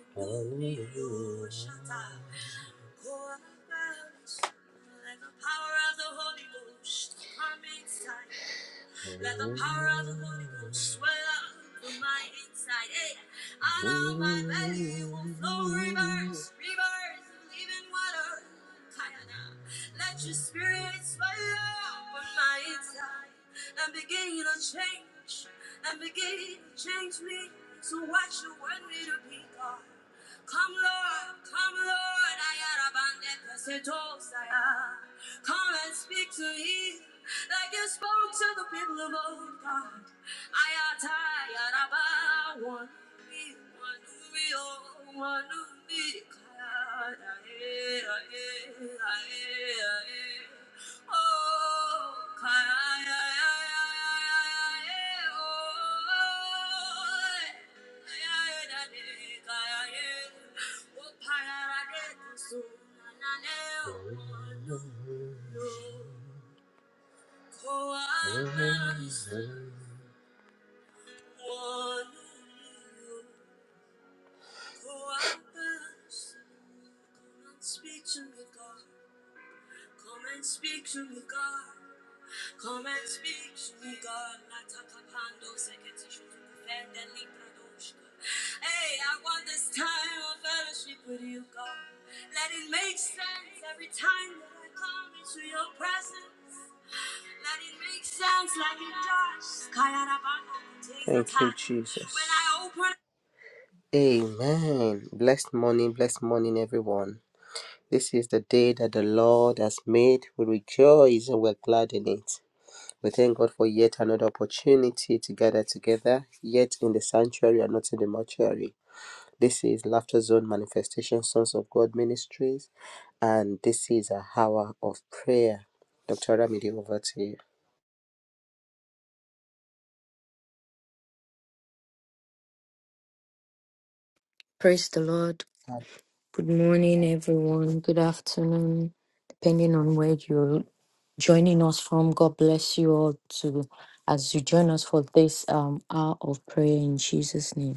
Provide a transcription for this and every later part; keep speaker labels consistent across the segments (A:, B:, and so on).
A: Amen. Blessed morning, blessed morning, everyone. This is the day that the Lord has made. We rejoice and we're glad in it. We thank God for yet another opportunity to gather together, yet in the sanctuary and not in the mortuary. This is Laughter Zone Manifestation Sons of God Ministries, and this is a hour of prayer. Dr. Ramide, over to you.
B: Praise the Lord. Good morning, everyone. Good afternoon, depending on where you're joining us from. God bless you all to as you join us for this um hour of prayer in Jesus' name.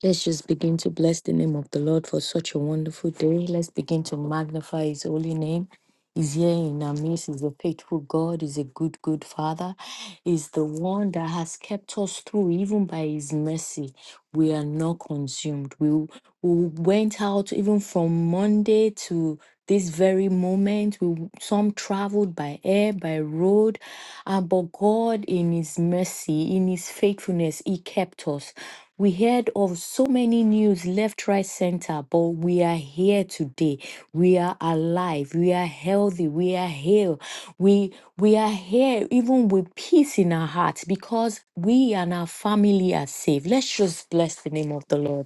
B: Let's just begin to bless the name of the Lord for such a wonderful day. Let's begin to magnify His holy name. He's here in our midst. He's a faithful God. He's a good, good Father. He's the one that has kept us through, even by His mercy. We are not consumed. We, we went out even from Monday to this very moment. We some traveled by air, by road, uh, but God, in His mercy, in His faithfulness, He kept us. We heard of so many news left, right, center, but we are here today. We are alive. We are healthy. We are healed. We we are here even with peace in our hearts because we and our family are safe. Let's just bless the name of the Lord.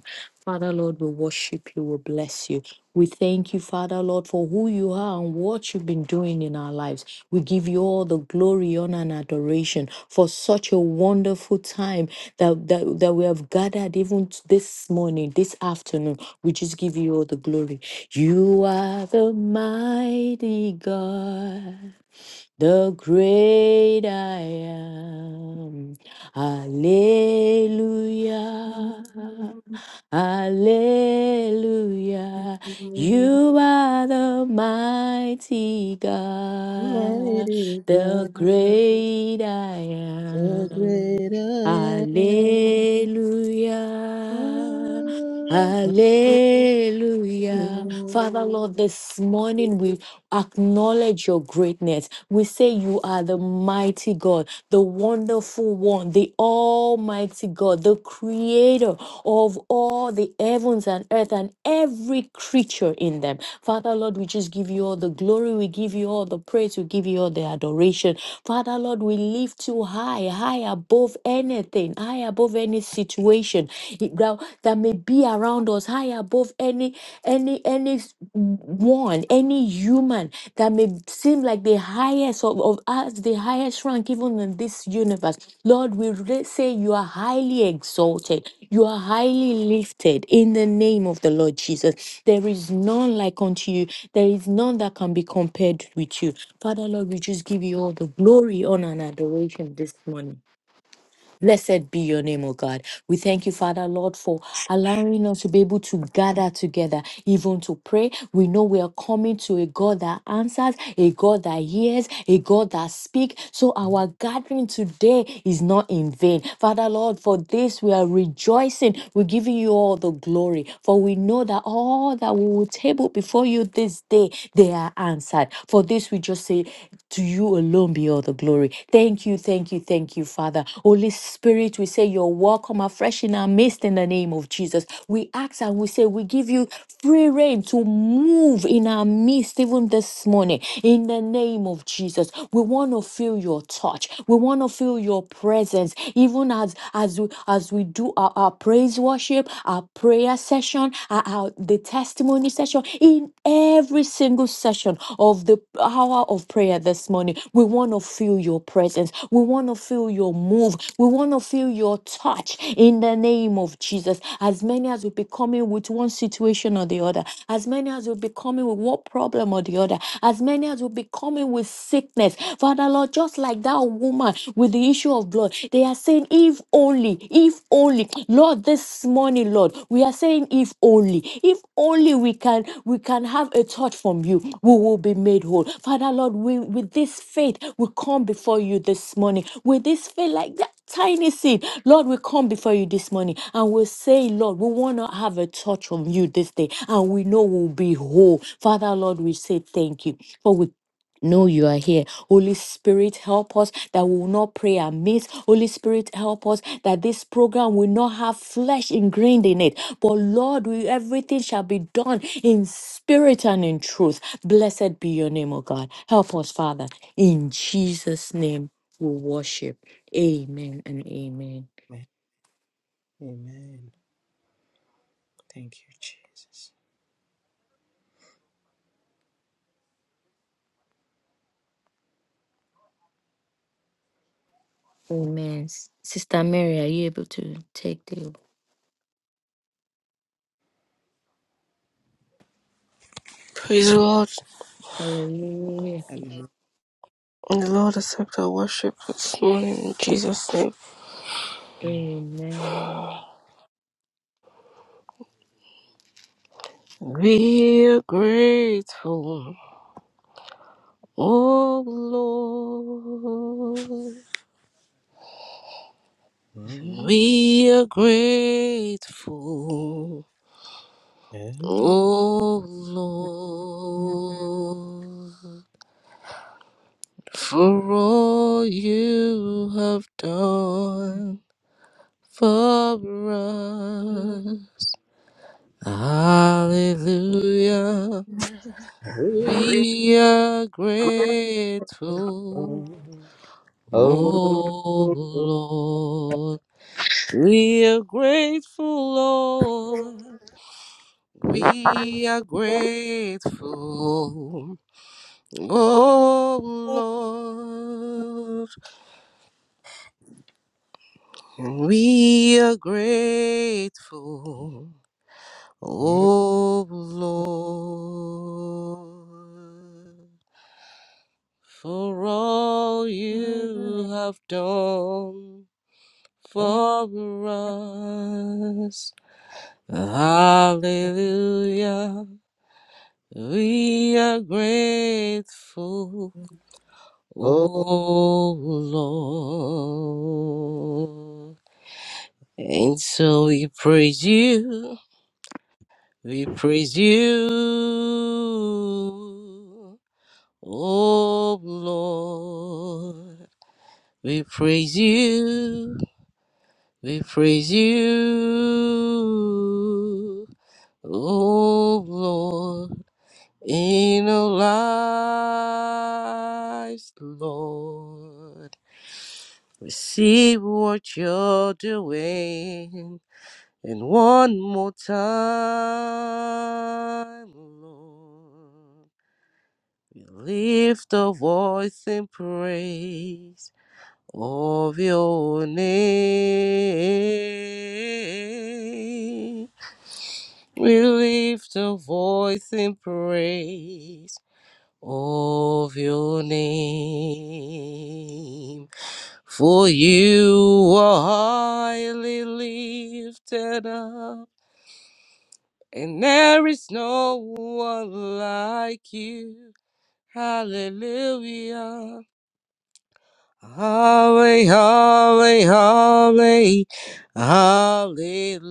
B: Father Lord, we worship you, we bless you. We thank you, Father Lord, for who you are and what you've been doing in our lives. We give you all the glory, honor, and adoration for such a wonderful time that, that, that we have gathered even t- this morning, this afternoon. We just give you all the glory. You are the mighty God the great I am. Hallelujah, Hallelujah. You are the mighty God,
A: Mighty
B: the
A: God,
B: great I
A: the
B: am.
A: great I am.
B: Hallelujah. Hallelujah. Father,
A: Amen.
B: Lord, this morning we acknowledge your greatness. We say you are the mighty God, the wonderful one, the almighty God, the creator of all the heavens and earth and every creature in them. Father, Lord, we just give you all the glory. We give you all the praise. We give you all the adoration. Father, Lord, we lift you high, high above anything, high above any situation that that may be around us, high above any any any one, any human that may seem like the highest of, of us, the highest rank even in this universe. Lord, we re- say you are highly exalted. You are highly lifted in the name of the Lord Jesus. There is none like unto you. There is none that can be compared with you. Father, Lord, we just give you all the glory, honor, and adoration this morning. Blessed be your name, O God. We thank you, Father, Lord, for allowing us to be able to gather together, even to pray. We know we are coming to a God that answers, a God that hears, a God that speaks. So our gathering today is not in vain. Father, Lord, for this we are rejoicing. We're giving you all the glory, for we know that all that we will table before you this day, they are answered. For this we we just say, To you alone be all the glory. Thank you, thank you, thank you, Father. Holy Spirit, we say, You're welcome afresh in our midst in the name of Jesus. We ask and we say, We give you free reign to move in our midst even this morning in the name of Jesus. We want to feel your touch. We want to feel your presence, even as as we as we do our, our praise worship, our prayer session, uh, uh, the testimony session, in every single session of the hour of prayer this morning. We want to feel your presence. We want to feel your move. We want to feel your touch in the name of Jesus. As many as will be coming with one situation or the other, as many as will be coming with what problem or the other, as many as will be coming with sickness. Father Lord, just like that woman with the issue of blood, they are saying, if only, if only, Lord, this morning, Lord, we are saying, if only, if only we can, we can have a touch from you, we will be made whole. Father, Lord, we, with this faith, we come before you this morning. With this faith, like that tiny seed, Lord, we come before you this morning and we say, Lord, we want to have a touch from you this day, and we know we'll be whole. Father, Lord, we say thank you, for we know you are here. Holy Spirit, help us that we will not pray amiss. Holy Spirit, help us that this program will not have flesh ingrained in it. But Lord, we, everything shall be done in spirit and in truth. Blessed be your name, O God. Help us, Father. In Jesus' name we worship. Amen and amen.
A: Amen. Thank you, Jesus.
B: Amen. Sister Mary, are you able to take the
C: Praise the Lord.
B: hallelujah?
A: Hallelujah.
C: And the Lord accept our worship this morning in Jesus' name.
B: Amen.
C: We are grateful. Oh Lord.
A: Oh,
C: We are grateful. Oh Lord. For all you have done for us. Hallelujah. We are grateful,
A: oh, oh,
C: oh
A: oh,
C: Lord. We are grateful, Lord.
A: oh,
C: We are grateful, oh Lord. We are grateful,
A: oh,
C: oh Lord, for all you
A: Oh,
C: have done for us. Hallelujah. We are grateful, oh Lord. And so we praise you, we praise you, oh Lord. We praise you, We praise you, O Lord, in our lives, Lord. We see what you're doing, and one more time, Lord. We lift our voice in praise. Of Your name, we lift a voice in praise of your name, for you are highly lifted up, and there is no one like you. Hallelujah. Holly, holly, holly, hallelujah.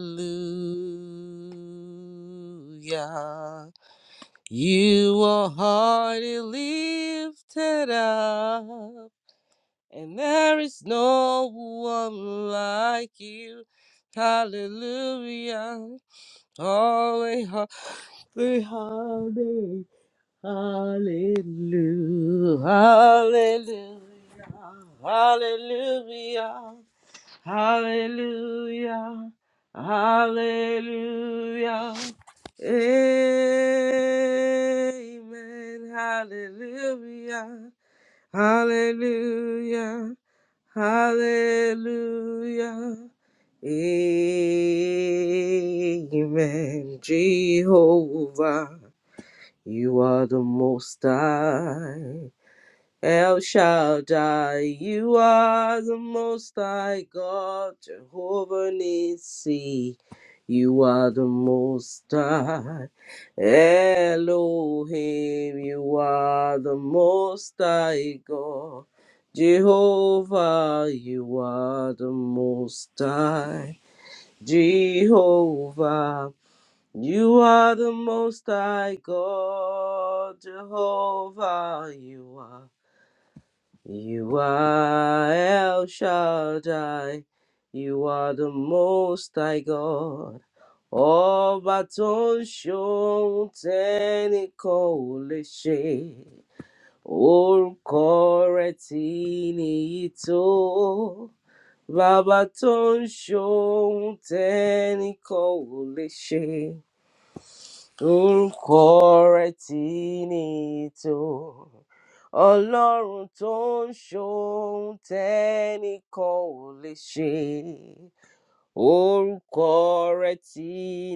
C: You are highly lifted up, and there is no one like you. Hallelujah. Holly, holly, holly. Hallelujah, hallelujah, hallelujah, hallelujah, hallelujah. Amen, hallelujah, hallelujah, hallelujah. Amen, Jehovah. You are the most high. El Shaddai, you are the most high God, Jehovah Nissi. You are the most high. Elohim, you are the most high God. Jehovah, you are the most high. Jehovah. You are the most high God, Jehovah. You are, you are El Shaddai. You are the most high God. Ọba tó ń ṣohun tẹ́nìkan ò lè ṣe. Orúkọ rẹ̀ tí nìyí tó. Bàbá tó ń ṣohun tẹ́nìkan ò lè ṣe. Ń kọrẹ tí nìtò ọlọ́run tó ń ṣohun tẹ́nìkan ò lè ṣe orúkọ rẹ tí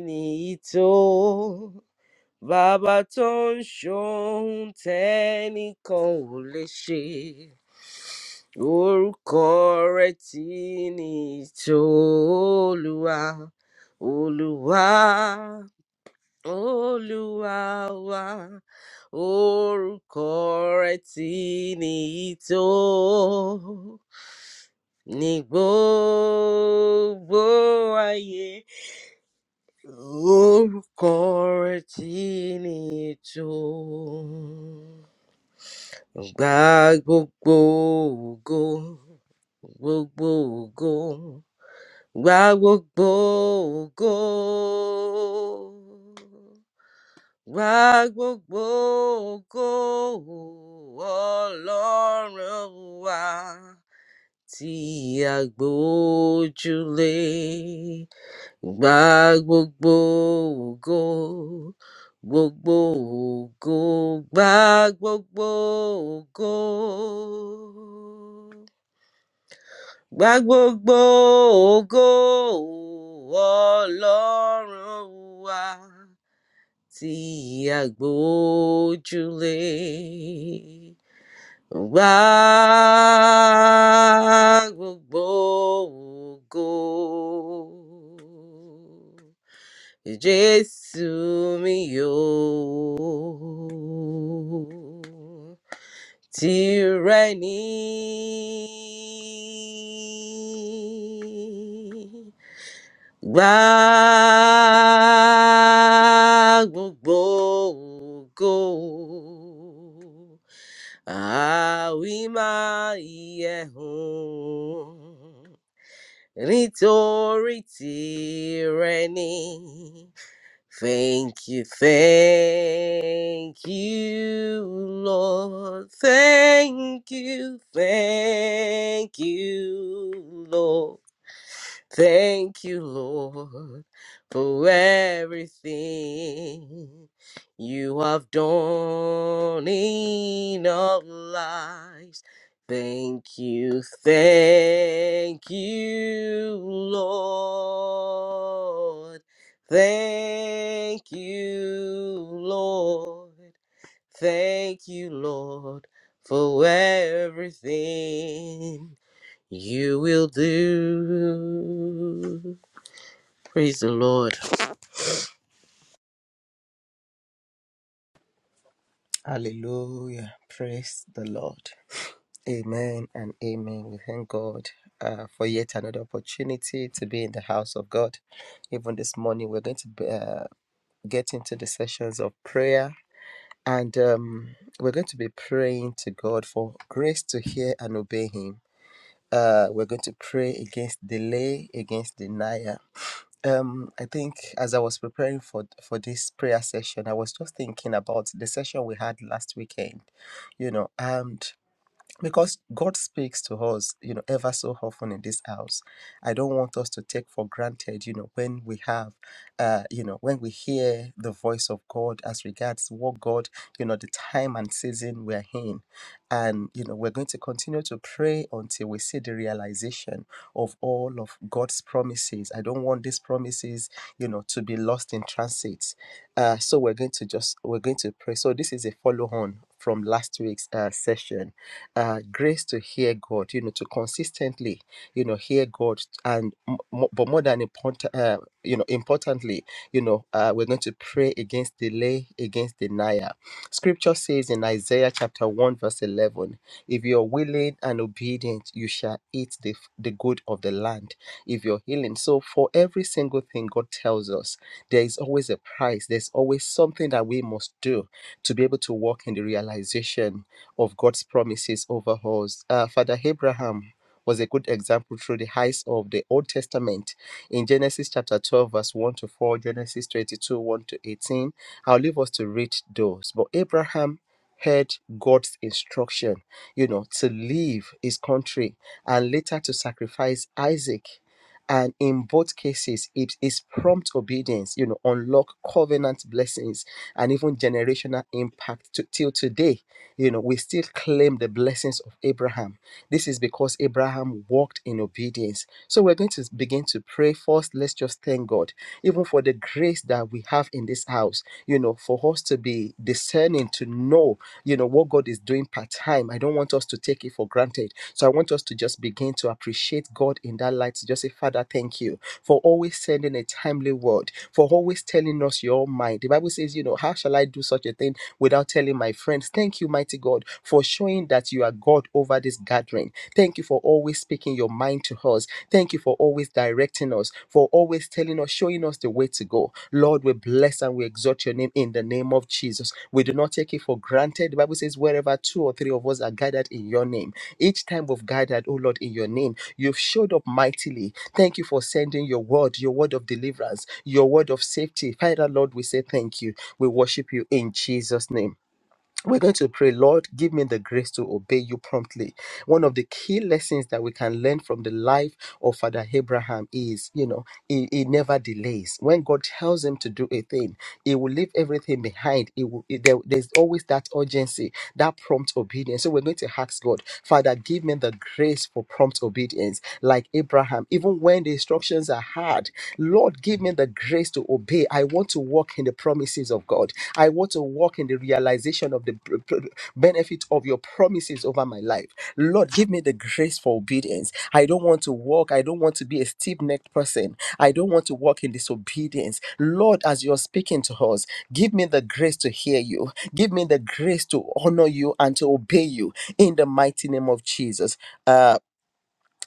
C: nìtò bàbá tó ń ṣohun tẹ́nìkan ò lè ṣe orúkọ rẹ tí nìtò olúwa olúwa Olúwa wa orúkọ rẹ̀ tí nìyí tó ní gbogbo ayé orúkọ rẹ̀ tí nìyí tó gba gbogbo ògo gbogbo ògo gba gbogbo ògo. Wá gbogbo ògo Ọlọ́run wa tí a gbójúlé. Gba gbogbo ògo, gbogbo ògo, gba gbogbo ògo. Gba gbogbo ògo Ọlọ́run wa tí àgbò ojúlé wá gbogbo ògo. Jésù mi yóò tìrẹ ní. Gba gbogbo ògo. Àwí máa yẹ hùn. Nítorí tìrẹ ni. Thank you, thank you, Lord. Thank you, thank you, Lord. Thank you, Lord, for everything you have done in our lives. Thank you, thank you, Lord. Thank you, Lord. Thank you, Lord, for everything you will do. Praise the Lord.
A: hallelujah. Praise the Lord. Amen and amen. We thank God uh, for yet another opportunity to be in the house of God. Even this morning, we're going to be, uh, get into the sessions of prayer and um, we're going to be praying to God for grace to hear and obey Him. Uh, we're going to pray against delay, against denial. Um, I think as I was preparing for for this prayer session, I was just thinking about the session we had last weekend, you know, and because God speaks to us, you know, ever so often in this house. I don't want us to take for granted, you know, when we have, uh, you know, when we hear the voice of God as regards what God, you know, the time and season we're in. And, you know, we're going to continue to pray until we see the realization of all of God's promises. I don't want these promises, you know, to be lost in transit. Uh, so we're going to just, we're going to pray. So this is a follow on from last week's uh, session uh, grace to hear God, you know, to consistently, you know, hear God, and m- mo- but more than important, uh, you know, importantly, you know, uh, we're going to pray against delay, against denial. Scripture says in Isaiah chapter one verse eleven, if you are willing and obedient, you shall eat the f- the good of the land. If you're healing, so for every single thing God tells us, there is always a price. There's always something that we must do to be able to walk in the realization of God's promises over us. Uh, Father Abraham was a good example through the heights of the Old Testament. In Genesis chapter 12, verse 1 to 4, Genesis 22, 1 to 18, I'll leave us to read those. But Abraham heard God's instruction, you know, to leave his country and later to sacrifice Isaac. And in both cases, it is prompt obedience, you know, unlock covenant blessings and even generational impact to, till today you know, we still claim the blessings of Abraham. This is because Abraham walked in obedience. So we're going to begin to pray first. Let's just thank God, even for the grace that we have in this house, you know, for us to be discerning, to know, you know, what God is doing part time. I don't want us to take it for granted. So I want us to just begin to appreciate God in that light. Just say, Father, thank you for always sending a timely word, for always telling us your mind. The Bible says, you know, how shall I do such a thing? without telling my friends. Thank you, mighty God, for showing that you are God over this gathering. Thank you for always speaking your mind to us. Thank you for always directing us, for always telling us, showing us the way to go. Lord, we bless and we exalt your name in the name of Jesus. We do not take it for granted. The Bible says, wherever two or three of us are gathered in your name. Each time we've gathered, oh Lord, in your name, you've showed up mightily. Thank you for sending your word, your word of deliverance, your word of safety. Father, Lord, we say thank you. We worship you in Jesus' name. We're going to pray, Lord, give me the grace to obey you promptly. One of the key lessons that we can learn from the life of Father Abraham is, you know, he, he never delays. When God tells him to do a thing, he will leave everything behind. He will, he- there- there's always that urgency, that prompt obedience. So we're going to ask God, Father, give me the grace for prompt obedience, like Abraham, even when the instructions are hard Lord, give me the grace to obey. I want to walk in the promises of God. I want to walk in the realization of the b- b- benefit of your promises over my life. Lord, give me the grace for obedience. I don't want to walk. I don't want to be a stiff necked person. I don't want to walk in disobedience. Lord, as you're speaking to us, give me the grace to hear you. Give me the grace to honor you and to obey you in the mighty name of Jesus. Uh,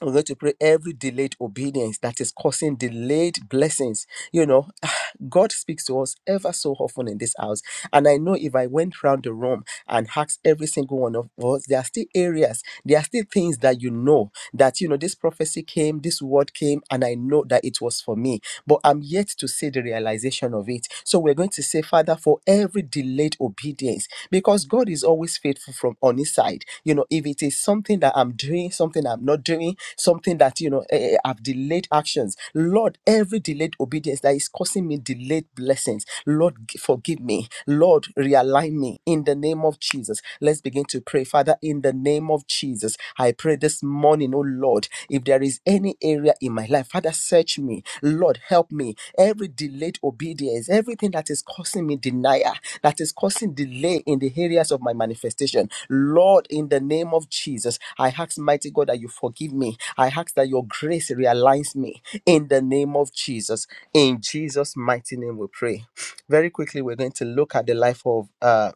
A: we're going to pray every delayed obedience that is causing delayed blessings. You know, God speaks to us ever so often in this house. And I know if I went round the room and asked every single one of us, there are still areas, there are still things that you know that, you know, this prophecy came, this word came, and I know that it was for me. But I'm yet to see the realization of it. So we're going to say, Father, for every every delayed obedience because God is always faithful from on his side. You know, if it is something that I'm doing, something I'm not doing, something that, you know, eh, eh, I've delayed actions, Lord, every delayed obedience that is causing me delayed blessings, Lord, g- forgive me. Lord, realign me in the name of Jesus. Let's begin to pray. Father, in the name of Jesus, I pray this morning, oh Lord, if there is any area in my life. Father, search me. Lord, help me. Every delayed obedience, everything that is causing me denial, that is causing delay in the areas of my manifestation. Lord, in the name of Jesus, I ask, mighty God, that you forgive me. I ask that your grace realigns me in the name of Jesus. In Jesus' mighty name, we pray. Very quickly, we're going to look at the life of uh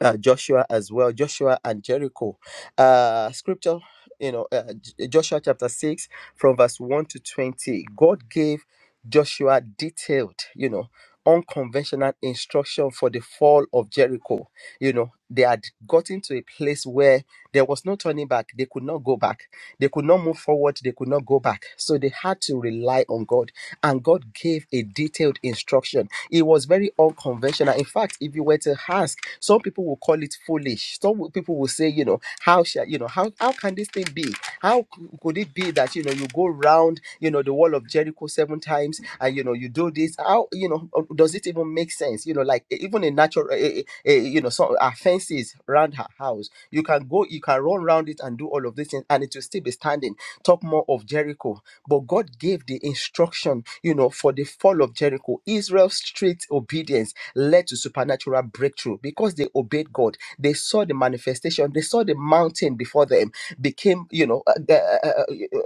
A: uh, Joshua as well, Joshua and Jericho. Uh, scripture, you know, uh, J- Joshua chapter 6 from verse 1 to 20. God gave Joshua detailed, you know, unconventional instruction for the fall of Jericho. You know, they had gotten to a place where there was no turning back, they could not go back. They could not move forward, they could not go back. So they had to rely on God. And God gave a detailed instruction. It was very unconventional. In fact, if you were to ask, some people will call it foolish. Some people will say, you know, how shall you know how how can this thing be? How c- could it be that you know you go round, you know, the wall of Jericho seven times and you know you do this? How you know does it even make sense. You know, like e- even a natural, a, a, a, you know, some uh, fences around her house. You can go, you can run around it and do all of these things, and it will still be standing. Talk more of Jericho, but God gave the instruction, you know, for the fall of Jericho. Israel's strict obedience led to supernatural breakthrough because they obeyed God. They saw the manifestation. They saw the mountain before them became you know uh, uh, uh,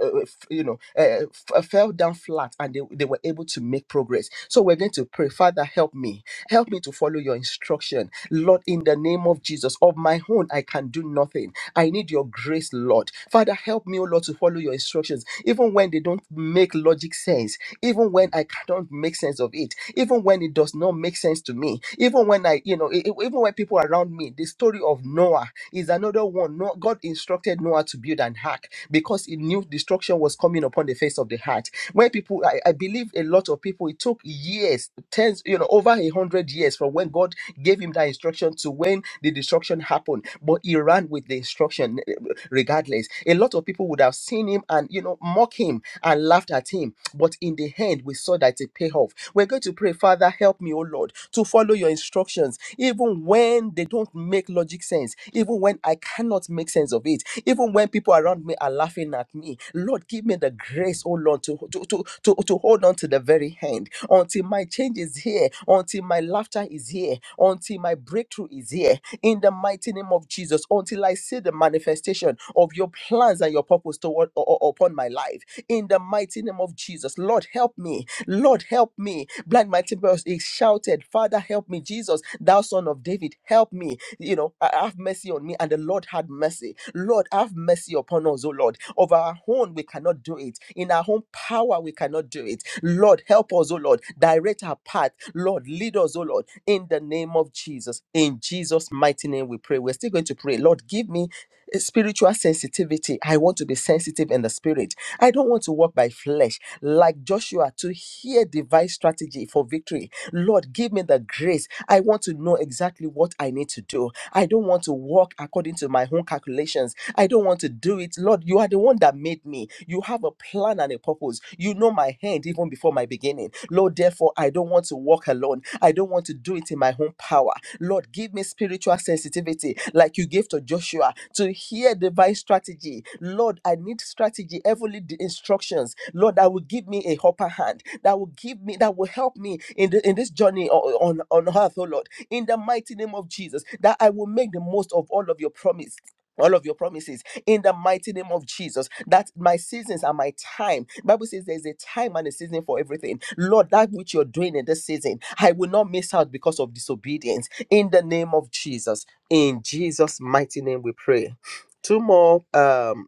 A: uh, you know uh, uh, f- uh, fell down flat and they, they were able to make progress so we're going to pray father help me help me to follow your instruction lord in the name of jesus of my own i can do nothing i need your grace lord father help me oh lord to follow your instructions even when they don't make logic sense even when I don't make sense of it, even when it does not make sense to me, even when I, you know, e- e- even when people around me, the story of Noah is another one. No, God instructed Noah to build an ark because he knew destruction was coming upon the face of the earth. When people, I, I believe a lot of people, it took years, tens, you know, over a hundred years from when God gave him that instruction to when the destruction happened. But he ran with the instruction eh, regardless. A lot of people would have seen him and, you know, mock him and laughed at him. But in the end, we saw that it paid off. We're going to pray, Father, help me, O Lord, to follow your instructions, even when they don't make logic sense, even when I cannot make sense of it, even when people around me are laughing at me. Lord, give me me the grace, oh Lord, to, to, to, to, to hold on to the very hand until my change is here, until my laughter is here, until my breakthrough is here. In the mighty name of Jesus, until I see the manifestation of your plans and your purpose toward u- u- upon my life. In the mighty name of Jesus, Lord, help me. Lord, help me. Blind Bartimaeus he shouted, "Father, help me, Jesus, thou Son of David, help me." You know, "I- have mercy on me, and the Lord had mercy. Lord, have mercy upon us, oh Lord of our own, we cannot do it. In our own power, we cannot do it. Lord, help us, oh Lord. Direct our path. Lord, lead us, oh Lord. In the name of Jesus. In Jesus' mighty name, we pray. We're still going to pray. Lord, give me a spiritual sensitivity. I want to be sensitive in the spirit. I don't want to walk by flesh like Joshua to hear divine strategy for victory. Lord, give me the grace. I want to know exactly what I need to do. I don't want to walk according to my own calculations. I don't want don't want to do it. Lord, you are the one that made me. You have a plan and a purpose. You know my hand even before my beginning. Lord, therefore, I don't want to walk alone. I don't want to do it in my own power. Lord, give me spiritual sensitivity like you gave to Joshua to hear divine strategy. Lord, I need strategy, heavenly di- instructions. Lord, that will give me a upper hand, that will give me, that will help me in, the, in this journey on, on, on earth, oh Lord in the mighty name of Jesus, that I will make the most of all of your promise all of your promises in the mighty name of Jesus. That my seasons and my time. Bible says there's a time and a season for everything. Lord, that which you're doing in this season, I will not miss out because of disobedience. In the name of Jesus, in Jesus' mighty name, we pray. Two more, um,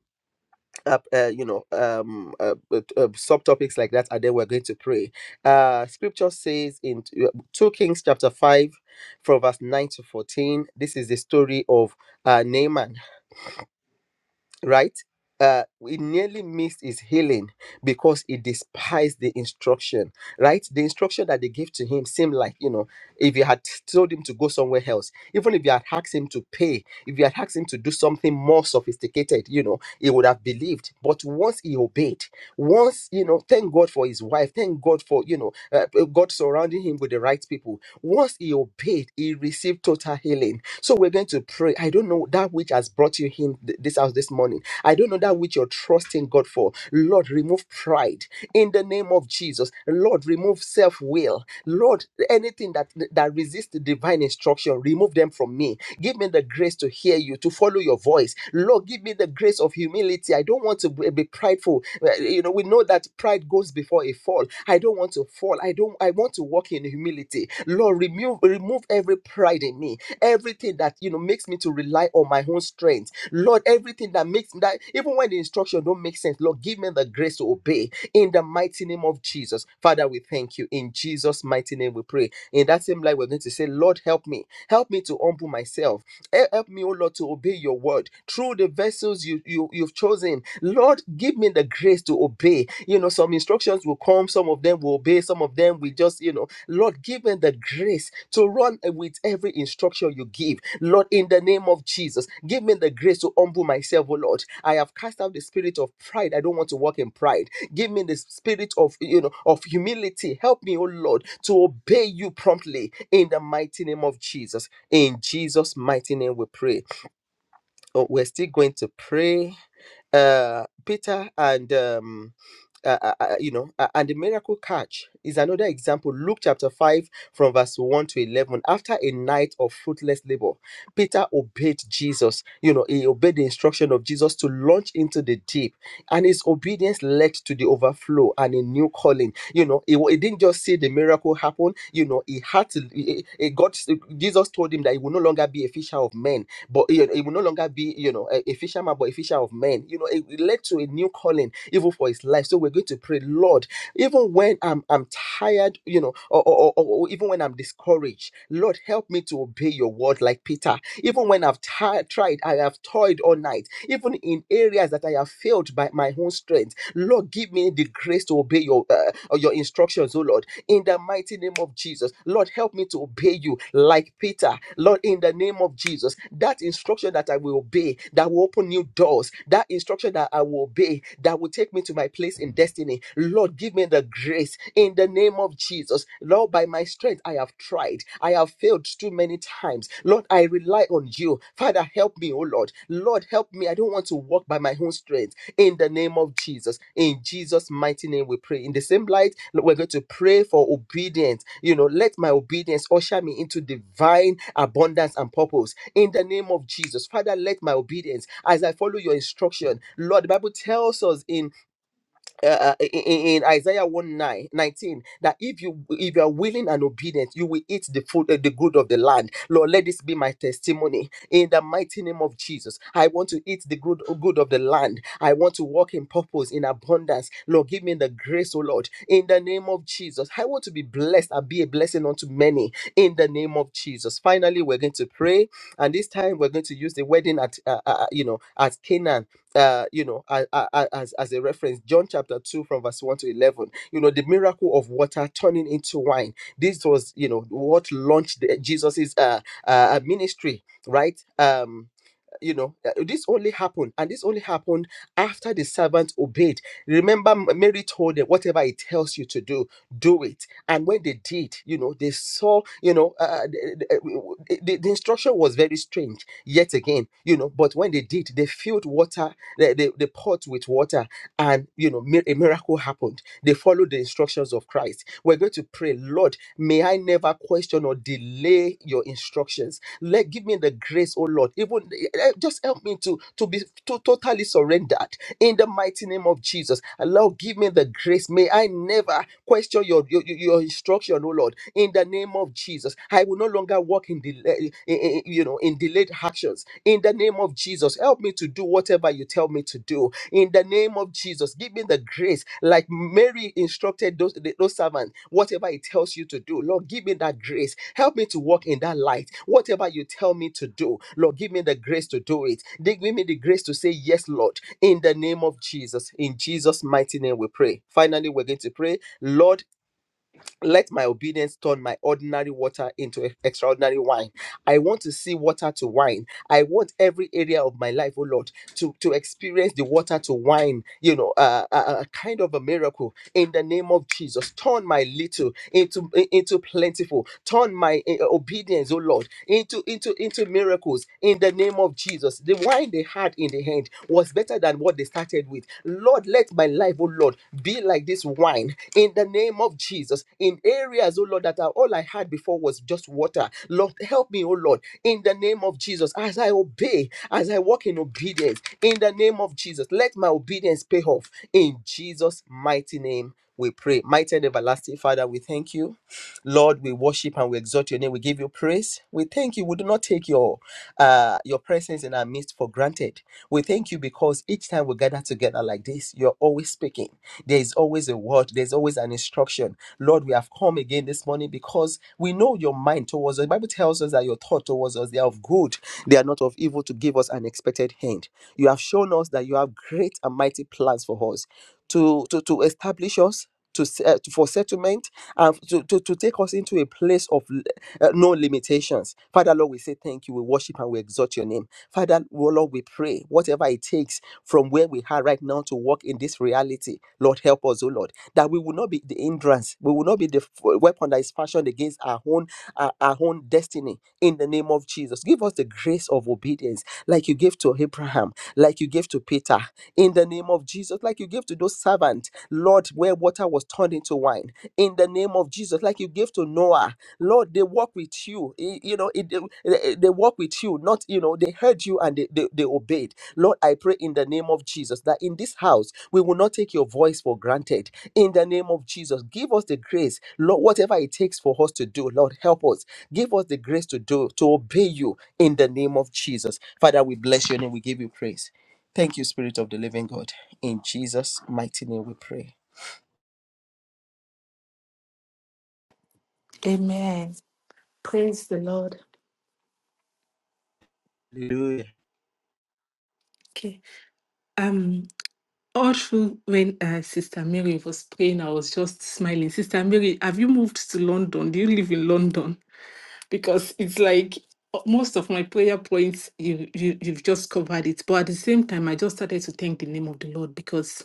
A: uh, uh, you know, um, uh, uh, uh, subtopics like that, and then we're going to pray. Uh, scripture says in t- uh, two Kings chapter five, from verse nine to fourteen. This is the story of uh, Naaman right? Uh, he nearly missed his healing because he despised the instruction, right? The instruction that they gave to him seemed like, you know, if you had told him to go somewhere else, even if you had asked him to pay, if you had asked him to do something more sophisticated, you know, he would have believed. But once he obeyed, once, you know, thank God for his wife, thank God for, you know, uh, God surrounding him with the right people. Once he obeyed, he received total healing so we're going to pray. I don't know that which has brought you in th- this house this morning. I don't know that which you're trusting God for. Lord, remove pride in the name of Jesus. Lord, remove self will. Lord, anything that that resists the divine instruction, remove them from me. Give me the grace to hear you, to follow your voice. Lord, give me the grace of humility. I don't want to be be prideful. Uh, You know, we know that pride goes before a fall. I don't want to fall. I don't. I want to walk in humility. Lord, remove remove every pride in me everything that you know makes me to rely on my own strength lord everything that makes me that even when the instruction don't make sense lord give me the grace to obey in the mighty name of jesus father we thank you in jesus mighty name we pray in that same light we're going to say lord help me help me to humble myself Hel- help me oh lord to obey your word through the vessels you, you you've chosen lord give me the grace to obey you know some instructions will come some of them will obey some of them we just you know Lord, give them the grace to run with every instruction you give. Lord, in the name of Jesus, give me the grace to humble myself, oh Lord. I have cast out the spirit of pride. I don't want to walk in pride. Give me the spirit of you know of humility. Help me, oh Lord, to obey you promptly in the mighty name of Jesus. In Jesus' mighty name, we pray. Oh, we're still going to pray uh, Peter and um, uh, uh, uh, you know, uh, and the miracle catch is another example. Luke chapter 5, from verse 1 to 11. After a night of fruitless labor, Peter obeyed Jesus. You know, he obeyed the instruction of Jesus to launch into the deep, and his obedience led to the overflow and a new calling. You know, he, wa- he didn't just see the miracle happen, you know, he had to, he, he- he- God, Jesus told him that he would no longer be a fisher of men but you know, it will no longer be you know a, a fisherman but a fisher of men you know it, it led to a new calling even for his life so we're going to pray lord even when i'm i'm tired you know or, or, or, or even when i'm discouraged lord help me to obey your word like peter even when i've ti- tried i have toiled all night even in areas that i have failed by my own strength lord give me the grace to obey your uh, or your instructions oh lord in the mighty name of Jesus. Lord, help me to obey you like Peter. Lord, in the name of Jesus, Jesus, that instruction that I will obey, that will open new doors, that instruction that I will obey, that will take me to my place in destiny. Lord, give me the grace in the name of Jesus. Lord, by my strength, I have tried. I have failed too many times. Lord, I rely on you. Father, help me, oh Lord. Lord, help me. I don't want to walk by my own strength in the name of Jesus. In Jesus' mighty name, we pray. In the same light, we're going to pray for obedience. You know, let my obedience usher me into divine abundance and purpose in the name of Jesus. Father, let my obedience as I follow your instruction. Lord, the Bible tells us in uh, uh, in, in Isaiah 1 9 19, that if you if you are willing and obedient, you will eat the food, uh, the good of the land. Lord, let this be my testimony in the mighty name of Jesus. I want to eat the good good of the land. I want to walk in purpose, in abundance. Lord, give me the grace, oh Lord, in the name of Jesus. I want to be blessed and be a blessing unto many in the name of Jesus. Finally, we're going to pray, and this time we're going to use the wedding at uh, uh, uh, you know at Canaan uh, you know, a- a- a- as, as a reference, John chapter 2 from verse 1 to 11, you know, the miracle of water turning into wine. This was, you know, what launched the- Jesus's uh, uh, uh, ministry, right? Um, you know, uh, this only happened, and this only happened after the servant obeyed. Remember, M- Mary told them, Whatever it tells you to do, do it. And when they did, you know, they saw, you know, uh, uh, the, the the- the instruction was very strange yet again, you know, but when they did, they filled water the, the, the pot with water and you know mi- a miracle happened they followed the instructions of christ we're going to pray lord may i never question or delay your instructions let give me the grace oh lord even eh, eh, just help me to to be to, totally surrendered in the mighty name of Jesus. And Lord, give me the grace. May I never question your, your, your instruction, oh Lord, in the name of Jesus. I will no longer walk in delay, in- in- you know, in delayed actions. In the name of Jesus, help me to do whatever you tell me to do. In the name of Jesus, give me the grace, like Mary instructed those, the- those servants, whatever it tells you to do. Lord, give me that grace. Help me to walk in that light. Whatever you tell me to do, Lord, give me the grace to do it. Give me the grace to say yes, Lord in the name of Jesus. In Jesus' mighty name, we pray. Finally, we're going to pray, Lord, let my obedience turn my ordinary water into e- extraordinary wine. I want to see water to wine. I want every area of my life, oh Lord, to, to experience the water to wine, you know, uh, a, a kind of a miracle in the name of Jesus. Turn my little into i- into plentiful. Turn my eh, eh, obedience, oh Lord, into into into miracles in the name of Jesus. The wine they had in the hand was better than what they started with. Lord, let my life, oh Lord, be like this wine in the name of name of Jesus, in areas, oh Lord, that are, all I had before was just water, Lord, help me, oh Lord, in the name of Jesus, as I obey, as I walk in obedience, in the name of Jesus, let my obedience pay off. In Jesus' mighty name, we pray. Mighty and everlasting Father, we thank you. Lord, we worship and we exalt your name. We give you praise. We thank you. We do not take your uh, your presence in our midst for granted. We thank you because each time we gather together like this, you're always speaking. There is always a word. There's always an instruction. Lord, we have come again this morning because we know your mind towards us. The Bible tells us that your thought towards us they are of good. They are not of evil to give us an expected hand. You have shown us that you have great and mighty plans for us to to, to establish us to s- uh, for settlement and to, to, to take us into a place of l- uh, no limitations. Father Lord, we say thank you. We worship and we exalt your name. Father oh Lord, we pray whatever it takes from where we are right now to walk in this reality. Lord, help us, oh Lord, that we will not be the hindrance. We will not be the f- weapon that is fashioned against our own our, our own destiny. In the name of Jesus, give us the grace of obedience, like you gave to Abraham, like you gave to Peter. In the name of Jesus, like you gave to those servants, Lord, where water was turned into wine. In the name of Jesus, like you gave to Noah, Lord, they walk with you. Y- You know, it, they, they walk with you, not, you know, they heard you and they, they, they obeyed. Lord, I pray in the name of Jesus that in this house, we will not take your voice for granted. In the name of Jesus, give us the grace, Lord, whatever it takes for us to do, Lord, help us. Give us the grace to do, to obey you in the name of Jesus. Father, we bless your name. We give you praise. Thank you, Spirit of the Living God. In Jesus' mighty name we pray.
D: Amen. Praise the Lord.
A: Hallelujah.
D: Okay. Um, all through when uh, Sister Mary was praying, I was just smiling. Sister Mary, have you moved to London? Do you live in London? Because it's like uh, most of my prayer points, you, you you've just covered it. But at the same time, I just started to thank the name of the Lord because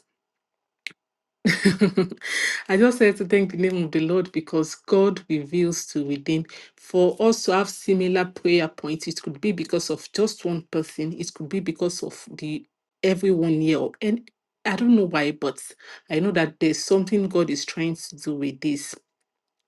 D: I just said to thank the name of the Lord because God reveals to within. For us to have similar prayer points, it could be because of just one person, it could be because of the everyone here. And I don't know why, but I know that there's something God is trying to do with this.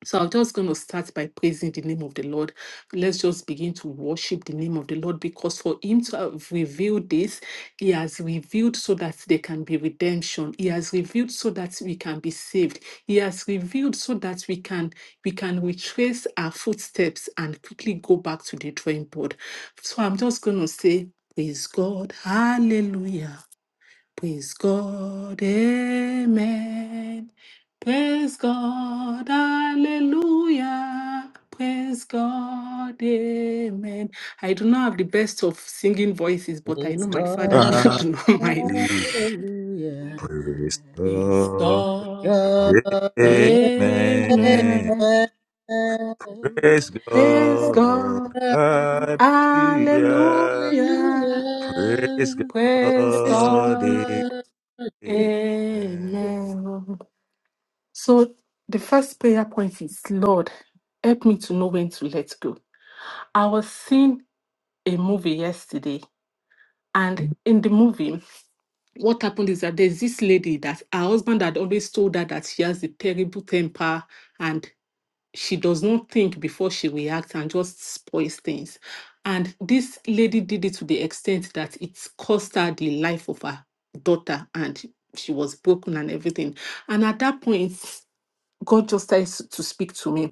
D: So I'm just going to start by praising the name of the Lord. Let's just begin to worship the name of the Lord because for Him to have revealed this, He has revealed so that there can be redemption. He has revealed so that we can be saved. He has revealed so that we can we can retrace our footsteps and quickly go back to the drawing board. So I'm just going to say, praise God, Hallelujah. Praise God, amen. Praise God, hallelujah. Praise God, amen. I do not have the best of singing voices, but I
A: Praise
D: know my father don't
A: God.
E: Hallelujah.
D: do not mind.
A: Hallelujah.
E: Praise
D: Praise
E: God.
D: God,
A: God. Amen.
E: Amen.
D: amen.
E: Praise
D: Praise
E: God.
D: God,
E: Hallelujah.
D: hallelujah.
E: Praise
A: Hallelujah.
D: Praise
A: Praise
E: God.
D: God,
A: God.
E: Amen.
D: amen. So the first prayer point is Lord, help me to know when to let go. I was seeing a movie yesterday. And in the movie, what happened is that there's this lady that her husband had always told her that she has a terrible temper and she does not think before she reacts and just spoils things. And this lady did it to the extent that it cost her the life of her daughter and she was broken and everything. And at that point, God just started to speak to me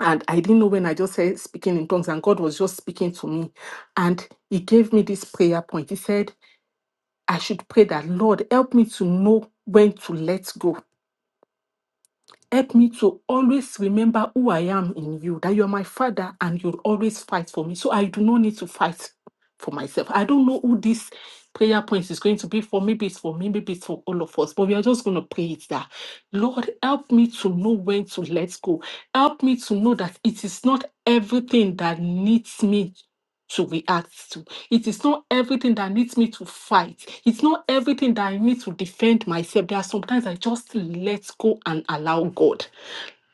D: And I didn't know when I just said speaking in tongues, and God was just speaking to me. And He gave me this prayer point. He said, I should pray that, Lord, help me to know when to let go Help me to always remember who I am in you, that you are my father and you'll always fight for me. So I do not need to fight for myself. I don't know who this prayer point is going to be for. Maybe it's for me, maybe it's for all of us, but we are just going to pray it that Lord, help me to know when to let go. Help me to know that it is not everything that needs me to react to. It is not everything that needs me to fight. It's not everything that I need to defend myself. There are sometimes I just let go and allow God.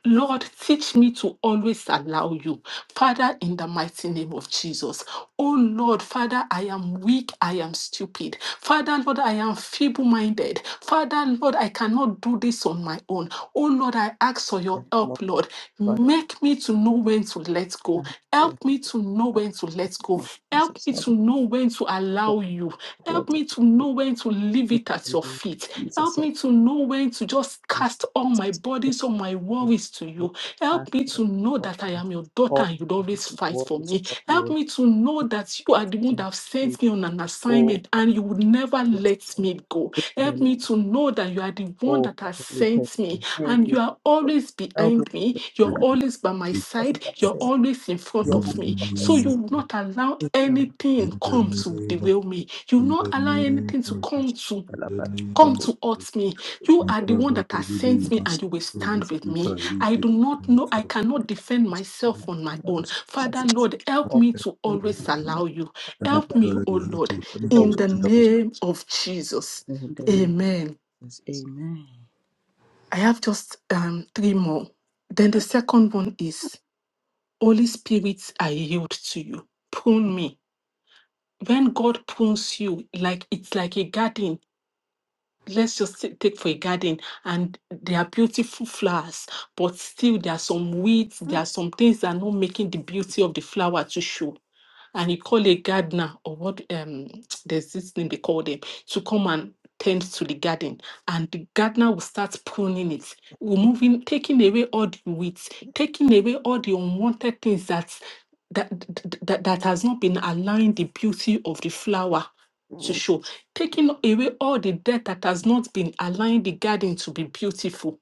D: Lord, teach me to always allow you. Father, in the mighty name of Jesus. Oh Lord, Father, I am weak. I am stupid. Father, Lord, I am feeble minded. Father, Lord, I cannot do this on my own. Oh Lord, I ask for your
A: Most
D: help, Lord.
A: Father,
D: Make me to know when to let go.
A: hallelujah.
D: Help me to know when to let go.
A: Most Jesus,
D: Help me
A: help
D: to
A: me.
D: know when to
A: What
D: allow you.
A: word
D: Help
A: of
D: me to know when to leave it at your feet.
A: Jesus,
D: Help
A: help
D: me to know when to just cast all my
A: me.
D: burdens, all my worries to
A: you
D: you.
A: ask
D: Help me
A: of
D: to know
A: God
D: that I
A: and
D: am your daughter and you'd always fight
A: what
D: for
A: is
D: me.
A: what you
D: Help
A: will
D: me to know
A: think
D: that you are
A: it's
D: the one that
A: not
D: have
A: cheap.
D: sent me on an
A: Oh,
D: assignment
A: Father,
D: and you would never
A: yes,
D: let
A: Lord.
D: me go.
A: Take the
D: Help
A: name.
D: me to know that you are the one
A: Oh,
D: that has
A: Father, we thank
D: sent me
A: you. Thank
D: and you
A: you,
D: are
A: God.
D: always
A: Help me,
D: behind me.
A: Lord,
D: You're
A: to be
D: always by my
A: what
D: side.
A: of that
D: You're
A: same.
D: always in front
A: Your
E: In
D: of
A: humble
D: me. So
A: fathers.
D: you will not allow
A: In the name of
D: anything
E: the name, in the
D: come to
E: name of
D: derail me. You will
E: in
D: not
E: the
D: allow
E: name
D: anything to
E: of Jesus,
D: come to
E: in
A: God,
E: the
A: God, God,
E: name
D: come
E: of
D: to
E: Jesus,
D: hurt me. You
E: my
D: are
A: God,
D: the one
E: Father,
D: that
E: I
D: has
E: give
D: sent
E: you
A: God,
D: me
E: my
D: and you will stand
E: soul,
D: with
E: my
D: me.
E: Father,
D: I do not know, I cannot defend myself on my own. Father Lord, help me to always
A: God,
D: allow you.
A: Father,
D: Help
A: help
D: me, oh Lord,
A: you
D: in
A: always
D: the name of Jesus.
A: in the name
D: Amen.
A: of Jesus. Amen.
D: I have just um, three more. Then the second one is Holy Spirit, I yield to you. Prune me. When God prunes you, like it's like a garden let's just t- take for a garden and there are beautiful flowers but still there are some weeds there are some things that are not making the beauty of the flower to show and you call a gardener or what um there's this thing they call them to come and tend to the garden and the gardener will start pruning it removing taking away all the weeds taking away all the unwanted things that's that, that that that has not been allowing the beauty of the flower to show,
A: Mm.
D: taking away all the debt that has not been allowing the garden to be beautiful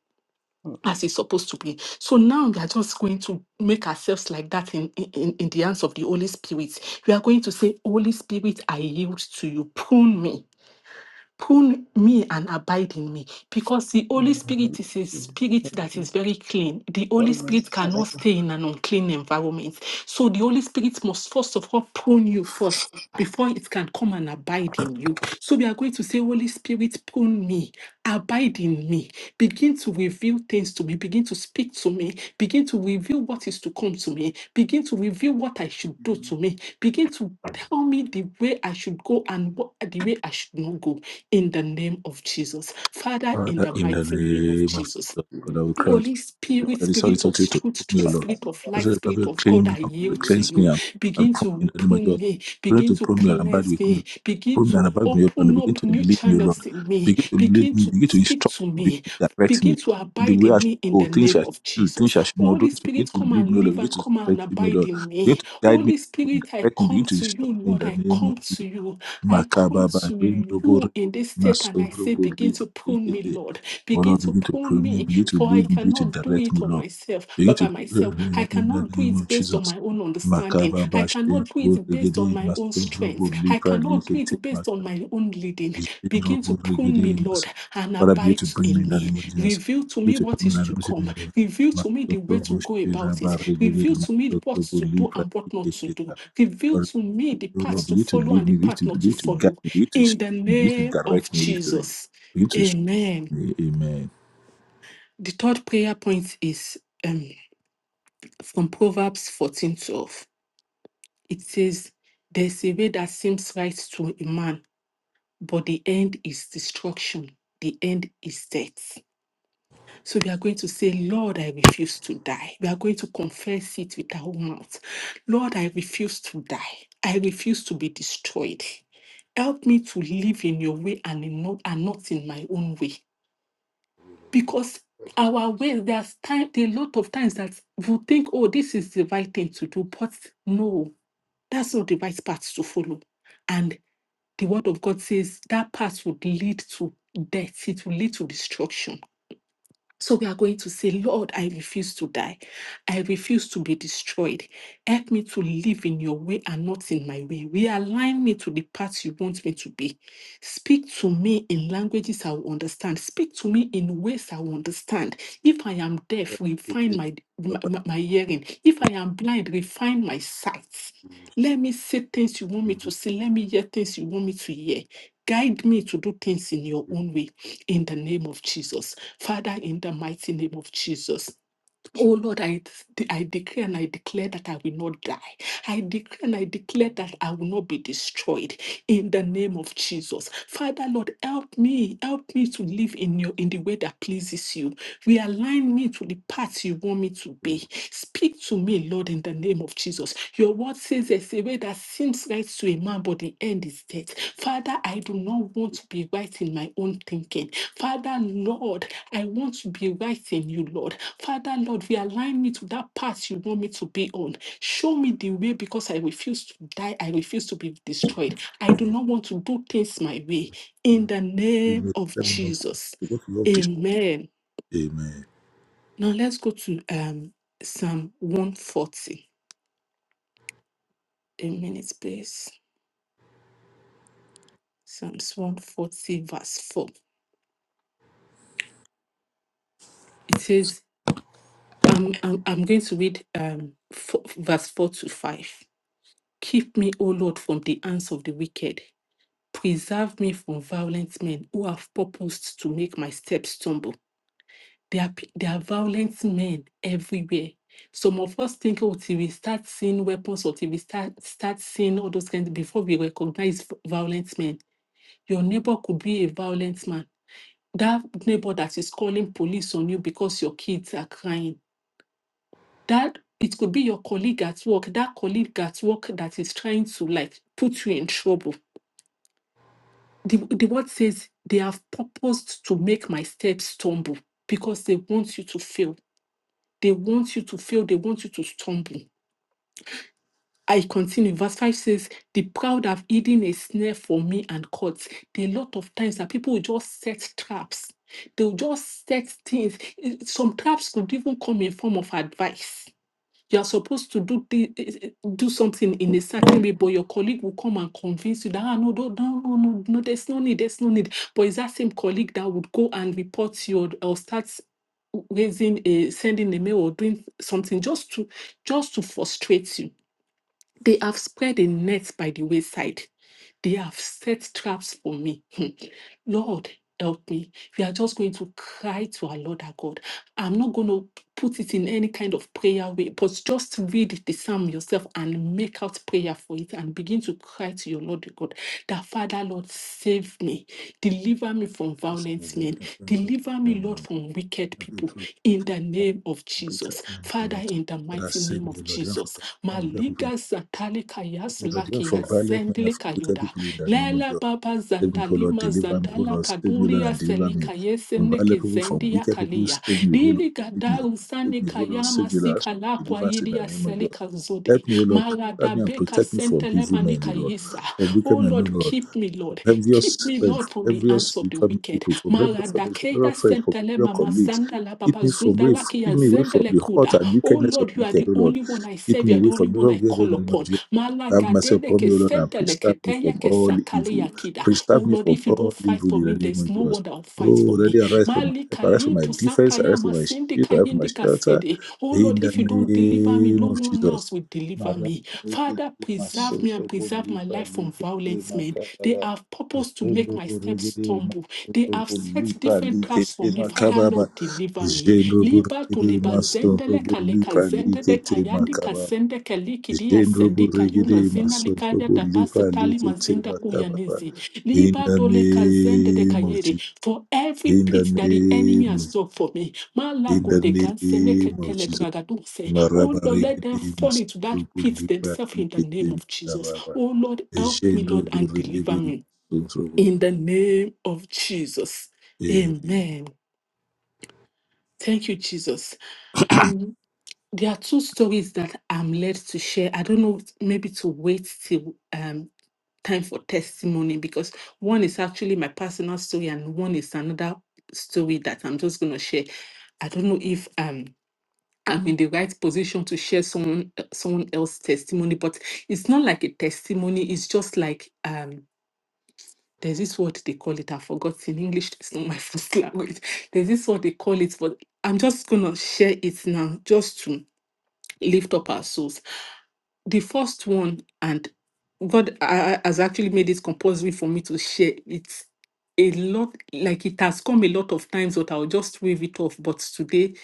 A: In
D: as it's supposed to be. So now we are just going to make ourselves like that in, in, in the hands of the Holy Spirit. We are going to say, Holy Spirit, I yield to you. Prune me. Prune me and abide in me. Because the
A: the
D: Holy
A: name
D: Spirit is
A: of
D: a
A: Jesus,
D: spirit that
A: Father,
D: is very clean. The Holy
A: God, we
D: Spirit
A: ever
D: cannot stay in an unclean environment. So the Holy Spirit must first of all prune you first before it can come and abide in you. So we are going to say, Holy Spirit, prune me, abide in me, begin to reveal things to me, begin to speak to me, begin to reveal what is to come to me, begin to reveal what I should do to me, begin to tell me the way I should go and what the way I should not go in the name of Jesus. Father, in
E: Father
D: the
E: in the
D: mighty name of
E: name of
D: Jesus.
E: Jesus.
A: give you
E: Father,
A: the
E: we
A: grace
E: crown
D: Holy
A: to know
E: you.
A: what
D: Spirit,
E: Very it's sorry
D: Spirit of
E: to put
D: truth,
E: me, O
D: Spirit
E: Lord.
D: Spirit
A: perfect
D: of
E: That's
D: light,
E: why the
D: Spirit
E: Bible
D: of God,
E: claim
D: I
E: me, and
D: yield to
E: cleanse
D: you.
E: me and, and
D: Begin
E: prune
D: to
E: me in the name of
D: open
E: Jesus.
D: me,
E: Pray
D: begin
E: to
D: to
E: prune me and abide
D: cleanse
E: with me.
D: me, begin
E: Prune me and
D: to
E: abide with me, O Lord, and
D: open
E: begin
D: up
E: to
D: new
E: lead me, O Lord.
D: channels in me,
E: Begin to lead
D: begin
E: me,
D: to
E: begin to
D: speak
E: instruct
D: to
E: me, begin
D: me,
E: to direct
D: begin
E: me
D: to
E: in the
D: abide
E: way
D: in
E: I should
D: me in
E: go,
D: the
E: things
D: name
E: I should
D: of
E: do,
D: Jesus.
E: things I should not
D: Holy
E: do. This begin
D: Spirit,
E: to
D: come and
E: lead me, O
D: live
E: Lord. Begin
D: and
E: to
D: come and
E: strengthen me, O
D: abide
E: Lord.
D: in
E: Begin
D: me.
E: to guide me,
D: Holy
E: to
D: Spirit, I
E: direct me, begin
D: come
E: to
D: to
E: instruct
D: you,
E: me in
D: Lord,
E: the
D: I
E: name of
D: come
E: Jesus.
D: to you. I come
E: Makababa
D: to
E: Hendobori
D: you in this state and I say,
E: Masorobo
D: begin
E: Lipa
D: to pull me,
E: Ikete.
D: Lord.
E: Oh
D: Begin
E: Lord,
D: to
E: begin to
D: pull
E: pray me,
D: me,
E: begin to
D: for I
E: lead me, begin
D: cannot
E: to
D: do
E: direct
D: it
E: me,
D: on
E: Lord.
D: myself,
E: Begin
D: but by
E: to pray
D: myself. I
E: in the
D: cannot do
E: name
D: it
E: of
D: based on
E: Jesus.
D: my own understanding. I
E: Makababa
D: cannot do
E: Shendobo
D: it based on
E: Regede
D: my own
E: Masorobo
D: strength. I
E: Lipa
D: cannot do
E: Ikete
D: it based on
E: Makababa
D: my own leading. Begin
E: Shendobo
D: to prune me,
E: Regede
D: Lord,
E: Masorobo.
D: and
E: Father, begin
D: abide
E: to bring me
D: in
E: in the
D: me.
E: name of Jesus.
D: Reveal to
E: Begin
D: me
E: to
D: what
E: bring me
D: is
E: in the name
D: to come.
E: of Jesus.
D: Reveal to me the way to
E: Masorobo
D: go about it.
E: Shendobo
D: Reveal
E: Regede
D: to me what
E: Masorobo
D: to do
E: Lipa
D: and what not to do.
E: Ikete
D: Reveal
E: Lord,
D: to me the
E: Lord, Lord,
D: path to
E: begin to
D: follow and
E: lead
D: the
E: me,
D: path
E: begin to,
D: not to
E: begin to
D: follow.
E: guide me, begin to
D: In
E: instruct
D: the
E: me, begin to
D: name of
E: direct me, Holy Spirit.
D: Jesus.
E: Begin to instruct
D: Amen.
E: me. Amen.
D: The third prayer point is um, from Proverbs fourteen twelve. It says, There's a way that seems right to a man, but the end is destruction, the end is death. So we are going to say, Lord, I refuse to die. We are going to confess it with our mouth. Lord, I refuse to die. I refuse to be destroyed. Help me to live in your way and, in not, and not in my own way. Because our way, there's time, there are a lot of times that we think, oh, this is the right thing to do. But no, that's not the right path to follow. And the word of God says that path would lead to death, it will lead to destruction. So we are going to say, Lord, I refuse to die. I refuse to be destroyed. Help me to live in your way and not in my way. Realign me to the path you want me to be. Speak to me in languages I will understand. Speak to me in ways I will understand. If I am deaf,
E: Amen.
D: refine my, my, my my hearing. If I am blind, refine my sight. Let me say things you want me to say. Let me hear things you want me to hear. Guide me to do things in your own way in the name of Jesus. Father, in the mighty name of Jesus. Oh Lord, I, de- I decree and I declare that I will not die. I decree and I declare that I will not be destroyed in the name of Jesus. Father, Lord, help me, help me to live in your in the way that pleases you. Realign me to the path you want me to be. Speak to me, Lord, in the name of Jesus. Your word says there's a way that seems right to a man, but the end is death. Father, I do not want to be right in my own thinking. Father, Lord, I want to be right in you, Lord. Father, Lord, realign me to that path you want me to be on. Show me the way because I refuse to die. I refuse to be destroyed. I do not want to do things my way. In the name of Jesus. Amen. Now let's go to um, Psalm 140. a minute, please. Psalms 140, verse 4. It says, I'm, I'm, I'm going to read um, four, verse 4 to 5. Keep me, O Lord, from the hands of the wicked. Preserve me from violent men who have purposed to make my steps stumble. There are, pe- there are violent men everywhere. Some of us think, oh, till we start seeing weapons or till we start, start seeing all those kinds. before we recognize v- violent men. Your neighbor could be a violent man that neighbor that is calling police on you because your kids are crying that it could be your colleague at work that colleague at work that is trying to like put you in trouble the, the word says they have purposed to make my steps stumble because they want you to fail they want you to fail they want you to stumble I continue. Verse 5 says, The proud have hidden a snare for me and caught. There are a lot of times that people will just set traps. They'll just set things. Eh, Some traps could even come in form of advice. You are supposed to do thi- eh, eh, eh, do something in a certain way, but your colleague will come and convince you that ah, no, no, no, no, no, no, there's no need, there's no need. But it's that same colleague that would go and report you or, or start raising a sending a mail or doing something just to just to frustrate you they have spread a net by the wayside. They have set traps for me. Hmm. Lord, help me. We are just going to cry to our Lord our God. I'm not going to put it in any kind of prayer way, but just read the psalm yourself and make out prayer for it and begin to cry to your Lord your God that Father, Lord, save me, deliver me from violent men, Deliver me, Lord, from wicked people in the name of Jesus. Father, in the
E: But I
D: mighty
E: save
D: name of
E: me, Lord. You
D: Jesus. Maliga zatali kayas
E: have
D: laki
E: for violent men,
D: zendele zendli
E: for wicked
D: kayuda.
E: people in the name of
D: Lela
E: God.
D: baba
E: Save me, O Lord,
D: zandalima
E: deliver me, O
D: zandala
E: Lord, save me, O Lord,
D: kadulia
E: and deliver me
D: selika
E: from
D: yeseneke
E: violent people, from
D: zendi ya
E: wicked people.
D: kalia.
E: Save me, O Lord,
D: Lili
E: save me, O-
D: gada
E: Lord,
D: usani
E: save me, O Lord,
D: kayama
E: save me, O Lord. Ask for
D: sikala kwa
E: Deliverance in the
D: idia
E: name of Jesus.
D: selika zodi.
E: Help me, O Lord, preserve me and
D: Radabeka
E: protect me from evil men,
D: Sentelebanika
E: O Lord,
D: yisa.
E: from
D: Oh
E: wicked men, O
D: Lord,
E: Lord,
D: keep me, Lord.
E: from envious
D: Keep me,
E: friends,
D: Lord, from
E: from
D: the
E: envious
D: hands of the
E: family
D: wicked.
E: people, from envious family, from
D: Maradakeya
E: envious friends, from
D: Sentele
E: your
D: Mama
E: colleagues.
D: Sandala Baba
E: Keep me from away,
D: Zundala Kia
E: keep me away from
D: Zendele
E: the hurt
D: Kuda.
E: and
D: Oh
E: wickedness of
D: Lord,
E: the
D: you are
E: wicked,
D: the
E: O Lord.
D: only one I
E: Keep
D: serve. You
E: me
D: are the
E: away
D: only
E: from
D: one
E: the
D: I
E: wicked in
D: call
E: the name of
D: upon.
E: Jesus. Have mercy
D: Malagadele
E: upon
D: ke
E: me, O Lord, and
D: Sentele
E: preserve me
D: Keteya
E: from
D: ke
E: all
D: Sakale
E: evil.
D: Yakida. Oh
E: Preserve me
D: Lord,
E: from
D: if you don't
E: all
D: fight
E: evil
D: for
E: in
D: me,
E: the name
D: there's
E: of
D: no one
E: yours.
D: that will fight for
E: Oh,
D: me.
E: ready, arise for my
D: Mali
E: help, arise for my
D: kalipu
E: defense,
D: sakaya
E: arise for my
D: masindi
E: shield, arise for my
D: kayindi
E: shelter.
D: kasede. Oh Lord,
E: In the
D: if you don't deliver me,
E: name
D: no
E: of
D: one
E: Jesus.
D: else will deliver
E: Jendro
D: me. Father, preserve me and preserve my life from violent men. They have purpose to make my steps
E: burigidi
D: stumble. They
E: masoto
D: have set
E: burlipa
D: different traps for
E: likete
D: me. Father, Lord, deliver me. Liba to liba zendele kaleka zendele kayandi
E: makababa.
D: kasende keliki dia
E: Jendrubu
D: sendika yuna
E: regede
D: zina likaya
E: masondrubu lipa
D: tabasa tali
E: likete
D: mazinda
E: makababa.
D: kuyanizi.
E: In
D: Liba
E: the
D: dole kazende de
E: name of
D: kayere
E: Jesus.
D: for every
E: In the
D: pit that the enemy
E: name of
D: has
E: Jesus.
D: dug for me.
E: In
D: Malago
E: the
D: de ganse
E: name
D: neke
E: of Jesus.
D: telebragadose. Oh
E: Maraba
D: Lord, let them
E: regede
D: fall into that
E: masondrubu
D: pit
E: lipa
D: themselves in the name
E: likete
D: of Jesus.
E: makababa.
D: Oh Lord, help me, Lord,
E: Jendrubu
D: and deliver
E: regede
D: me
E: masondrubu.
D: in the name of Jesus.
E: Eh,
D: Amen. Thank you, Jesus. Um, there are two stories that I'm led to share. I don't know, maybe to wait till um, time for testimony because one is actually my personal story and one is another story that I'm just going to share. I don't know if um I'm in the right position to share someone uh, someone else's testimony, but it's not like a testimony. It's just like um there's this word they call it. I forgot in English. It's not my first language. There's this word they call it, but I'm just gonna share it now, just to lift up our souls. The first one, and God uh, has actually made it compulsory for me to share it a lot, like it has come a lot of times, but I'll just wave it off. But today,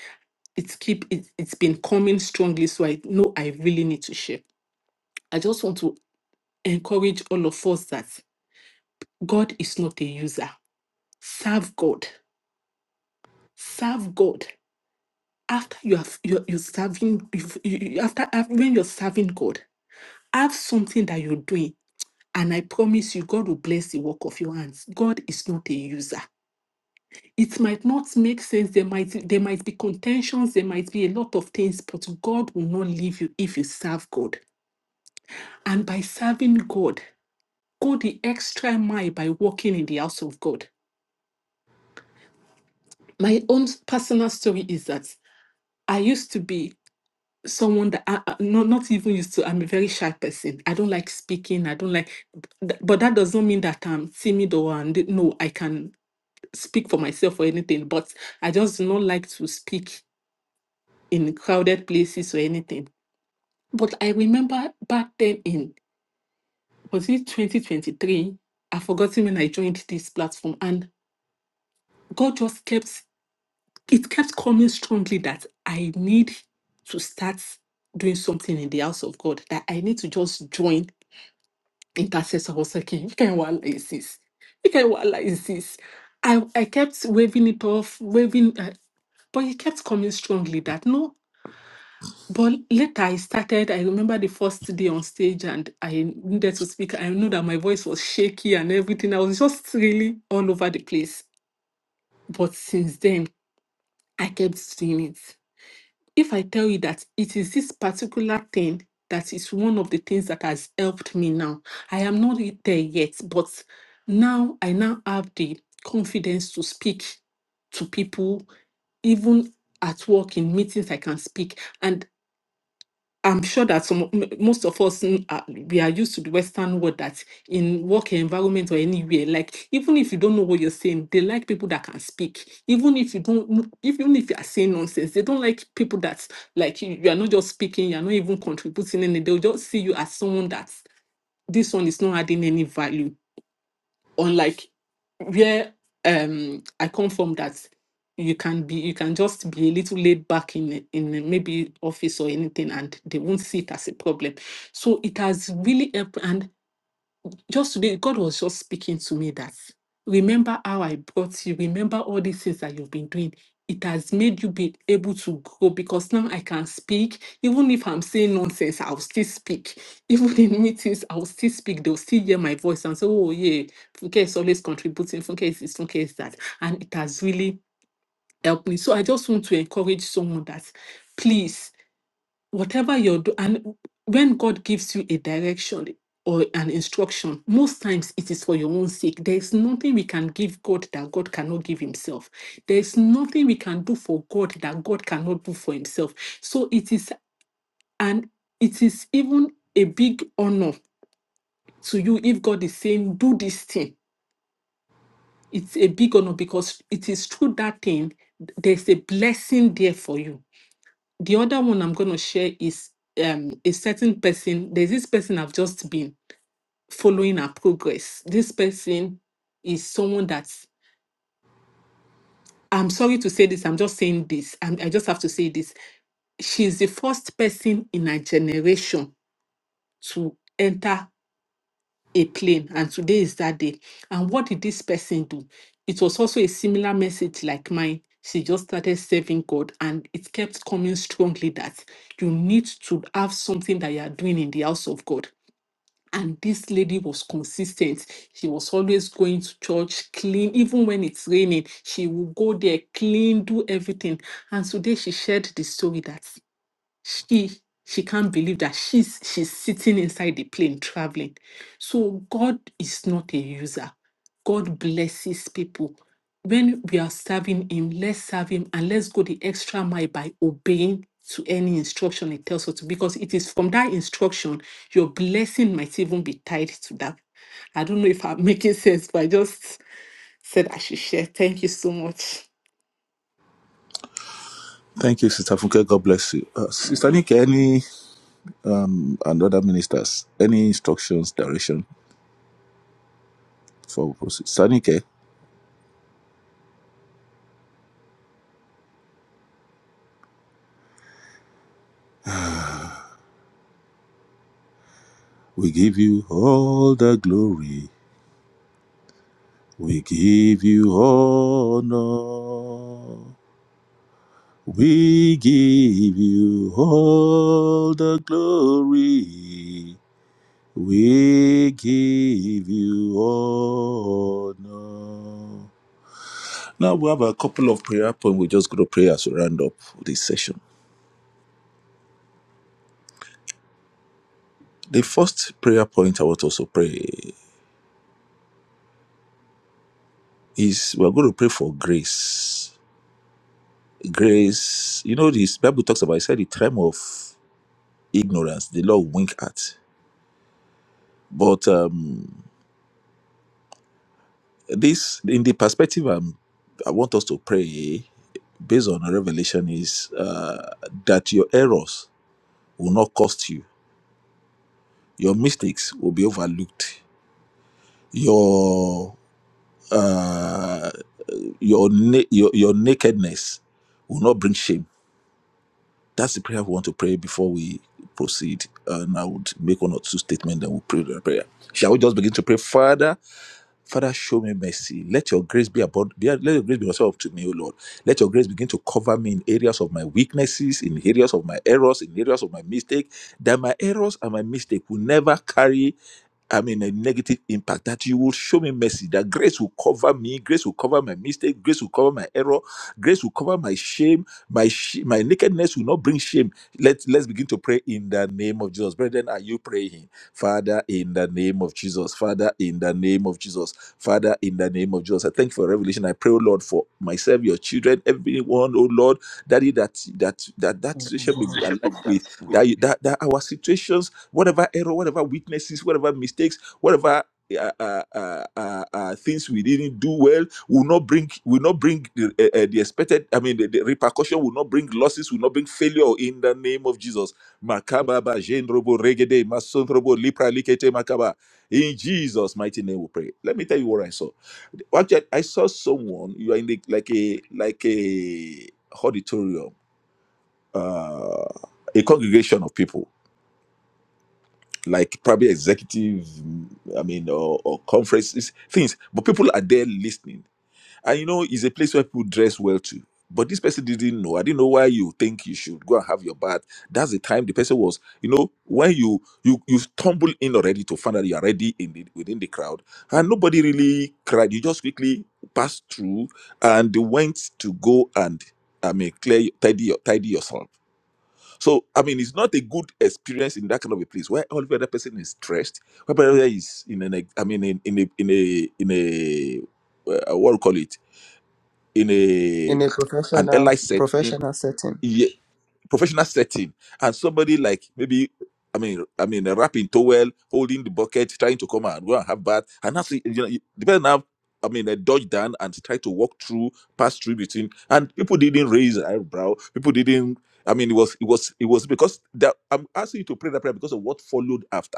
D: it's keep it, it's been coming strongly so i know i really need to share i just want to encourage all of us that god is not a user serve god serve god after you have you're, you're serving you've- you, you- after af- when you're serving god have something that you're doing And I promise you, God will bless the work of your hands. God is not a user. It might not make sense. There might there might be contentions. There might be a lot of things, but God will not leave you if you serve God. And by serving God, go the extra mile by walking in the house of God. My own personal story is that I used to be someone that I, I- not not even used to. I'm a very shy person. I don't like speaking. I don't like, th- but that does not mean that I'm timid or and no. I can. speak for myself or anything, but I just do not like to speak in crowded places or anything. But I remember back then in was it 2023? I've forgotten when I joined this platform, and God just kept it kept coming strongly that I need to start doing something in the house of God, that I need to just join intercessor. I was like, you can what like this? You can what like this? I, I kept waving it off, waving, uh, but he kept coming strongly that no. But later I started, I remember the first day on stage and I needed to speak. I know that my voice was shaky and everything. I was just really all over the place. But since then, I kept doing it. If I tell you that it is this particular thing that is one of the things that has helped me now, I am not yet there yet, but now I now have the confidence to speak to people, even at work in meetings, I can speak. And I'm sure that some m- most of us mm, are- we are used to the Western world that in work environment or anywhere, like even if you don't know what you're saying, they like people that can speak. Even if you don't, kn- even if you are saying nonsense, they don't like people that like you, you are not just speaking, you are not even contributing, and they'll just see you as someone that's this one is not adding any value unlike where um I come from that you can be you can just be a little laid back in in maybe office or anything and they won't see it as a problem. So it has really helped and just today, God was just speaking to me that remember how I brought you, remember all these things that you've been doing. It has made you be able to grow because now I can speak. Even if I'm saying nonsense, I'll still speak. Even in meetings, I'll still speak. They'll still hear my voice and say, oh, yeah, Funke is always contributing. Funke is this, Funke is that. And it has really helped me. So I just want to encourage someone that please whatever you're doing, and when God gives you a direction or an instruction, most times it is for your own sake. There is nothing we can give God that God cannot give Himself. There is nothing we can do for God that God cannot do for Himself. So it is, and it is even a big honor to you if God is saying, Do this thing. It's a big honor because it is through that thing, there's a blessing there for you The other one I'm going to share is um, a certain person. There's this person I've just been following her progress. This person is someone that I'm sorry to say this. I'm just saying this. i I just have to say this. She's the first person in her generation to enter a plane and today is that day and what did this person do it was also a similar message like mine she just started serving god and it kept coming strongly that you need to have something that you are doing in the house of god and this lady was consistent she was always going to church clean even when it's raining she would go there clean do everything and today she shared the story that she she can't believe that she's she's sitting inside the plane traveling so god is not a user god blesses people when we are serving him let's serve him and let's go the extra mile by obeying to any instruction he tells us to because it is from that instruction your blessing might even be tied to that i don't know if i'm making sense but i just said i should share thank you so much
E: Thank you, Sister Funke. God bless you. Uh, Sister Nick, any um, and other ministers, any instructions, direction for Sister Nike, we give you all the glory. We give you honor. We give you all the glory. We give you honor. Now we have a couple of prayer points. We're just going to pray as we round up this session. The first prayer point I want us to pray is we're going to pray for grace. Grace, you know, this Bible talks about, it said, the time of ignorance, the Lord wink at. But um, this, in the perspective I'm, I want us to pray based on revelation, is uh, that your errors will not cost you, your mistakes will be overlooked, your uh, your, na- your your nakedness will not bring shame. That's the prayer we want to pray before we proceed. And I would make one or two statements, then we'll pray the prayer. Shall we just begin to pray, Father? Father, show me mercy. Let your grace be upon be- let your grace be yourself to me, O Lord. Let your grace begin to cover me in areas of my weaknesses, in areas of my errors, in areas of my mistake, that my errors and my mistake will never carry I mean, a negative impact, that you will show me mercy, that grace will cover me, grace will cover my mistake, grace will cover my error, grace will cover my shame, my sh- my nakedness will not bring shame. Let, let's begin to pray in the name of Jesus. Brethren, are you praying? Father, in the name of Jesus. Father, in the name of Jesus. Father, in the name of Jesus. I thank you for revelation. I pray, oh Lord, for myself, your children, everyone, oh Lord, daddy, that that that that
A: in the name
E: situation may
A: of
E: be
A: Jesus.
E: aligned with that, you- that that our situations whatever error, whatever weaknesses, whatever mistakes, whatever uh, uh, uh, uh, uh, things we didn't do well will not bring will not bring the, uh, uh, the expected. I mean, the, the repercussion will not bring losses, will not bring failure in the name of Jesus. Makaba jendrobo regede masondrobo lipra likete makaba. In Jesus' mighty name, we pray. Let me tell you what I saw. Actually, I saw someone. You are in the like a like a auditorium, uh, a congregation of people like probably executive mm, i mean or, or conferences things but people are there listening and you know it's a place where people dress well too but this person didn't know i didn't know why you think you should go and have your bath that's the time the person was you know when you you you stumble in already to find out you're already in the within the crowd and nobody really cried you just quickly passed through and went to go and i mean clear tidy tidy yourself so I mean, it's not a good experience in that kind of a place where every other person is stressed, where the other is in an ex- I mean in, in a in a in a uh, what do you call it in a
A: in a
E: an
A: professional
E: ally setting
A: professional setting.
E: professional setting and somebody like maybe I mean, I mean, wrapping towel, holding the bucket, trying to come and go and have bath, and that's you know, you- the person have, I mean, a dodge down and try to walk through, pass through between, and people didn't raise an eyebrow. People didn't. I mean, it was, it was, it was because that I'm asking you to pray that prayer because of what followed after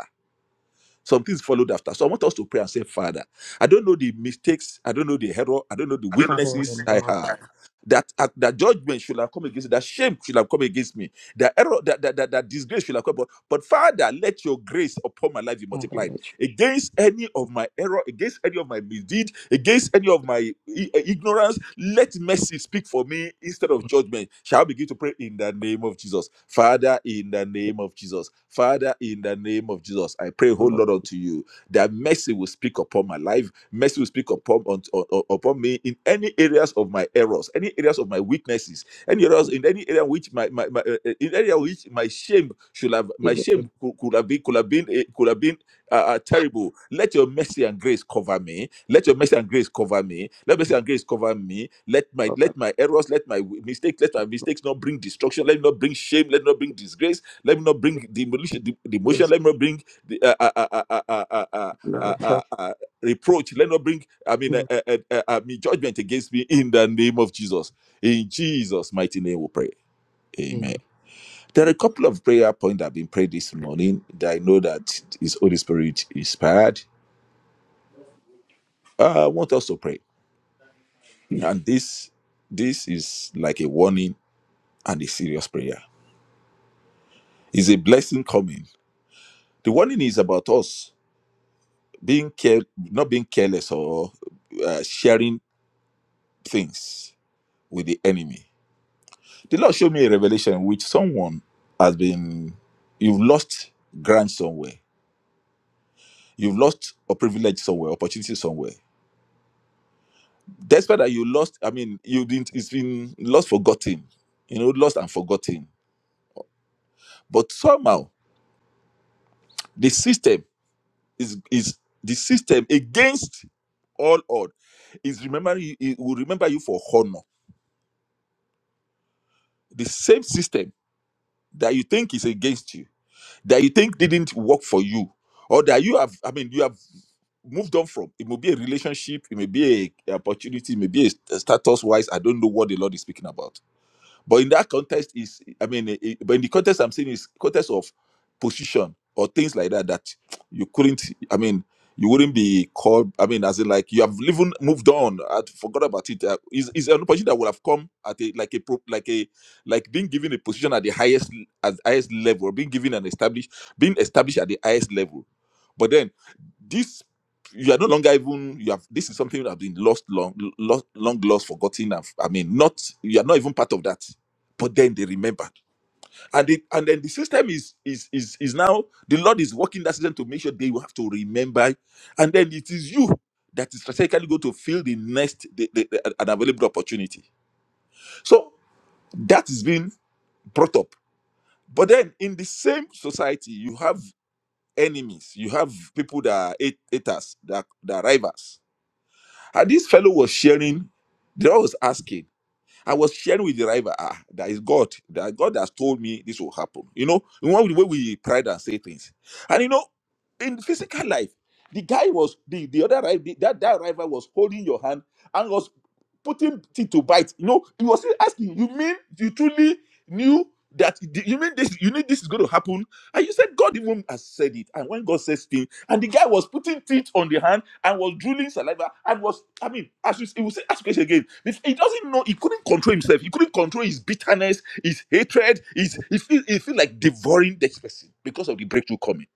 E: some things followed after. So I want us to pray and say, Father, I don't know the mistakes, I don't know the error, I don't know the
A: Father, in the
E: weaknesses
A: name
E: I
A: of
E: have.
A: Jesus,
E: That uh, that judgment should have come against me, that shame should have come against me, that error, that that, that, that disgrace should have come. But, but Father, let your grace upon my life be
A: Father,
E: multiplied
A: let
E: against any of my error, against any of my misdeed, against any of my i- uh, ignorance. Let mercy speak for me instead of judgment. Shall I begin to pray in the name of Jesus? Father, in the
A: your
E: name of Jesus. Father, in the name of Jesus, I pray,
A: name
E: whole
A: of
E: Lord, unto you that mercy will speak upon my life. Mercy will speak upon, on, on- upon me in any areas of my errors, any areas of my weaknesses, any areas in any area which my, my, my uh, uh, in area which my shame should have my
A: give it the
E: shame
A: gift
E: could, could have been could have been eh, could have been are, are terrible. Let your mercy and grace cover me. Let your mercy and grace cover me. Let mercy and grace cover me. Let my
A: of
E: let my errors, let my w- mistakes, let my mistakes not bring destruction. Let me not bring shame. Let me not bring disgrace. Let me not bring demolition, de- demotion.
A: grace,
E: Let me not bring the, uh, uh, uh, uh, uh, uh, uh, uh, uh,
A: Lord,
E: uh,
A: help
E: uh, reproach. Let me not bring I
A: me
E: mean uh, uh, uh, uh, I mean judgment against me in the name of Jesus. In Jesus' mighty name, we pray.
A: in the name
E: There are a couple of prayer points that have been prayed this morning that I know that is Holy Spirit inspired. Uh, I want us to pray, and this this is like a warning and a serious prayer. It's a blessing coming. The warning is about us being care, not being careless or uh, sharing things with the enemy. The Lord showed me a revelation which someone has been you've lost grant somewhere, you've lost a privilege somewhere, opportunity somewhere despite that you lost i mean you didn't it's been lost forgotten you know lost and forgotten but somehow the system is is the system against all odds is remembering you it will remember you for honor the same system that you think is against you that you think didn't work for you or that you have i mean you have moved on from it may be a relationship it may be a, a opportunity it may be a status wise i don't know what the lord is speaking about But in that context, is I mean, eh, eh, but in the context I'm saying is context of position or things like that that you couldn't. I mean, you wouldn't be called. I mean, as in like you have even moved on. I forgot about it. Uh, is is an opportunity that would have come at a like a pro- like a like being given a position at the highest at the highest level, being given an established being established at the highest level. But then this you are no longer even you have this is something that have been lost long lost long lost forgotten and, i mean not you are not even part of that but then they remembered and it and then the system is is is is now the lord is working that system to make sure they will have to remember and then it is you that is strategically going to fill the next the, the, the- an available opportunity so that is being brought up but then in the same society you have enemies you have people that are hate- haters that, that are rivals and this fellow was sharing they was asking I was sharing with the driver, ah, that is God. That God has told me this will happen. You know, in one way we pride and say things. And you know, in physical life, the guy was the, the other rival, that, that rival was holding your hand and was putting teeth to bite. You know, he was still asking, you mean you truly knew that you mean this, you knew this is going to happen? And you said God even has said it. And when God says things, and the guy was putting teeth on the hand and was drooling saliva and was, I mean, as you he will say, ask question again. If He doesn't know, he couldn't control himself. He couldn't control his bitterness, his hatred, his he feel he feel like devouring this person because of the breakthrough coming.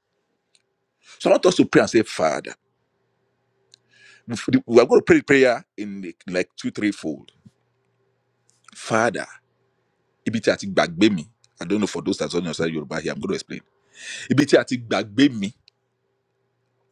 E: So I want us to pray and say, Father, we are going to pray the prayer in like like two, three fold. Father, ibi tí a ti gbàgbé mi. I don't know for those that don't understand Yoruba here, I'm going to explain. Ibi tí a ti gbàgbé mi.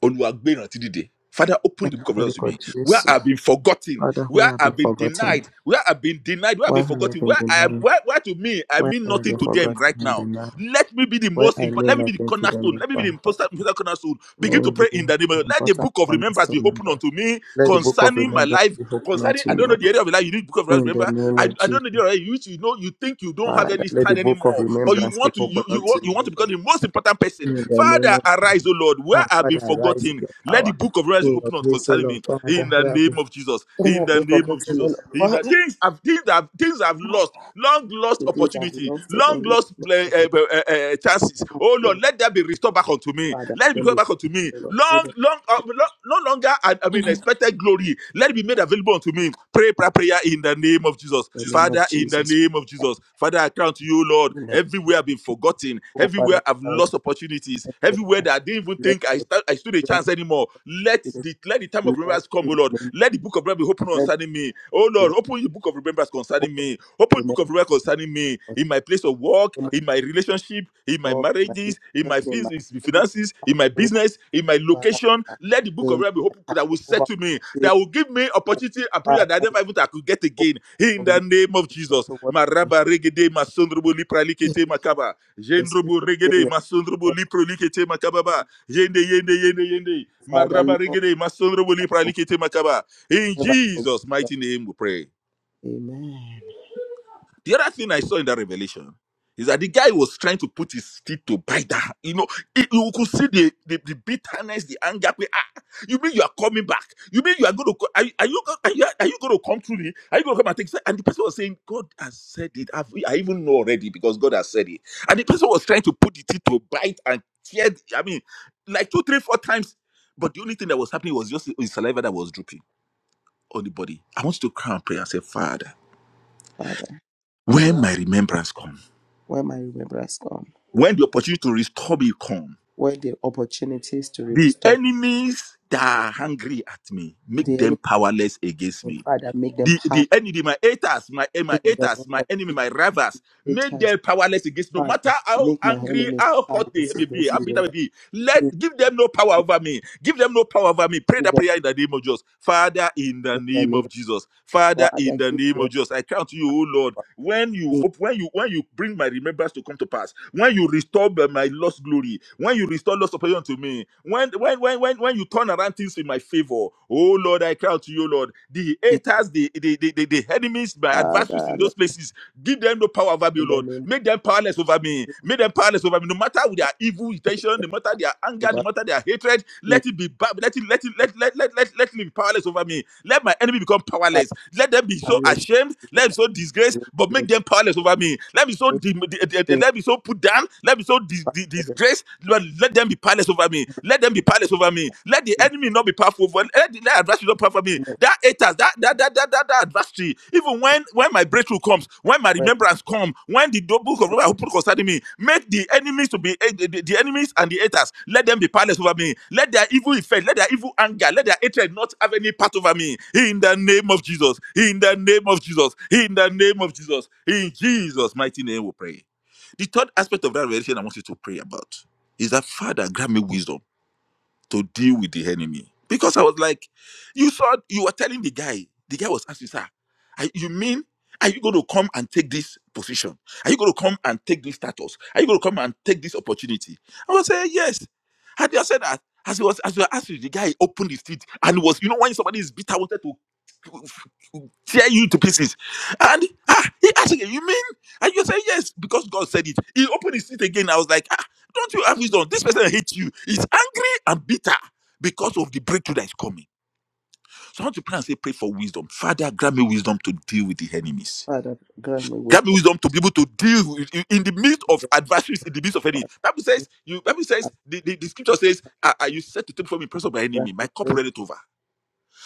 E: Oluwagbe ìrántí dìde. Father, open the book of
A: of
E: Records to me. Where
A: Jesus.
E: I've been forgotten,
A: Father,
E: where
A: where I've been
E: I've been
A: forgotten,
E: denied, where I've been denied, where I've
A: Why
E: been
A: have I
E: forgotten,
A: been
E: where I
A: denied,
E: where, where to me, I
A: Why have
E: mean
A: I
E: nothing
A: been
E: to them
A: forgotten
E: right
A: and
E: now.
A: denied,
E: Let me be the
A: where
E: most
A: I
E: important,
A: mean
E: let me be the
A: nothing to
E: cornerstone,
A: them,
E: let me be the
A: Lord, Father,
E: important important cornerstone.
A: may
E: Begin to pray
A: it be
E: in the name
A: an
E: of Let the
A: important
E: book of remembrance be
A: cornerstone,
E: open
A: Lord.
E: unto me
A: Let the book of
E: concerning my
A: remembrance
E: life,
A: be open
E: concerning
A: unto
E: I
A: me,
E: don't know the
A: Lord.
E: area of my life you need book of
A: In
E: remembrance.
A: the name
E: I,
A: of
E: I don't know the
A: Jesus,
E: right. You, you know you think you don't have
A: Father,
E: any
A: let the
E: stand
A: book of
E: anymore, but you
A: remembrance be
E: want to you
A: open
E: you
A: unto
E: want, you want to
A: me.
E: become the most important person.
A: In the name
E: Father,
A: of Jesus,
E: arise, O Lord, where
A: Ah,
E: I've been
A: Father, arise in
E: forgotten.
A: your
E: Let the
A: power.
E: book of Revelation
A: In your
E: open up
A: grace, O
E: concerning
A: Lord,
E: me
A: Father,
E: in the
A: where have we,
E: name of Jesus,
A: where
E: in
A: have
E: the
A: we
E: name of
A: forgotten, O Lord,
E: Jesus, in the
A: Father?
E: things I've things I've things I've lost, long lost
A: The things that have
E: opportunity,
A: lost, O
E: long
A: Lord, Lord,
E: lost uh, uh,
A: Lord,
E: uh, uh, chances.
A: Lord,
E: Oh Lord,
A: Lord,
E: let that
A: Lord,
E: be restored back unto me.
A: Father,
E: Let it be
A: then
E: restored
A: the
E: back unto me.
A: O Lord, let them
E: Long, long, uh, lo- no longer I, I mean expected glory. Let it be made available unto me. Pray, pray, prayer in the name of Jesus,
A: in the name of
E: Father. In the
A: Jesus.
E: name of Jesus, Father, I count to you, Lord.
A: In the
E: Everywhere I've been forgotten,
A: oh,
E: everywhere
A: Father,
E: I've
A: I want
E: lost opportunities,
A: I
E: everywhere
A: have
E: that I didn't even even
A: lost
E: think I
A: what
E: stand, I stood a
A: you have
E: chance anymore. Let
A: Lord, in the
E: the let the time of
A: name of Jesus.
E: remembrance come, O Lord. Let the book of remembrance be open
A: Let
E: concerning me. Oh
A: the
E: Lord, open the book of remembrance concerning
A: open
E: me. Open the book
A: remember
E: of remembrance concerning me
A: what
E: in my place of work,
A: you
E: in my relationship, in my
A: work, in my
E: marriages, in
A: business,
E: my
A: in my home,
E: finances,
A: Father,
E: in my business, in my
A: Father,
E: location. Let the book of
A: in
E: remembrance be open
A: my
E: that will
A: career,
E: settle me,
A: over
E: that will give me
A: Father,
E: opportunity and prayer that I never even I could get
A: Lord, open the book
E: again. In
A: of
E: the name of
A: remembrance, Lord,
E: Jesus.
A: towards me.
E: Maraba regede masondrobo lipralikete makaba.
A: Jesus, if
E: Jendrobo
A: you your
E: regede
A: voice,
E: masondrobo
A: Lord,
E: liprolikete makababa. Yende, yende, yende, yende.
A: Father, Lord,
E: Marabarigede, masonrobo
A: I forgive
E: lipralikete makaba. In
A: me by forgive
E: Jesus'
A: Lord.
E: mighty name we pray.
A: Amen.
E: The other thing I saw in that revelation is that the guy was trying to put his teeth to bite that. You know, it- you could see the, the, the bitterness, the anger. pe- Ah, you mean you are coming back? You mean you are going to? co- Are, you- are you go- are you are you going to come through me? Are you going to come and take? And the person was saying, God has said it. I've, I even know already because God has said it. And the person was trying to put the teeth to bite and tear. the- I mean, like two, three, four times. But the only thing that was happening was just his saliva that was drooping on the body. I want you to cry and pray and say, Father,
A: Father,
E: when my remembrance comes.
A: where my remembrance come,
E: When the opportunity to restore me come,
A: where the opportunities to
E: the
A: restore
E: enemies that are hungry at me, make
A: the
E: them
A: enemy,
E: powerless against me.
A: Father, make them
E: The,
A: pass.
E: the enemy, my haters, my, eh, my
A: in the name
E: haters, my
A: of
E: enemy,
A: Jesus.
E: my rivals,
A: It
E: make
A: has,
E: them powerless against me. No
A: Father,
E: matter how
A: make my
E: angry,
A: enemies
E: how hot they
A: powerless
E: may be,
A: against
E: how
A: me,
E: bitter they may
A: Lord.
E: be,
A: In
E: let give them no power over me. Give them no power over me. Pray
A: Jesus'
E: that
A: name,
E: prayer in the name of Jesus. Father, in the
A: in the
E: name
A: name
E: of Jesus.
A: of
E: Father, in
A: Father,
E: the
A: give
E: name
A: them
E: of Jesus. I count you, O Lord when you
A: in,
E: op- when you when you bring my remembrance to come to pass when you restore b- my lost glory when you restore lost opportunity unto me when when when when when you turn around things in my favor oh lord i cry out to you lord the
A: in,
E: haters the the, the, the, the enemies my adversaries
A: Father,
E: in
A: let
E: those places give them no power over me oh
A: in the
E: lord
A: name
E: make them powerless over me make them powerless over me no matter with their evil intention no matter matter their anger,
A: of
E: no
A: Jesus.
E: matter their hatred, let it be ba- let it let it let let let let, let it be powerless over me. Let my enemy become
A: Father,
E: powerless. Let them be
A: I
E: so
A: lift
E: ashamed,
A: you
E: let them be
A: up.
E: so disgraced,
A: In
E: but make them powerless over me. Let
A: the
E: me
A: name
E: so dim- di-
A: of
E: di- di-
A: Jesus,
E: let me so put down, let me so dis-
A: Father,
E: di-
A: I lift
E: disgraced, Lord, let them be powerless over me. Let them be powerless over me. Let the enemy not be powerful over let the let adversary not be powerful over me.
A: you up.
E: That status, that that that that, that, that adversary, even when when my breakthrough comes, when my
A: Well,
E: remembrance comes, when the do- book of Romans open concerning me, make the enemies to be eh, the, the- the enemies and the haters. Let them be powerless over me. Let their evil effect, let their evil anger, let their hatred not have any part over me. In the name of Jesus. In the name of Jesus. In the name of Jesus. In Jesus' mighty name, we pray. The third aspect of that revelation I want you to pray about is that Father, grant me wisdom to deal with the enemy because I was like, you saw, you were telling the guy, the guy was asking, sir, are, you mean, are you going to come and take this position? Are you going to come and take this status? Are you going to come and take this opportunity? I was saying, yes. Had you said that, as he was, as you were asking, the guy opened his teeth and was, you know, when somebody is bitter, wanted to tear you to pieces. And ah, he asked again, you mean? And you say yes, because God said it. He opened his teeth again. I was like, ah, don't you have wisdom? This person hates you. He's angry I'm bitter because of the breakthrough that is coming. So I want to pray and say, pray for wisdom. Father, grant me wisdom to deal with the enemies.
A: Father, grant me
E: Grant me
A: wisdom to
E: wisdom to be able to deal with, in in the midst
A: do
E: of
A: your
E: adversaries, in the midst of enemies."
A: Father.
E: Bible says, you Bible
A: I
E: says, the, the, the scripture says, I, I, you set to take from me in presence of my
A: grant
E: enemy,
A: me
E: my cup
A: grace
E: ready over.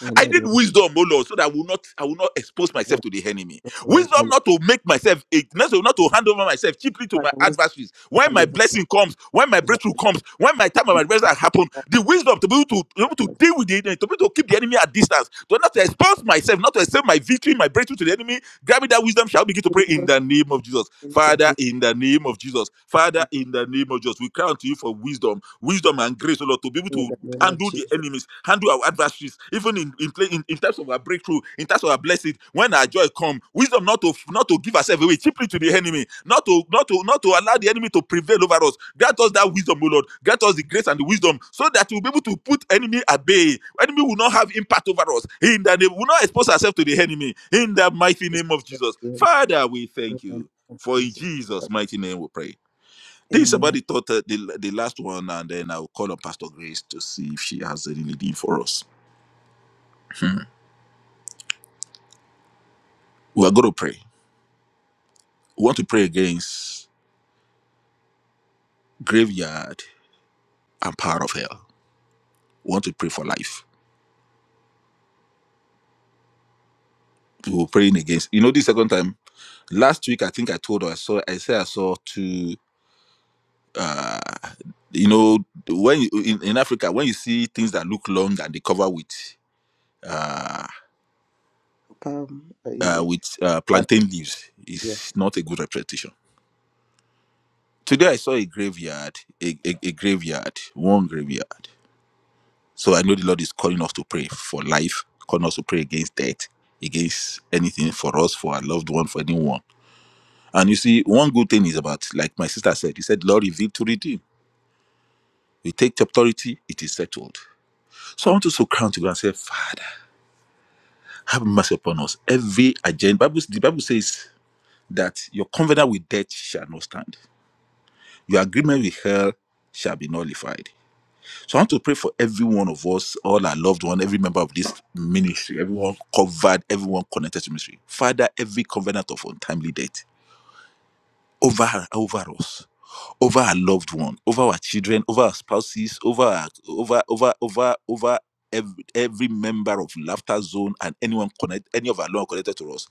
A: in the
E: I need
A: name
E: wisdom, oh Lord, so that I will not I will not expose myself
A: of
E: to the enemy.
A: the Lord.
E: Wisdom
A: And
E: not to make myself a not to not to hand over myself cheaply to
A: Father,
E: my
A: wisdom
E: adversaries. When
A: hand
E: my
A: over my
E: blessing comes, when my
A: to my
E: breakthrough
A: Lord.
E: comes, when my time of
A: My
E: adversity
A: Lord,
E: has happened,
A: all
E: the wisdom to be able to, to be
A: the
E: able to
A: Lord.
E: deal with the enemy, to be able to keep the enemy at distance, to not to expose myself, not to accept my victory, my breakthrough to the enemy. Grab me that wisdom, shall we begin to
A: The
E: pray in
A: wisdom
E: the name of Jesus.
A: things are
E: Father,
A: this
E: in the name of Jesus. Father,
A: in
E: in the name of Jesus. We cry unto you for wisdom, wisdom and grace, oh Lord, to be able to
A: the name of
E: handle the
A: Jesus.
E: enemies, handle our adversaries, even in in, play, in in terms of our breakthrough, in terms of our blessing. When our joy come, wisdom not to not to give ourselves away cheaply to the enemy, not to not to not to allow the enemy to prevail over us. Grant us that wisdom, O Lord. Grant us the grace and the wisdom, so that we'll be able to put enemy at bay. Enemy will not have impact over us. In that they will not expose ourselves to the enemy. In the mighty
A: This
E: name of
A: is
E: Jesus,
A: in
E: Father, we
A: the
E: thank
A: name
E: you.
A: of
E: For in
A: Jesus.
E: Jesus' mighty name, we pray. This
A: Amen.
E: somebody thought uh, the, the last one, and then I'll call on Pastor Grace to see if she has any leading for us. Hmm. We are going to pray. We want to pray against graveyard and power of hell. We want to pray for life. We were praying against. You know, this second time last week, I think I told her. I saw. I said I saw two. Uh, you know, when you, in, in Africa, when you see things that look long and they cover with uh,
A: Palm, uh,
E: uh
A: is
E: with uh,
A: it?
E: plantain leaves, it's not a good representation Today I saw a graveyard, a, a, a graveyard, one graveyard. So I know the Lord is calling us to pray for life, calling us to pray against death, against anything for us, for our loved one, for anyone. And you see, one good thing is about, like my sister said, he said, Lord, reveal to redeem. We take the authority, it is settled. So I want us to crown to God and say, Father, have mercy upon us. Every agenda, Bible, the Bible says that your covenant with death shall not stand. Your agreement with hell shall be nullified. So I want to pray for every one of us, all our loved one, every member of this ministry, everyone covered, everyone connected to ministry. Father, every covenant of untimely death over over us over our loved one over our children over our spouses over our, over over over over every, every member of laughter zone and anyone connect any of our Lord connected to us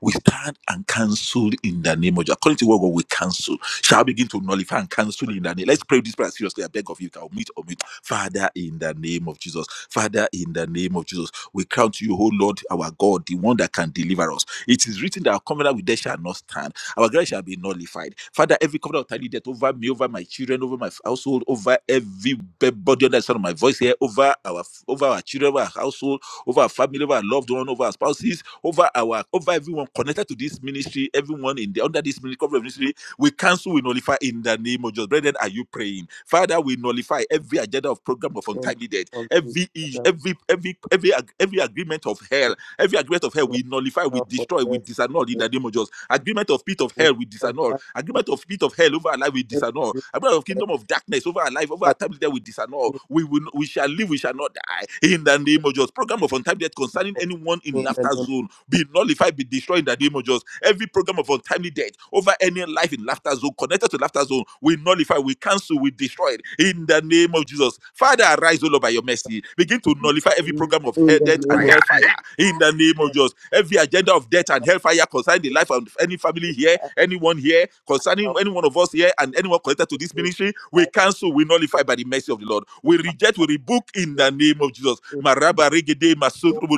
E: we stand and cancel in the name of jesus according to what God we cancel shall I begin to nullify and cancel in the name let's pray this prayer seriously i beg of you i'll meet or meet father in the name of jesus father in the name of jesus we count you oh lord our god the one that can deliver us it is written that our covenant with death shall not stand our grace shall be nullified. Father, every covenant of tiny death over me, over my children, over my household, over everybody under the sound of my voice here, over our over our children, over our household, over our family, over our loved one, over our spouses, over our over everyone connected to this ministry, everyone in the under this ministry, covenant ministry, we cancel, we nullify in the name of Jesus. Brethren, are you praying? Father, we nullify every agenda of program of
A: in the name
E: untimely death,
A: of Jesus.
E: every
A: Father,
E: every every every every agreement of hell
A: we
E: Every agreement of hell
A: pray
E: we nullify, we
A: now for
E: destroy, we
A: death in
E: disannul
A: the
E: in
A: name of
E: the name of
A: Jesus.
E: Jesus. Agreement of pit of
A: We
E: hell we
A: shall not
E: disannul.
A: die. We
E: Agreement of pit of hell over our life we
A: will never
E: disannul.
A: be
E: Agreement of
A: dead.
E: kingdom of darkness over our life, over our
A: Father,
E: time there we disannul.
A: we
E: We will, we shall live, we shall not die in the
A: pray
E: name of Jesus. Program of untimely death concerning
A: for us
E: anyone
A: in
E: in
A: the name
E: laughter
A: of
E: zone be nullified, be destroyed in the name of Jesus. Every program of untimely death over any life in laughter zone, connected to laughter zone, we nullify, we cancel, we destroy it in the name of Jesus. Father, arise, O Lord, by your mercy. Begin to
A: Jesus.
E: nullify
A: In
E: every
A: the name
E: program of
A: of
E: hell, death,
A: Jesus,
E: and
A: I
E: hellfire in the name of Jesus. Every agenda of death and hellfire concerning the life of any family here, anyone here, concerning
A: shall
E: any one of us
A: pray
E: here, and anyone connected to
A: that we
E: this
A: will
E: ministry, we
A: die
E: cancel, we
A: with
E: nullify by the mercy of the Lord.
A: the
E: We
A: fact
E: reject, we
A: that
E: rebuke in
A: we are
E: the name of Jesus.
A: still
E: Maraba regede
A: so
E: masodrobo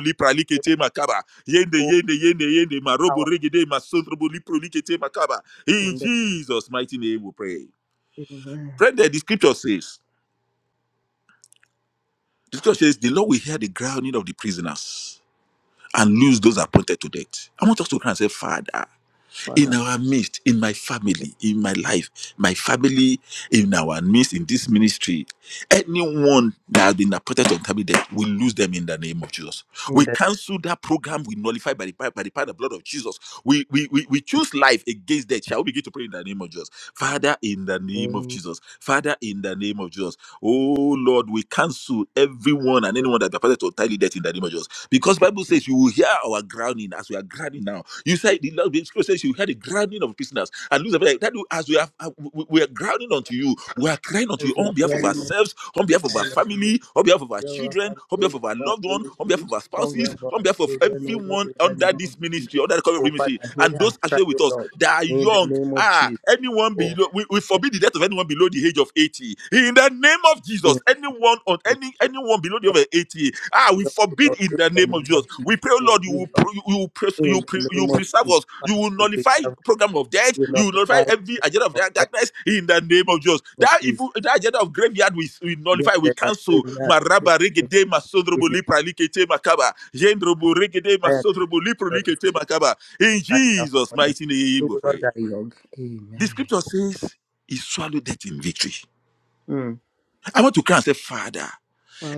A: with
E: lipralikete makaba. Yende, yende, yende, yende, marobo
A: power
E: regede, masondrobo lipro likete makaba. In
A: in the
E: Jesus' mighty name we pray.
A: Amen.
E: Friend, the scripture says, the scripture says, the Lord will hear the groaning of the prisoners and loose those appointed to death. I want us to cry and say, Father. in
A: Father.
E: our midst, in my family, in my life, my family, in our midst, in this ministry. Anyone that has been appointed to intermediate, we lose them in the name of Jesus.
A: In
E: We
A: the
E: cancel that program, we nullify by the power, by the power and the blood of Jesus. We, we, we, we choose life against death. Shall we begin to pray in the name of Jesus? Father, in the name of
A: name
E: Jesus. Father, in the name of Jesus. Oh Lord, we cancel everyone and
A: of
E: anyone that that is appointed to untimely death in the name of Jesus. Because Bible says you will hear our grounding as we are grounding now you said the Lord, the Spirit says you heard the grounding of prisoners. And Lucifer, that do as we have uh, we we are grounding unto you, we are crying unto you
A: Jesus you
E: on
A: are
E: behalf of
A: ready, Most
E: ourselves, on behalf of our
A: High, that
E: family, on
A: the
E: behalf of our
A: hero of
E: children,
A: our
E: on behalf
A: family, of
E: of our
A: our
E: loved one, on
A: ministry,
E: behalf of our
A: over
E: spouses, on
A: our
E: behalf of
A: children, O Lord,
E: everyone
A: in the
E: under
A: name of
E: this
A: Jesus.
E: ministry, under the cover of
A: Oh,
E: ministry,
A: Father, hear
E: and
A: our
E: those
A: cry,
E: actually
A: O
E: with us
A: Lord,
E: that are
A: in the
E: young.
A: name of
E: Ah,
A: Jesus.
E: anyone
A: Oh,
E: below we, we
A: Father,
E: forbid the death of anyone below the age of 80. In the name of Jesus,
A: in
E: anyone on any anyone below the age of 80, ah, we forbid in the
A: the
E: name
A: name
E: of
A: of Jesus, O Lord, in the name
E: Jesus.
A: of
E: We
A: Jesus.
E: pray, oh
A: Oh,
E: Lord, you
A: you
E: will
A: Lord,
E: pr- you will, pres- you,
A: in
E: pre-
A: the
E: you
A: name of
E: preserve
A: Jesus,
E: us.
A: Father,
E: You will
A: who
E: nullify
A: preserve,
E: program of death.
A: who
E: You will nullify
A: notify
E: every
A: the
E: agenda
A: children
E: of
A: of
E: dark-
A: death
E: darkness in the name of Jesus.
A: of
E: That
A: Jesus.
E: evil, that agenda of graveyard, we, we
A: Dear,
E: nullify, we
A: dear,
E: cancel.
A: dear,
E: Maraba regede
A: dear,
E: masodrobo lipra likete makaba. Jendrobo regede
A: I am
E: masodrobo
A: the
E: lipro
A: Lord, I
E: likete
A: speak in
E: makaba.
A: the
E: In
A: sign of
E: Jesus'
A: wonder.
E: mighty name,
A: We
E: we
A: will not
E: pray.
A: die young.
E: The
A: Amen.
E: scripture says, "He swallowed death in victory."
A: Mm.
E: I want to cry and say, Father.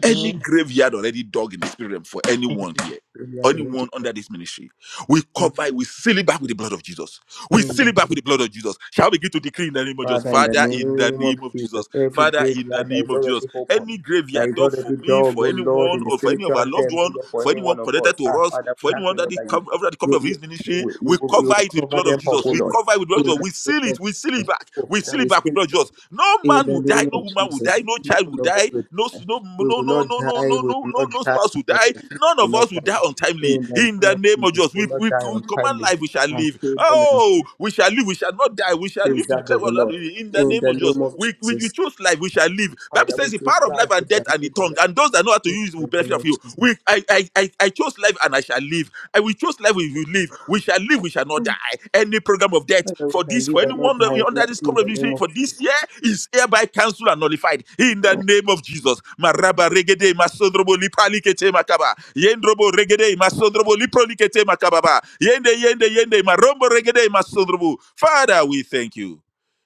E: Any graveyard already dug in the spirit realm for anyone here,
A: We had already
E: anyone under this ministry, we
A: done.
E: cover it, we seal it back with the blood of Jesus. We
A: In
E: seal
A: the
E: it back with the blood of Jesus. Shall we begin to decree in the name of Jesus?
A: Father, in the
E: Father, in the
A: name of
E: name of
A: Jesus,
E: Jesus.
A: every
E: Father, in the
A: graveyard that
E: name
A: is
E: of Jesus.
A: already open,
E: Any graveyard you
A: that is
E: dug for
A: already
E: me,
A: dog, oh
E: for
A: Lord,
E: anyone,
A: in the
E: or for any of
A: spiritual
E: our loved
A: realm, oh
E: one,
A: Lord, for
E: for
A: any
E: anyone
A: one of
E: connected
A: us. Ah,
E: to us,
A: Father, we
E: for
A: have
E: anyone
A: to
E: that
A: Lord
E: is
A: that you
E: cov- under the cover
A: you
E: of his
A: you, you,
E: ministry,
A: will,
E: we
A: you, will, you
E: cover
A: will
E: it with the
A: cover
E: blood of
A: them up,
E: Jesus.
A: oh
E: We
A: Lord.
E: cover it with the blood
A: In
E: of Jesus.
A: the
E: We
A: name
E: seal
A: of
E: it. We seal it
A: Jesus.
E: back.
A: Oh,
E: We
A: Father,
E: seal it
A: we
E: back with the
A: still
E: blood of
A: pray.
E: Jesus. No
A: In
E: man
A: the
E: will die.
A: name
E: No
A: of
E: woman will
A: Jesus,
E: die. No
A: none
E: child will
A: of us
E: die.
A: will
E: No,
A: die.
E: no, no,
A: We
E: no,
A: will
E: no,
A: not
E: no,
A: die.
E: no,
A: We
E: no,
A: will
E: no, no
A: not die.
E: spouse will die. None
A: We will
E: of
A: not
E: us will
A: die.
E: die untimely.
A: In the
E: In
A: name
E: the
A: of
E: name of
A: Jesus,
E: Jesus,
A: we
E: we,
A: will not
E: we,
A: die
E: we command
A: untimely.
E: life. We shall
A: Our
E: live.
A: children are
E: Oh, we shall live. We shall not die. We shall live to
A: preserved
E: declare
A: of the
E: what God will
A: Lord.
E: In the
A: In
E: name of
A: the
E: Jesus,
A: name of
E: we we, we
A: Jesus,
E: choose life, we shall live. Bible
A: Father,
E: says
A: we
E: the
A: choose
E: power of life
A: life. We
E: and death
A: shall
E: and the
A: live, O
E: tongue,
A: Lord.
E: and those that know how to
A: In
E: use it will
A: the
E: benefit
A: name
E: of
A: of
E: you.
A: Jesus,
E: We I I I, I chose life and I shall live. And we chose life, we will live. We shall live, we shall not die. Any program of death
A: Father, we
E: for
A: shall
E: this, for
A: live and not
E: anyone
A: die. O
E: under
A: Lord,
E: this
A: in
E: cover of
A: the
E: this
A: name of
E: for this
A: Jesus.
E: year is hereby cancelled and nullified in the name of Jesus. Maraba regede masondrobo lipalikete makaba. Yendrobo regede masondrobo liprolikete makababa. Yende yende yende marombo regede masondrobo. Father, we thank you.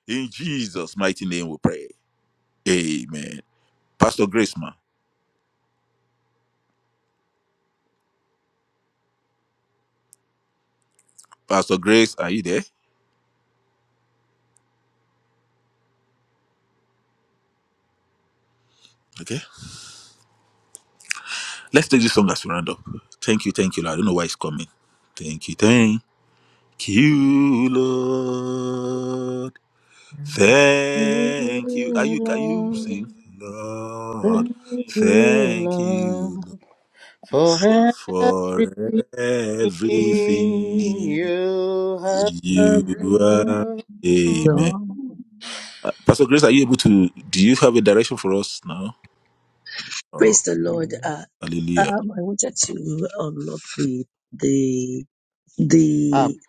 E: In Jesus' mighty name we pray. Amen. Pastor Grace, ma. Pastor Grace, are you there? Okay. Let's take this song as we round up. Thank you, thank you, Lord. I don't know why it's coming. Thank you, thank you, Lord. Thank you. Are you can you sing? Lord. Thank you
A: Alone
E: Lord, for everything
A: you have.
E: you
F: Mm-hmm.
E: are. Amen. Uh, Pastor Grace, are you able to do you have a direction for us now?
F: Praise
E: Oh,
F: the Lord.
A: Hallelujah.
F: Uh,
E: hallelujah.
F: um, I wanted to um, up the the
A: Up.
F: the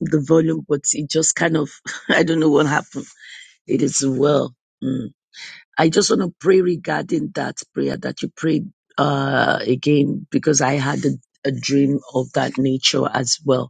F: the volume, but it just kind of I don't know what happened. It is well. Mm. I just want to pray regarding that prayer that you prayed uh, again because I had a, a dream of that nature as well.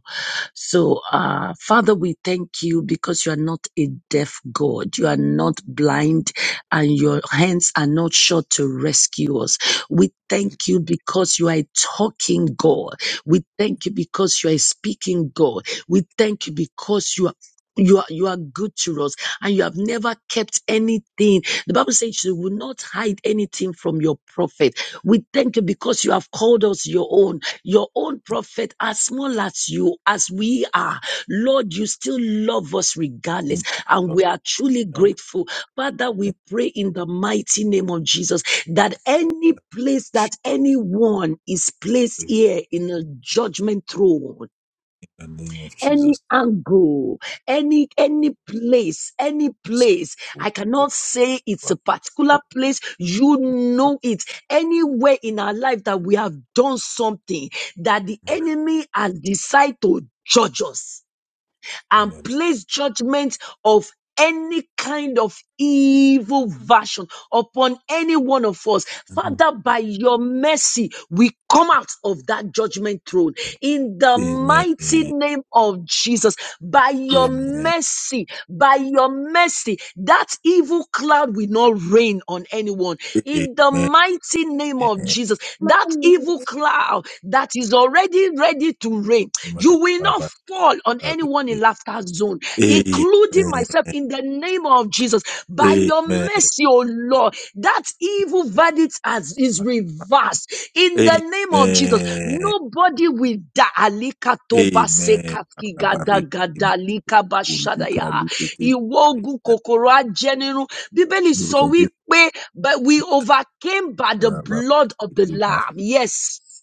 F: So, uh, Father, we thank you because you are not a deaf God. You are not blind and your hands are not short to rescue us. We thank you because you are a talking God. We thank you because you are a speaking God. We thank you because you are you are you are good to us and you have never kept anything the bible says you will not hide anything from your prophet we thank you because you have called us your own your own prophet, as small as you, as we are, Lord, you still love us regardless.
E: Thank you,
F: And
E: Lord
F: we are truly
E: God.
F: grateful. Father, we
E: Thank
F: pray in the mighty name of Jesus that any place that anyone is placed
E: you in
F: here in a judgment throne,
E: the name of
F: any
E: Jesus.
F: angle, any any place, any place. I cannot say it's a particular place. You know it. Anywhere in our life that we have done something that the enemy has decided to judge us
E: In
F: and
E: the
F: place judgment of any kind of evil version upon any one of us.
E: name.
F: Father, by your mercy, we come out of that judgment throne in the
E: Amen.
F: mighty
E: Amen.
F: name of Jesus. By your mercy, by your mercy, that evil cloud will not rain on anyone
E: Amen.
F: in the mighty name of of
E: Amen.
F: Jesus, that evil cloud that is already ready to rain, you will not
E: Makababa
F: fall on anyone in
E: shabiki.
F: laughter zone, including
E: Amen.
F: myself, in the name of Jesus. By your
E: Amen.
F: mercy, O Lord, that evil verdict has, is
E: Makaba-
F: reversed in the name of Jesus.
E: Amen.
F: Nobody will die. Alika toba
E: Amen.
F: seka gada da
E: Barabari.
F: ga da
E: Makuri. Prali. Kete.
F: ìwọ ogun kòkòrò ajẹnirun bíbélì sọ
E: Nurka Jesu.
F: wípé but we overcame by the
E: Makaraba.
F: blood of the
E: Kete. Mas.
F: lamb yes.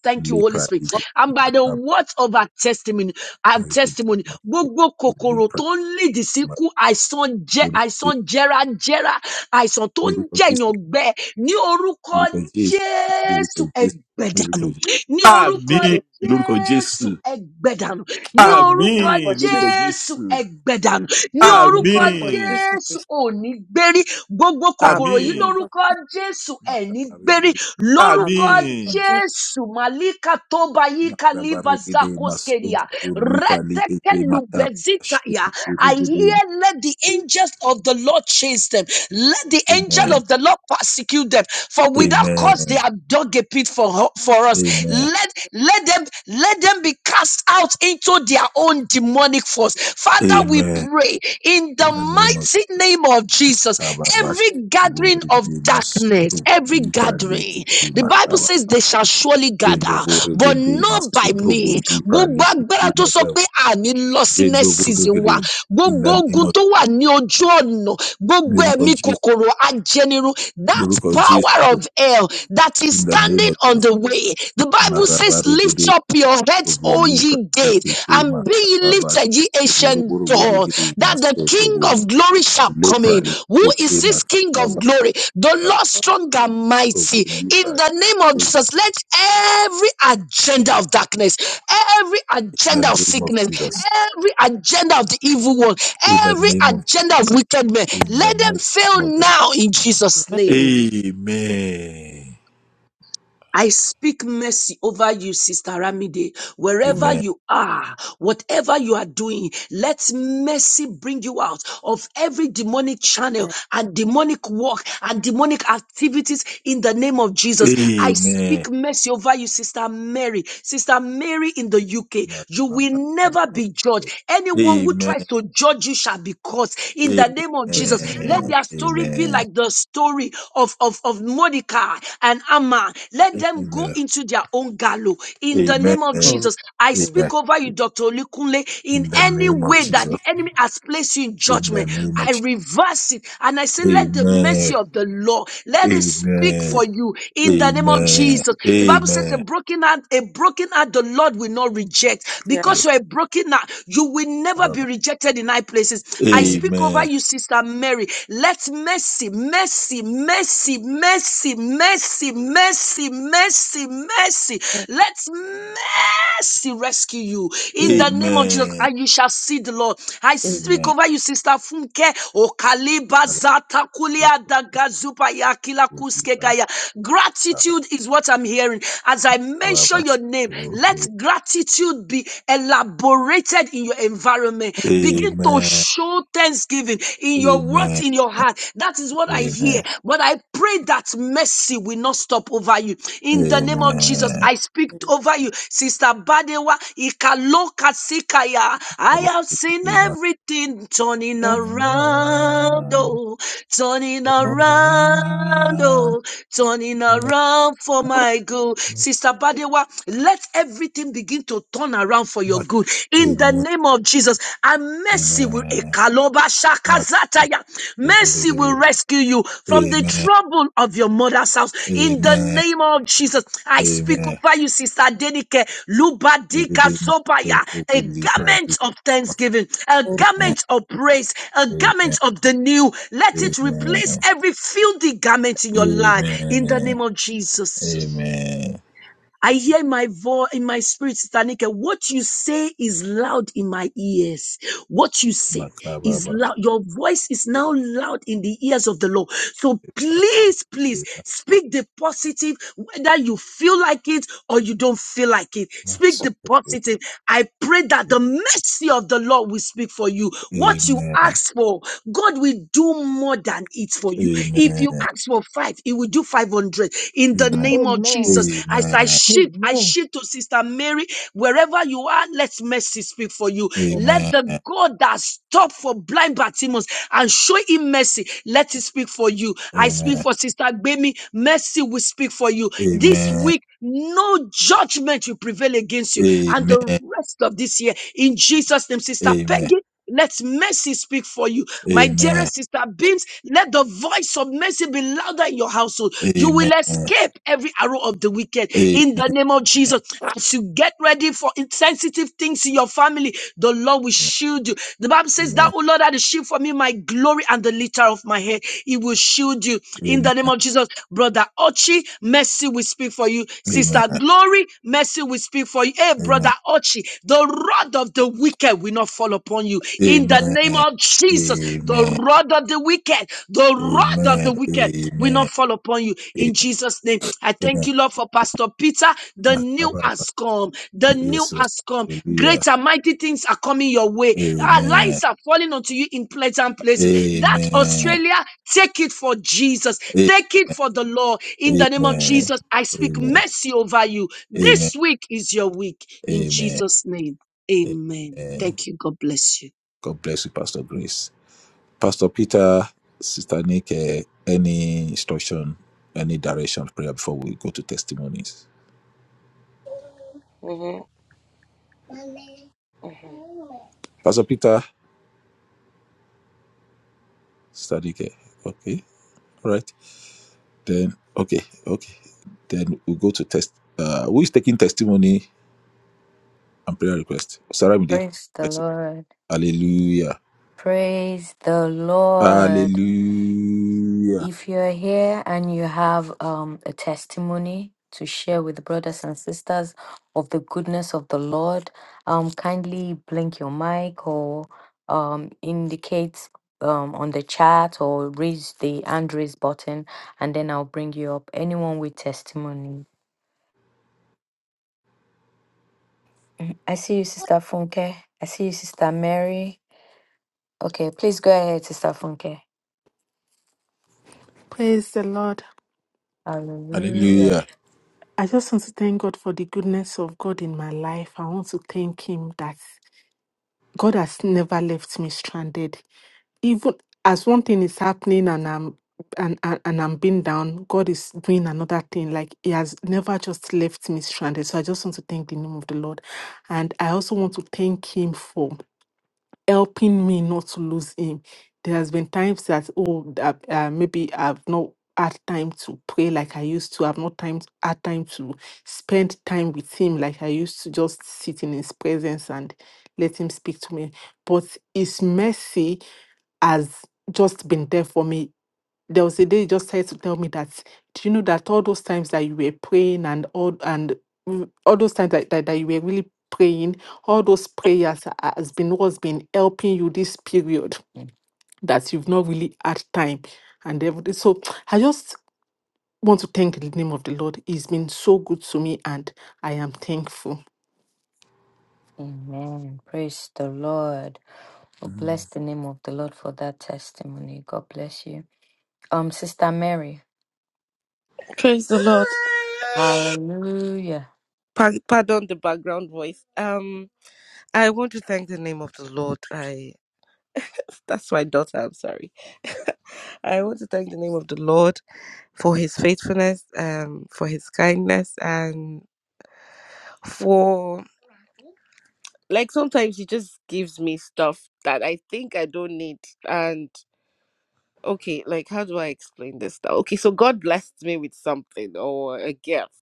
F: Thank you, Holy
E: Lepra.
F: Spirit.
E: Kete.
F: And by the
E: Makaba.
F: words of our testimony, our
E: Kete.
F: testimony,
E: Mas.
F: gbogbo
E: Uri.
F: kòkòrò tó
E: Prali.
F: ń lìdí
E: Mas.
F: síkú, àìsàn jẹ,
E: Nurka
F: àìsàn jẹrajẹra, àìsàn tó ń
E: Jesu.
F: jẹ̀yàn gbẹ, ní orúkọ
E: Lórúkọ Jésù. Lórúkọ
F: Jésù
E: Jésù. Lórúkọ
F: ẹgbẹ̀dànù
E: Jésù.
F: ní orúkọ
E: Àmín. Lórúkọ Jésù.
F: Jésù ẹgbẹ̀dànù, ní orúkọ
C: Amém
E: Àmín.
C: por
E: Lórúkọ
C: Jesus.
F: Jésù
E: Jésù.
F: ẹgbẹ̀dànù, ní
C: Amém
F: orúkọ
C: por
E: Àmín.
C: Jesus.
F: Jésù òní gbérí, gbogbo kòkòrò
C: Amém
F: yìí
E: Àmín.
C: por
F: lórúkọ Jésù ẹ̀ní gbérí,
E: Màtàbárégede.
F: lórúkọ
C: Amém por
E: Àmín.
C: Jesus.
F: Jésù màlíkà tó bá yíká líbà
E: Màtàbárégede.
F: zákòskéríà,
E: Màsóbù
F: rẹ́tẹ́kẹ́
E: lífàlégede.
F: lùbẹ́zítàyà,
E: Màtàbáṣẹ́bù
F: I
E: régede.
F: hear let the angels of the Lord chase them, let the angel
E: Amen.
F: of the Lord persecute ridicule them. For without cause they
E: Amen.
F: have dug a pit for, ho- for us.
E: Amen.
F: Let, let them let them be cast out into their own demonic force. Father, we
E: Amen.
F: pray in the
E: In the name of
F: mighty name of Jesus.
E: Abba, Bash,
F: Every
E: Lord,
F: gathering
E: we give
F: of
E: you praise.
F: darkness,
E: Lord,
F: every
E: we give
F: gathering,
E: you
F: the Bible
E: praise.
F: says they shall surely
E: Jendo
F: gather, but
E: Borregede
F: not by
E: Masotro
F: me.
E: Bolipra
F: Gbogbo
E: Likite
F: agbára tó sọ
E: Mata
F: pé àní lọ sí next
E: Jendo
F: season wa,
E: Borregede in
F: gbogbo
E: the name
F: ogun
E: of
F: tó wà ní ojú ọ̀nà gbogbo
E: miracle
F: ẹ̀mí
E: Jesus
F: kòkòrò ajẹnirun that
E: miracle Jesus
F: power of hell that is
E: in the name
F: standing
E: of
F: on
E: Jesus
F: the way the bible says lift
E: Maravaregede
F: up your heads o ye
E: Bolipra
F: gate
E: Likite
F: and be
E: Mata
F: ye
E: Baba
F: lifted ye ancient
E: Boroboro
F: door
E: Borregede
F: that the
E: Masotro
F: king of glory shall come in
E: Bolipra
F: who is
E: Likite
F: this
E: Mata
F: king of
E: Baba
F: glory the lord strong and mighty in
E: Bolipra
F: the name of jesus let every agenda of darkness every
E: in
F: agenda
E: the
F: of
E: name of
F: sickness
E: Jesus
F: every agenda of the evil one,
E: in the
F: every
E: name of Jesus,
F: agenda of wicked men,
E: in the
F: let them
E: mighty name
F: fail
E: of God
F: now in Jesus' name.
E: Amen
F: I speak mercy over you, Sister Ramide. Wherever
C: Amen.
E: Amen
F: you are, whatever you are doing, let mercy bring you out of every demonic channel and demonic work and demonic activities in the name of Jesus. I
E: Amen
F: speak mercy over you, Sister Mary. Sister Mary in the UK,
E: Amen.
F: you
E: Amen. Amen.
F: will never be judged. Anyone who tries to judge you shall be cursed in the name of
A: In
F: Jesus.
A: the name
F: Let
A: of
F: their story be like the story of, of, of Monica and Amma. Let them go into their own gallows
E: Amen.
F: in the
C: Amen.
E: Amen.
F: name of
A: Jesus.
F: Jesus. I speak
E: Amen.
F: over you, Dr. Olikunle, in
E: In the
F: any
E: name of
F: way that the
E: Jesus.
F: enemy has placed you in
E: In the
F: judgment.
E: name of
F: I
E: Jesus.
F: reverse it and I say, let the mercy
E: Amen.
F: of the of the law. Let it speak for
E: Amen.
F: you in the name of
E: Amen.
F: Jesus. The Bible says a
E: Amen.
F: broken heart, a broken heart, the Lord will not reject.
C: Yeah.
F: Because
E: Yes.
F: you're a broken heart, you will never be
E: Baba.
F: rejected in high places. I
C: Amen.
F: speak over
E: Amen.
F: you, Sister Mary. Let mercy, mercy, mercy, mercy, mercy, mercy, mercy, mercy. Let mercy rescue you in the
C: Amen.
F: name of Jesus,
E: Amen.
F: and you shall see the Lord. I speak
E: Amen.
F: over you, Sister Funke. Okaliba
E: Baba.
F: zata
E: Lord,
F: kulia
E: it
F: daga zupa ya kila
E: will be
F: kuske
E: fine.
F: gaya.
E: Baba.
F: Gratitude is what I'm hearing. As I
E: Baba.
F: mention your name, let gratitude be elaborated in your environment. Begin to
E: Amen.
F: show thanksgiving in your words,
E: Amen.
F: in your heart. That is what I hear.
E: Amen.
F: But but I pray that mercy will not stop over you. In the name of Jesus,
E: Amen.
F: I speak over you. Sister Badewa, Ikaloka Sikaya, I
E: Amen.
F: have seen
E: Amen.
F: everything turning
C: Amen.
F: around, oh, turning
E: Amen.
F: around, oh, turning around for my good. Sister Badewa, let everything begin to turn around for your good. In the name of of Jesus. And mercy will Ekaloba Shakazataya. mercy will rescue you from the trouble of your mother's house. In the
E: Amen.
F: name of Jesus, I speak
E: Amen.
F: over you, Sister Denike. Lubadika
E: Rigidi maso
F: Zobaya, a
E: ruguli palu.
F: garment of thanksgiving, a
E: Amen.
F: garment of praise, a garment
E: Amen.
F: of the new. Let it
E: Amen.
F: replace every filthy garment in your life.
E: Amen.
F: In the name of Jesus.
E: Amen.
F: I hear my voice in my spirit, Sister Nika. What you say is loud in my ears. What you say is
E: Makababa.
F: loud. Your voice is now loud in the ears of the Lord. So please, please speak the positive, whether you feel like it or you don't feel like it. Speak
E: Maso
F: the
E: ruguli.
F: positive. I pray that the mercy of the Lord will speak for you. What you
E: Amen.
F: ask for, God will do more than it for you. If you
E: Amen.
F: ask for five, He will do five 500 in the
E: Amen.
F: name of
G: Amen.
F: Jesus. As I
E: Amen.
F: shift, I
G: Amen.
F: shift to Sister Mary, wherever you are, let mercy speak for you. Let
E: Amen.
F: the God that stopped for blind Bartimaeus and show him mercy, let it speak for you. I
E: Amen.
F: speak for Sister Gbemi, mercy will speak for you. This
E: Amen.
F: week, no judgment will prevail against you. And
E: Amen.
F: the rest of this year, in Jesus' name, Sister
E: Amen.
F: Peggy, let mercy speak for you. My
E: Amen. Amen.
F: dearest sister Beams, let the voice of mercy be louder in your household. You will
E: Amen.
F: escape every arrow of the wicked
E: Amen.
F: in the name of Jesus. As you get ready for insensitive things in your family, the Lord will shield you. The Bible says that,
E: Amen.
F: oh Lord, are the shield for me, my glory and the litter of my head. He will shield you in the
E: Amen.
F: name of Jesus. Brother Ochi, mercy will speak for you.
E: Amen.
F: Sister Glory, mercy will speak for you. Hey, brother
E: Amen.
F: Ochi, the rod of the wicked wicked will not fall upon you. In the
E: Amen.
F: name of Jesus, the rod of the wicked, the rod of the
E: Amen.
F: wicked will not
E: Amen.
F: fall upon you. In Jesus' name, I thank
E: Amen.
F: you, Lord, for Pastor Peter. The new
E: Makababa.
F: has come. The new
E: Yes, Lord.
F: has come.
E: Hallelujah.
F: Great and mighty things are coming your way. Our
E: Amen.
F: lives are falling onto you in pleasant places. That
E: Amen.
F: Australia, take it for Jesus.
E: A-
F: Take it for the Lord. In the name of
E: Amen.
F: Jesus, I speak
E: Amen.
F: mercy over you.
E: Amen.
F: This week is your week. In
E: Amen.
F: Jesus' name. Amen.
E: Amen.
F: Thank you. God bless you.
E: God bless you, Pastor Grace. Pastor Peter, Sister Nick, eh, any instruction, any direction of prayer before we go to testimonies? Pastor Peter, Sister Nick, eh, okay, all right. Then, okay, okay. Then we go to test. Uh, who is taking testimony and prayer request? Saramide,
B: Praise the
E: let's see.
B: Lord.
E: Hallelujah.
B: Praise the Lord.
E: Hallelujah.
B: If you're here and you have um, a testimony to share with brothers and sisters of the goodness of the Lord, um, kindly blink your mic or um, indicate um, on the chat or raise the hand raise button, and then I'll bring you up. Anyone with testimony. Mm, I see you, Sister Funke. I see you, Sister Mary. Okay, please go ahead, Sister Funke.
D: Praise the Lord.
B: Hallelujah.
E: Hallelujah.
D: I just want to thank God for the goodness of God in my life. I want to thank Him that God has never left me stranded. Even as one thing is happening and I'm and, and, and I'm being down, God is doing another thing. Like He has never just left me stranded. So I just want to thank the name of the Lord. And I also want to thank Him for helping me not to lose him. There has been times that oh that, uh, maybe I've not had time to pray like I used to. I've not time had time to spend time with him like I used to. Just sit in his presence and let him speak to me. But his mercy has just been there for me there was a day he just started to tell me that do you know that all those times that you were praying and all and w- all those times that, that, that you were really praying all those prayers ha- has been what's been helping you this period that you've not really had time and everything so i just want to thank the name of the lord he's been so good to me and i am thankful
B: Amen. Praise the Lord. Oh,
E: Mm.
B: bless the name of the Lord for that testimony. God bless you. Um, Sister Mary.
C: Praise the Lord.
B: Hallelujah.
C: Pa- Pardon the background voice. Um, I want to thank the name of the Lord. I That's my daughter. I'm sorry. I want to thank the name of the Lord for his faithfulness, um, for his kindness, and for like sometimes he just gives me stuff that I think I don't need. And okay, like how do I explain this now? Okay, so God blessed me with something or a gift.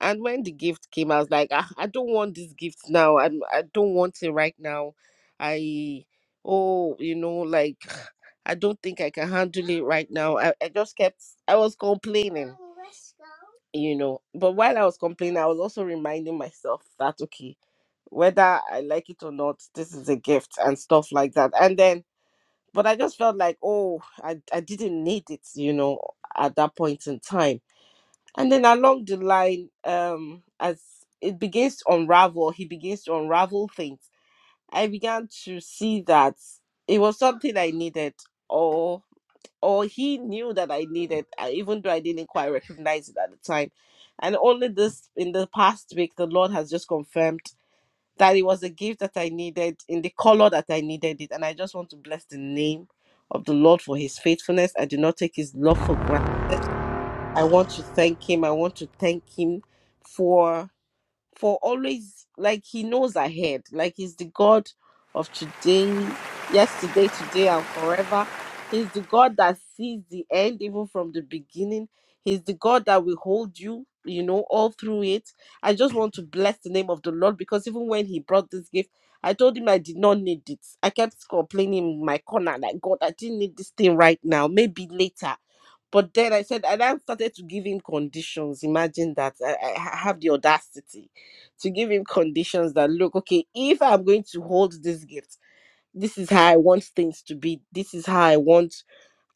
C: And when the gift came, I was like, ah, I don't want this gift now. I'm, I don't want it right now. I, oh, you know, like, I don't think I can handle it right now. I, I just kept, I was complaining, you know. But while I was complaining, I was also reminding myself that, okay, whether I like it or not, this is a gift and stuff like that. And then, but I just felt like, oh, I, I didn't need it, you know, at that point in time and then along the line, um, as it begins to unravel, he begins to unravel things. I began to see that it was something I needed, or or he knew that I needed, uh, even though I didn't quite recognize it at the time. And only this in the past week, the Lord has just confirmed that it was a gift that I needed in the color that I needed it. And I just want to bless the name of the Lord for His faithfulness. I do not take His love for granted. I want to thank him. I want to thank him for for always like he knows ahead. Like he's the God of today, yesterday, today, and forever. He's the God that sees the end even from the beginning. He's the God that will hold you, you know, all through it. I just want to bless the name of the Lord because even when he brought this gift, I told him I did not need it. I kept complaining in my corner, like God, I didn't need this thing right now, maybe later. But then I said, and I started to give him conditions. Imagine that I, I ha- have the audacity to give him conditions that look, okay, if I'm going to hold this gift, this is how I want things to be. This is how I want.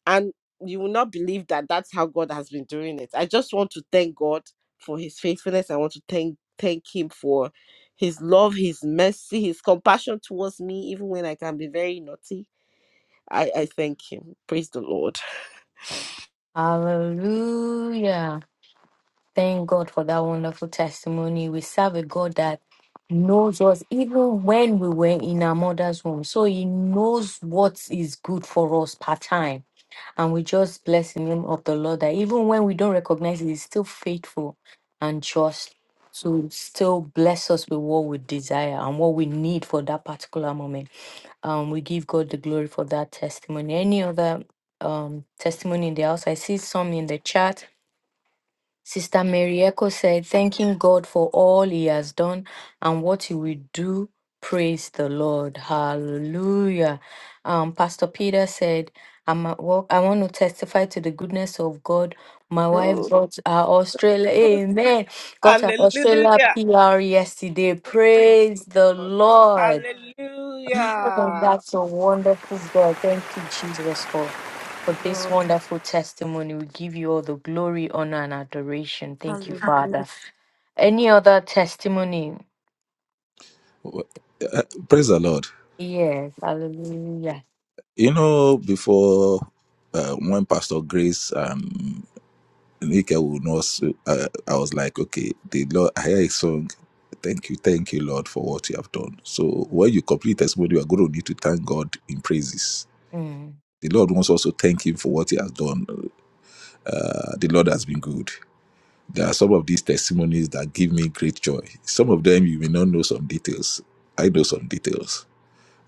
C: And you will not believe that that's how God has been doing it. I just want to thank God for his faithfulness. I want to thank thank him for his love, his mercy, his compassion towards me, even when I can be very naughty. I, I thank him. Praise the Lord.
B: Hallelujah. Thank God for that wonderful testimony. We serve a God that knows us even when we were in our mother's womb. So he knows what is good for us part time. And we just bless the name of the Lord that even when we don't recognize it, he's still faithful and just to still bless us with what we desire and what we need for that particular moment. Um, we give God the glory for that testimony. Any other um testimony in the house? I see some in the chat. Sister Mary said, thanking God for all he has done and what he will do. Praise the Lord. Hallelujah. Um, Pastor Peter said, I'm at work. I want to testify to the goodness of God. My wife
C: Oh,
B: got our Australia, amen, got our Australia
C: hallelujah.
B: PR yesterday.
C: Praise the
B: Praise the
C: Lord.
B: Lord. Oh,
C: Hallelujah.
B: that's a wonderful God. Thank you, Jesus, for, for
C: Thank you,
B: this
C: Lord.
B: wonderful testimony. We give you all the glory, honor, and adoration. Thank you,
C: Hallelujah.
B: Father. Any other testimony?
E: Well, uh, Praise the Lord.
B: Yes. Hallelujah.
E: You know, before uh, when Pastor Grace and And Ike will not. so- Uh, I was like, okay, the Lord, I hear a song. Thank you, thank you, Lord, for what you have done. So when you complete testimony, you are going to need to thank God in praises.
B: Mm.
E: The Lord wants also thank Him for what He has done. Uh, the Lord has been good. There are some of these testimonies that give me great joy. Some of them you may not know some details. I know some details,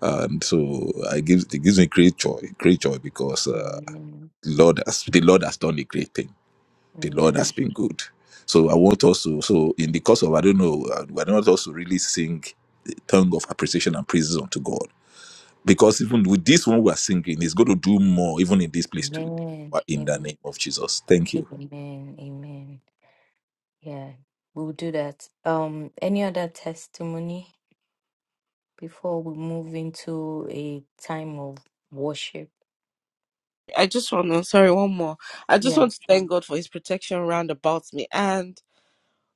E: and so I give. it gives me great joy, great joy because uh,
B: Amen.
E: the Lord has the Lord has done a great thing the Lord has
B: Amen.
E: been good. So I want us to, so in the course of, I don't know, I I want us to really sing the tongue of appreciation and praises unto God. Because even with this one we are singing, He's going to do more, even in this place too.
B: Amen.
E: In the name
B: Amen.
E: of Jesus. Thank you.
B: Amen. Amen. Yeah. We'll do that. Um, any other testimony before we move into a time of worship?
C: I just want to, sorry, one more. I just
B: Yes.
C: want to thank God for his protection round about me and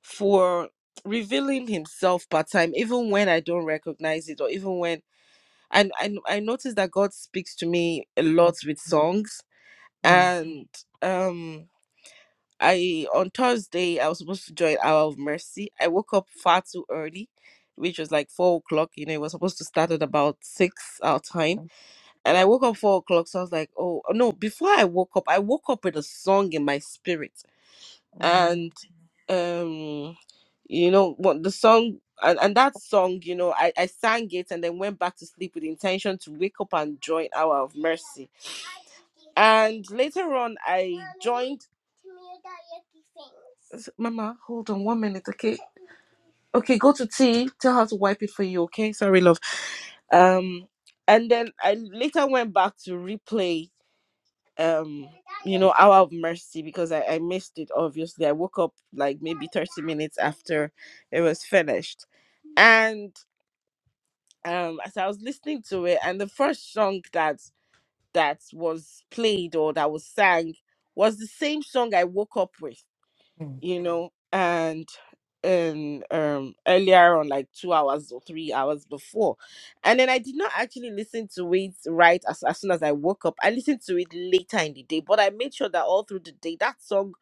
C: for revealing himself part time, even when I don't recognize it or even when. And I, I noticed that God speaks to me a lot with songs.
B: Mm.
C: And um I on Thursday I was supposed to join Hour of Mercy. I woke up far too early, which was like four o'clock. You know, it was supposed to start at about six our time, and I woke up four o'clock. So I was like, oh oh, no! Before I woke up, I woke up with a song in my spirit, and
B: Amen.
C: um, you know what the song. And, and that song, you know, I, I sang it and then went back to sleep with the intention to wake up and join Hour of Mercy. And Mama, hold on one minute, okay? Okay, go to T. Tell her to wipe it for you. Okay, sorry, love. Um, and then I later went back to replay. Um, you know, hour of mercy because I, I missed it. Obviously, I woke up like maybe thirty minutes after it was, and um, as I was listening to the first song that that was played or that was sang was the same song I woke up with. You know, and. in um earlier on like two hours or three hours before and then i did not actually listen to it right as, as soon as i woke up i listened to it later in the day but i made sure that all through the day that song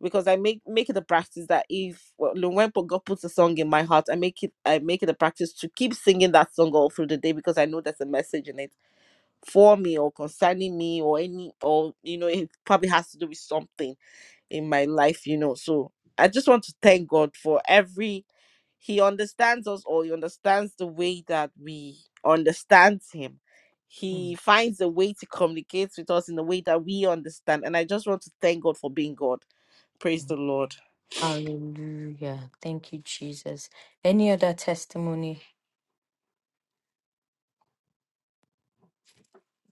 C: because i make make it a practice that if well, Lumwempo god puts a song in my heart i make it i make it a practice to keep singing that song all through the day because i know there's a message in it for me or concerning me or any or you know it probably has to do with something in my life, you know. So I just want to thank God for every He understands us all. He understands the way that we understand Him. He
B: Mm,
C: finds a way to communicate with us in a way that we understand. And I just want to thank God for being God. Praise
B: mm.
C: the Lord.
B: Hallelujah. Thank you, Jesus. Any other testimony?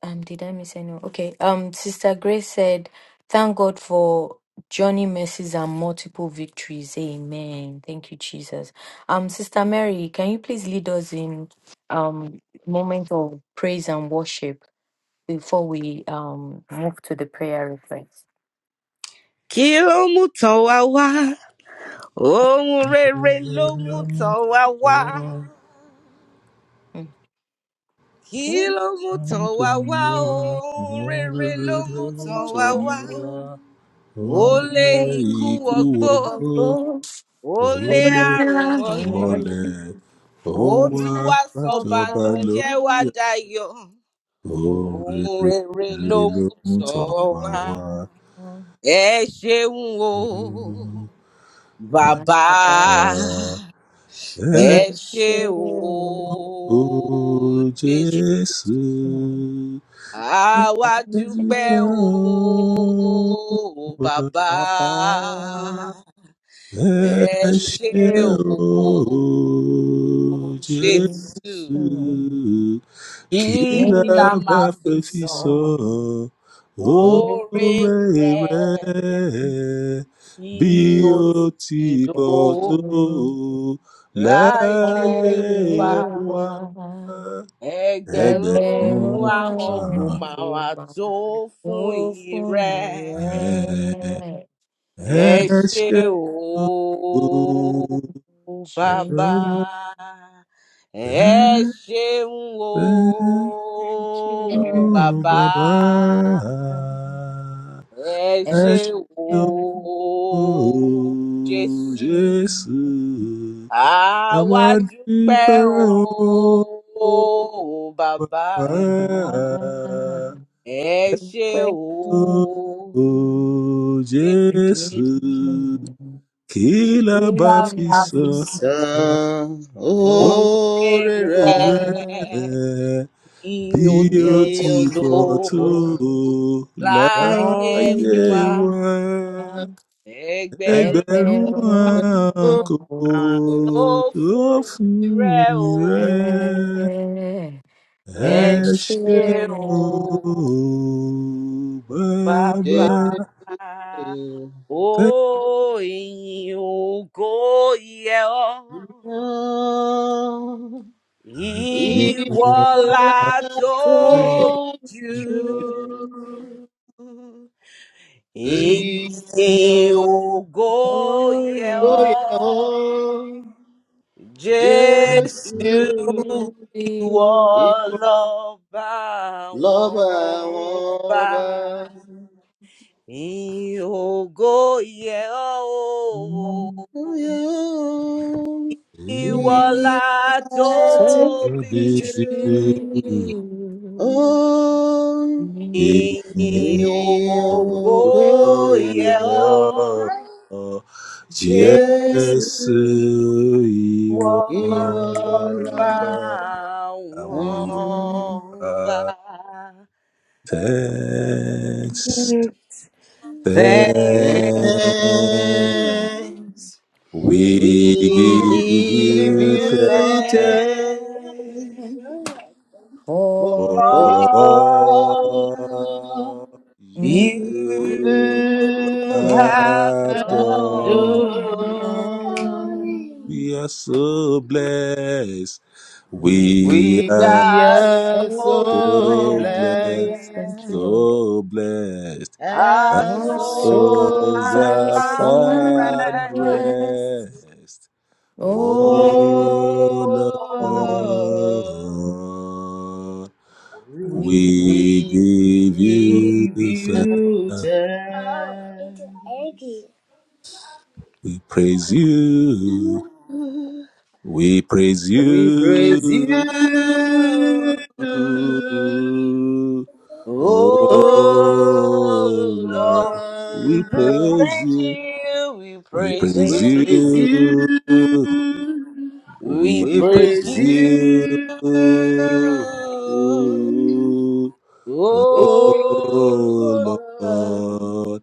B: Um, did I miss anyone? Okay. Um, Sister Grace said, Thank God for journey mercies and multiple victories. Amen. Thank you, Jesus. Um, Sister Mary, can you please lead us in um moment of praise and worship before we um move to the prayer request?
C: Kí ló mú tàn wá wá? Ohun rere ló mú tàn wá wá.
B: Mm.
C: Kí
B: Okay.
C: ló mú tàn wá wá? Ohun rere ló mú tàn wá wá. Ole ikú ọgbó, ole
B: Holy
C: àrùn
B: Lamb, you
C: mọ́lẹ̀,
B: are the
E: wọlẹ̀ ó
C: ó
B: holy
E: wá
C: tún wá
B: of
E: látọba
B: our
C: sọ̀bànújẹ́ wá
B: name.
E: lóyè
C: dayọ̀,
E: ohun
C: ohun rere ló
E: rere ló
C: mú
E: mú
C: tọ̀ ọ́
E: tọ̀wá
C: wá.
E: wá.
C: Ẹ ṣeun o,
E: Bàbá
C: bàbá,
B: Baba,
E: ẹ
C: ẹ ṣe o,
B: Eshe,
E: o
C: Jésù.
E: Jésù ẹ
C: Àwa dúpẹ́
E: dúpẹ́
C: o,
E: o bàbá
C: bàbá,
B: Baba,
E: ẹ
C: ẹ ṣe
E: ṣé
B: Eshe,
C: o.
E: o
B: Jesus,
C: Jesu,
E: Jésù. Kila
C: kila
B: name of the
C: mafiso,
B: Son,
E: mafefiso
B: Holy Lamb,
C: ore
E: ore
C: re,
E: rẹ bí ó
C: ioto,
E: ti
B: you are
E: pọ̀ tó
B: the
C: láyé
E: láyé
C: wa,
B: holy of
E: wa
B: our name. Ẹgbẹ̀rún
C: ẹgbẹ̀rún
E: ẹgbẹ̀rún
B: àwọn
C: ahọ́n kò máa wà
B: èèyàn
C: tó fún
B: ló fún ni
C: ìrẹ́,
E: ààrẹ
B: rẹ̀
E: ẹ
C: ẹ ṣé
E: ṣe
C: o,
B: tó ṣe
C: bàbá, ẹ ṣeun o,
E: o
B: kìlọ̀
E: bàbá
C: bàbá.
B: ìgbà.
C: Ẹ
E: ẹ ṣe o bàbá ẹ
B: Ẹ̀mí
C: ṣé
E: ṣe.
C: o,
B: ṣẹ́gun
E: Ó,
C: Jésù,
B: ni
E: Jésù, a
C: àwa
E: máa
C: dúpẹ́
E: dúpẹ́ o,
C: o, bàbá
E: bàbá.
B: tó
C: mímọ́.
B: bàbá
C: Ẹ ṣé
B: pẹ́ fún
E: Ó,
C: o, Jésù,
E: Jésù, kí
C: kí
B: Jésù.
E: la
B: Ó
E: bá
C: la
B: ní
E: fi
C: máa fi
E: san
B: àfisì
C: tàn
A: Tan
E: oore
C: oore
A: oore
B: orí
A: rẹ̀
C: rẹ̀? Iyo ti
A: bí
B: ìjọ
C: pọ̀
B: ti
C: tó
A: òjò
B: pọ̀
E: tó
B: tó
C: láyé
E: láyé
C: wa,
B: wáyé.
E: wa?
C: ẹgbẹ̀rún
E: ẹgbẹ̀rún
B: Ẹgbẹ̀rún
E: ọ̀ràn kò
B: ọ̀mọ̀lẹ́
C: àánú
E: tó
C: fún
E: fún
C: ire
E: yín
C: o.
E: rẹ̀
B: ẹ
E: ẹ
B: ṣe
C: Esse
E: ṣe
B: rò
E: o
C: o
A: ṣe
E: bàbá
C: babá,
A: rọ̀.
C: oi, o goió,
E: ìwọ
C: ìwọ la tóbi jù.
B: níjú
C: Ìyìn ògo yẹ
B: ìfòyà
C: ọ́,
A: Jésù
E: àlọ́
C: Jésù
B: níbi
C: ìwọ
B: wọn.
A: ìwọ
C: lọ́ba àwọn
A: lọ́ba àwọn
C: ọba. Ògo yẹ ọ́ o, ìwọ la
B: Yàtọ̀
C: tóbi jù.
E: ìbejì
A: do.
B: ìjú
A: Oh,
C: Ìyìn
E: ènìyàn
C: ògo
A: 이오고야
E: ògbóyè
C: yẹ ọ́,
B: jẹ́
A: 예수
E: jésù
C: Jésù
E: ìwọ
C: wọn lọ bá
A: 이와라
E: lọ́ba. I will
C: wọn bá.
E: uh, thanks,
A: Thanks,
C: Thank
E: thanks. We
A: we
E: give
A: give
E: you
C: you,
A: you
B: fẹ́
E: thanks
A: thanks
C: thank for
E: for
A: for
B: forever.
A: all
C: all.
E: all
B: And
E: you
C: You
B: you,
A: you
C: have
E: have done.
B: darling,
C: done
B: love,
A: do.
E: We are so blessed.
C: me
B: we
E: We
A: We
B: are
E: are
C: our so
B: so
A: so
E: so blessed,
B: blessed.
A: blessed
B: Thank you,
C: glad.
B: Lord.
E: so blessed.
C: Our
B: Our
C: soul
E: Souls
B: souls
C: has
B: are
E: are
A: SOS
C: found
B: found.
A: help,
E: found
C: rest.
B: rest.
E: rest,
B: Oh,
E: O
A: oh
C: Oh Lord,
B: Lord,
A: Lord,
E: Lord.
B: we
C: we
E: We
A: we
E: give you
A: give you
E: thanks.
A: thanks,
E: We praise you. We praise
A: we praise
E: you.
A: you,
E: Oh
C: Oh
A: oh
E: Lord.
C: Lord,
E: We
C: we
E: praise
A: Lord,
C: praise
E: you.
C: you, we
E: We
B: we
C: praise
E: praise
A: we
B: praise you.
A: praise
C: you.
B: We
A: you,
E: you.
C: We
E: We
A: we
C: praise
A: praise
E: praise
C: you.
E: you. Oh
A: you.
B: praise
A: Oh,
C: Oh, Lord.
B: God
A: Lord,
E: Lord,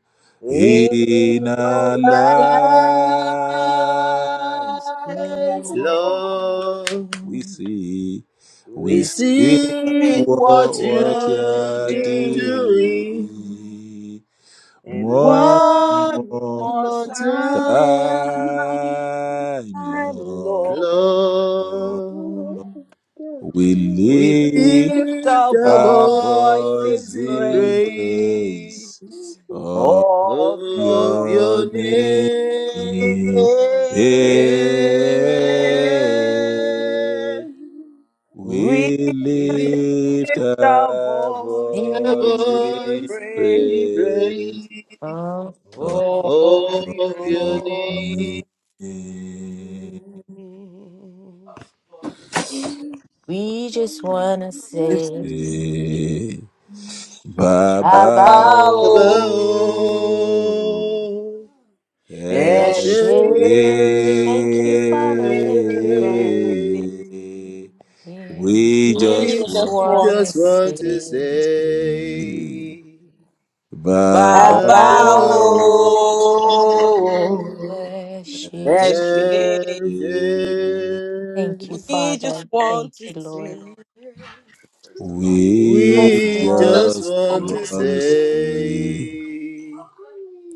B: in
C: in
E: in
C: your
E: our
A: in our
E: lives
B: us,
C: light,
A: lives,
B: Lord.
C: Lord.
A: Lord,
E: we see,
A: we
E: we
C: We
B: Hey,
E: see
C: see
A: see
E: what,
B: what
A: what
C: what
E: what you
C: you're
B: you're
E: are
A: you're
C: doing.
B: doing
A: doing
E: doing.
C: And
E: One
A: one
C: one
E: more
B: what
C: more
A: more
E: time,
B: time
A: time,
C: time, Lord.
E: Lord,
A: Lord. We
E: we
C: Lift
A: lift
C: our
A: our
E: Our
C: voice in
E: voice
A: voice in
E: in
C: prayer.
A: praise
E: praise of
C: of
A: of
C: your
E: your
A: your
C: name.
E: name.
A: name. Yeah,
C: With
E: We
A: we lift
E: lift
C: our
E: our
C: voice
A: a
E: voice
B: is
C: in
E: in
A: voice,
C: praise
A: we
E: praise
A: pray
B: all
E: of
B: over.
C: of
A: of your
E: your
C: your
A: name
E: name.
C: name.
B: we just wanna say
E: Baba.
C: Bow
A: above.
B: about
E: oh.
C: and
A: Ashay.
E: Eshe,
B: Eshe.
C: say,
B: thank you father thank you god Yeah,
E: we
B: we
C: we
E: just
A: We
B: just
E: want
C: just want
B: wanna
A: just
C: to
E: to
A: want
B: say
C: say.
A: to
E: say, say,
A: say, my
C: Bàbá
E: Baba,
B: about
E: oh,
C: o,
A: God.
C: ẹ
E: Eshe,
C: ṣé,
A: Hey, hey.
B: Thank you,
C: we just
B: Father.
C: want
B: Thank
C: to
B: you, Lord.
C: see.
E: we
B: Just
A: We just
B: once.
E: just
A: want
E: want
A: to
E: to say.
A: say,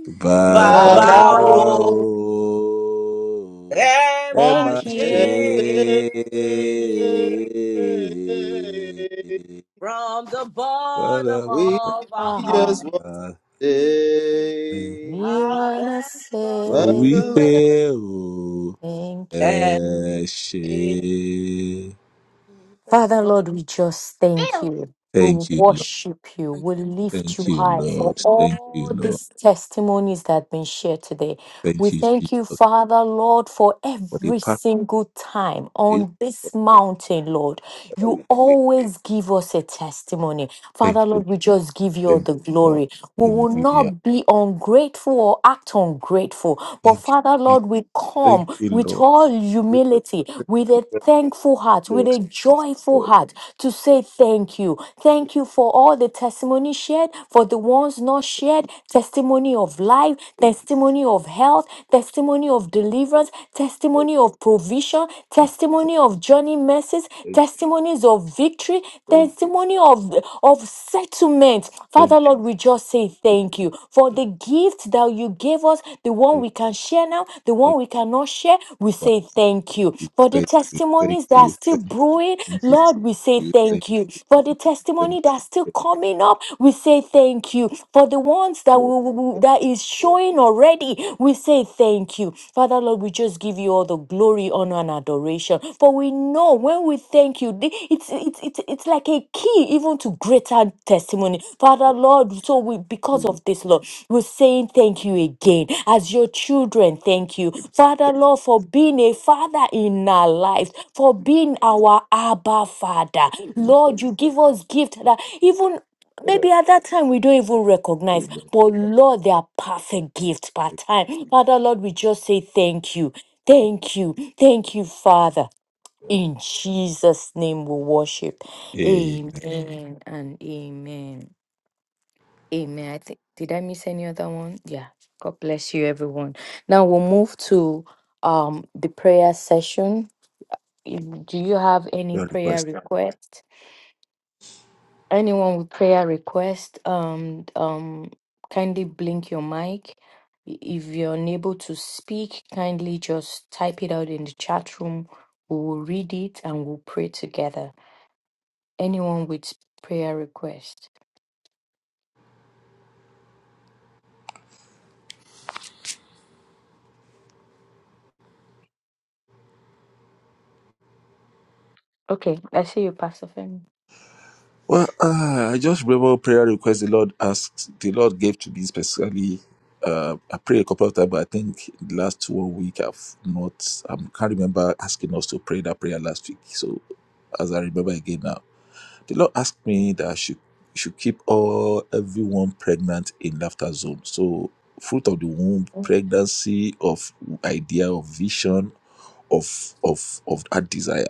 E: Bàbá
C: Bàbá
A: Baba,
C: o,
A: oh,
B: Around.
E: o,
C: ẹ
E: ẹ
C: máa
E: má
B: Thank
C: ṣe.
A: eh,
B: you.
A: eh,
E: ṣe
A: eh,
E: é.
A: eh.
C: From the bottom
E: Father,
A: we
C: of our
B: Uh-huh.
A: just
C: heart,
A: want to say,
B: We
C: our
B: want to
C: thanks for
A: Baba,
B: say
C: you.
A: oh,
E: wípé o,
B: thank
C: Ẹ
B: you.
E: ẹ ṣe é.
C: Praise the
B: Father,
C: Lord.
B: Lord, we just thank you. We
E: Thank you, Lord.
B: worship you. We lift
E: Thank
B: you
E: you,
B: high for
E: Lord. Thank you,
B: all
E: Lord.
B: these testimonies that have been shared today. We
E: Thank you,
B: thank you,
E: Jesus,
B: Father, Lord, for
E: for the
B: every
E: past
B: single time
E: day.
B: on this mountain, Lord.
E: Father,
B: You
E: we thank
B: always give us a testimony. Father,
E: you.
B: Lord, we just give you all
E: thank you. Thank you,
B: the
E: Lord.
B: glory. We will
E: Hallelujah.
B: not be ungrateful or act ungrateful. But
E: Thank you,
B: Father,
E: Jesus.
B: Lord, we
E: Thank
B: come
E: you,
B: with
E: Lord.
B: all
E: Thank you,
B: humility, with a thankful heart, with
E: Lord.
B: a
E: Thank you,
B: joyful
E: Lord,
B: heart to say thank you. Thank you for all the testimony shared, for the ones not shared, testimony of life,
E: thank you,
B: testimony of health, testimony of deliverance,
E: thank
B: testimony
E: you,
B: of provision, testimony of journey mercies,
E: thank you,
B: testimonies of victory, testimony of, of settlement.
E: thank you, thank
B: Father Lord, we just say thank you for the
E: you,
B: gift that you gave us, the one we can share now, the one
E: thank you,
B: we cannot share. We say thank you
E: thank you, thank you, thank you, thank you, thank you,
B: for the testimonies that are still brewing. Lord, we say thank you for the
E: thank you,
B: testimony that's
E: thank
B: still
E: you,
B: coming up. We say thank you for the ones that
E: Lord.
B: we, we-
E: Thank
B: that is
E: you, Lord.
B: showing already. We say thank you, Father Lord. We just give you all the glory, honor, and adoration. For we know when we thank Thank you. The- It's, it's it's it's like a key even to greater testimony. Father Lord, so we because of this Lord, we're saying thank you again. As your children, thank you. Father Lord, for being a father in our lives, for being our Abba Father.
E: Thank you for
B: Lord, you give us gift that even
E: what I
B: maybe at that time we don't even
E: do,
B: recognize
E: Lord.
B: but lord they are perfect gifts part time father lord we just say thank you thank you thank you father in Jesus' name we worship.
E: Hey,
B: Amen Amen. and amen. Amen. I think did I miss any other one? Yeah. God bless you, everyone. Now we'll move to um the prayer session. If- Do you have any
E: prayer
B: prayer
E: request.
B: request? Anyone with prayer request? Um um kindly blink your mic. I- If you're unable to speak, kindly just type it out in the chat room. We will read it and we'll pray together. Anyone with prayer request? Okay, I see you, Pastor Femi.
E: Well, uh, I just remember prayer request the Lord asked, the Lord gave to me specifically. Uh, I prayed a couple of times, but I think the last one week I've not, I can't remember asking us to pray that prayer last week. So as I remember again now. The Lord asked me that I should, should keep all everyone pregnant in laughter zone. So fruit of the womb, pregnancy of idea of vision of of of that desire.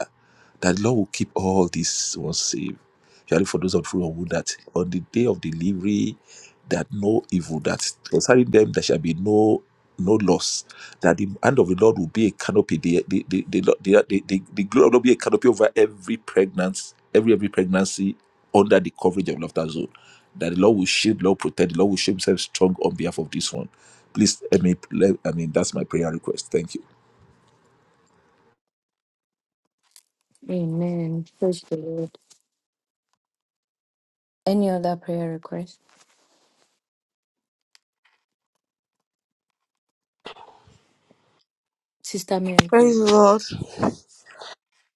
E: That the Lord will keep all these ones safe especially for those on full of wood, that on the day of delivery, that no evil, that concerning them there shall be no no loss, that the hand of the Lord will be a canopy, the the the the, Lord- the, the, the, the glory of the Lord be a canopy over every pregnancy, every every pregnancy under the coverage of laughter zone. That the Lord will shield, the Lord will protect, the Lord will show himself strong on behalf of this one. Please, I mean, let- I mean that's my prayer request. Thank you.
B: Amen. Praise the Lord. Any other prayer request? Sister Mary,
C: Praise the
B: please.
C: Lord.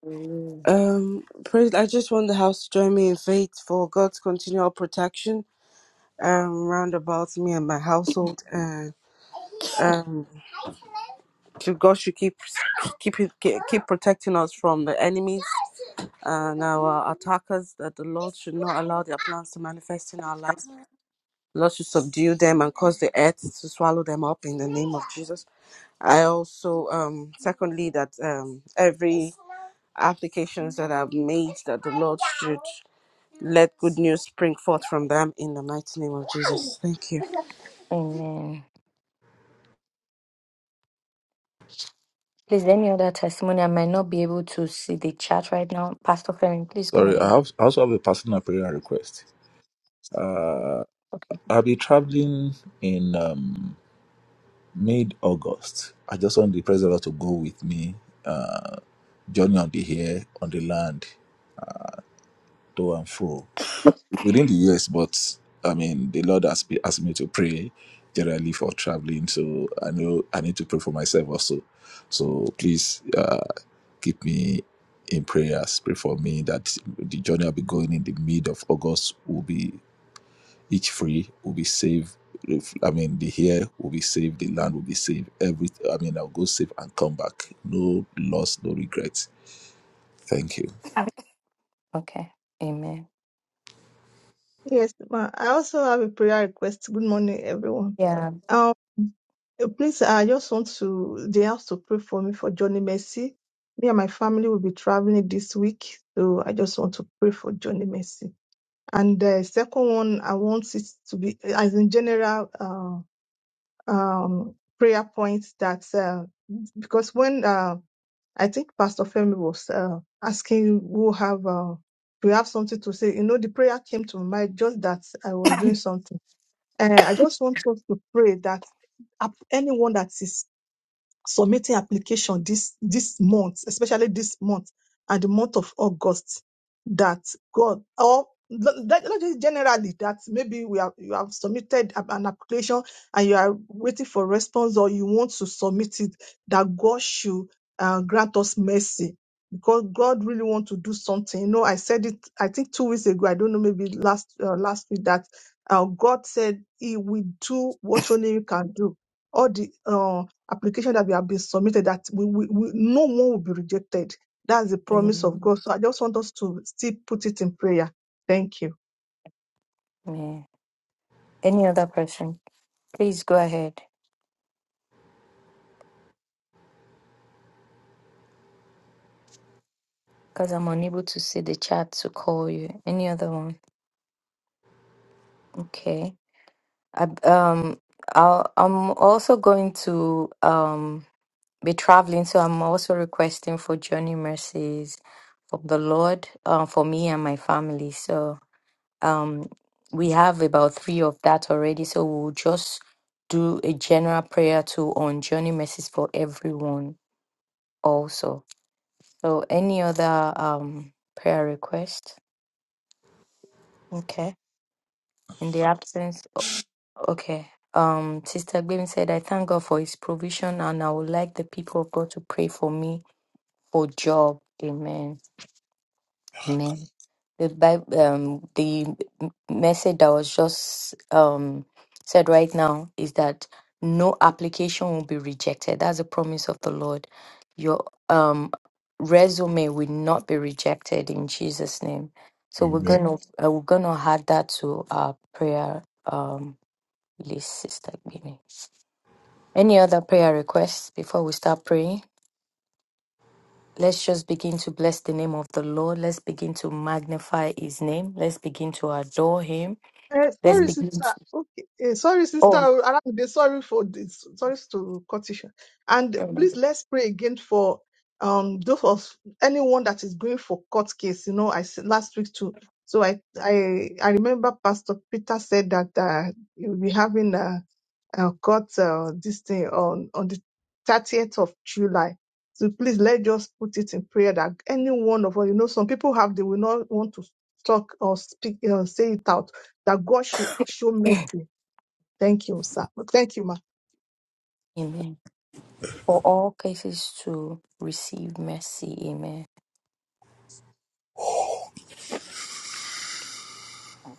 B: Hallelujah.
C: Um, praise, I just want the house to join me in faith for God's continual protection um round about me and my household and um to God should keep keep it- ke- keep protecting us from the enemies and our attackers that the Lord should not allow their plans to manifest in our lives. Lord should subdue them and cause the earth to swallow them up in the name of Jesus. I also um secondly that um every applications that I've made that the Lord should let good news spring forth from them in the mighty name of Jesus. Thank you.
B: Amen. Please, any other testimony? I might not be able to see the chat right now. Pastor Femi, please go
E: Sorry, I,
B: ahead.
E: have, I also have a personal prayer request. Uh,
B: Okay.
E: I'll be traveling in. Um, mid August. I just want the President Lord to go with me, uh, journey on the air, on the land, to and fro within the years. But I mean, the Lord has be- asked me to pray generally for traveling, so I know I need to pray for myself also. So please uh, keep me in prayers. Pray for me that the journey I'll be going in the mid of August will be. Each free will be saved. If- I mean, the hair will be saved, the land will be saved. Every, I mean, I'll go save and come back. No loss, no regrets. Thank you.
B: Okay. Amen.
G: Yes, ma. I also have a prayer request. Good morning, everyone.
B: Yeah.
G: Um, uh, please, I just want to they have to pray for me for Johnny Mercy. Me and my family will be traveling this week, so I just want to pray for Johnny Mercy. And the second one, I want it to be as in general uh, um prayer points that uh, because when uh, I think Pastor Femi was uh, asking who have uh, we have something to say. You know, the prayer came to my mind just that I was doing something. Uh, I just want us to pray that ap- anyone that is submitting application this this month, especially this month and the month of August, that God or not not just generally that maybe we have you have submitted a- an application and you are waiting for response or you want to submit it that God should uh, grant us mercy because God really want to do something. You know, I said it I think two weeks ago. I don't know maybe last uh, last week that uh, God said He will do what only He can do all the uh application that we have been submitted that we, we, we no one will be rejected. That's the promise of
B: Amen.
G: God. So I just want us to still put it in prayer. Thank you.
B: Amen. Any other person? Please go ahead. Because I'm unable to see the chat to call you. Any other one? Okay. I, um, I'll, I'm also going to um, be traveling, so I'm also requesting for journey mercies from the Lord uh, for me and my family. So um, we have about three of that already. So we'll just do a general prayer too on journey mercies for everyone also. So any other um, prayer request? Okay. In the absence. Okay. Um, Sister Gbemi said, I thank God for his provision and I would like the people of God to pray for me for job. Amen. Amen. The Bible, um, the m- message that was just um said right now is that no application will be rejected. That's a promise of the Lord. Your um resume will not be rejected in Jesus' name. So we're
E: Amen.
B: gonna uh, we're gonna add that to our prayer um list, Sister Gbemi. Any other prayer requests before we start praying? Let's just begin to bless the name of the Lord. Let's begin to magnify his name. Let's begin to adore him.
G: Eh,
B: Let's
G: sorry,
B: begin to
G: sister. Okay. Eh, sorry, sister.
B: oh
G: Aramide, sorry for this. Sorry to cut you short. And please let's pray again for um those of anyone that is going for court case. You know, I said last week too. So I I I remember Pastor Peter said that uh, you'll be having a, a court uh, this thing on on the thirtieth of July. So please let's just put it in prayer that any one of us, you know, some people have they will not want to talk or speak or say it out that God should show mercy. Thank you, sir. Thank you, ma.
B: amen. For all cases to receive mercy. Amen.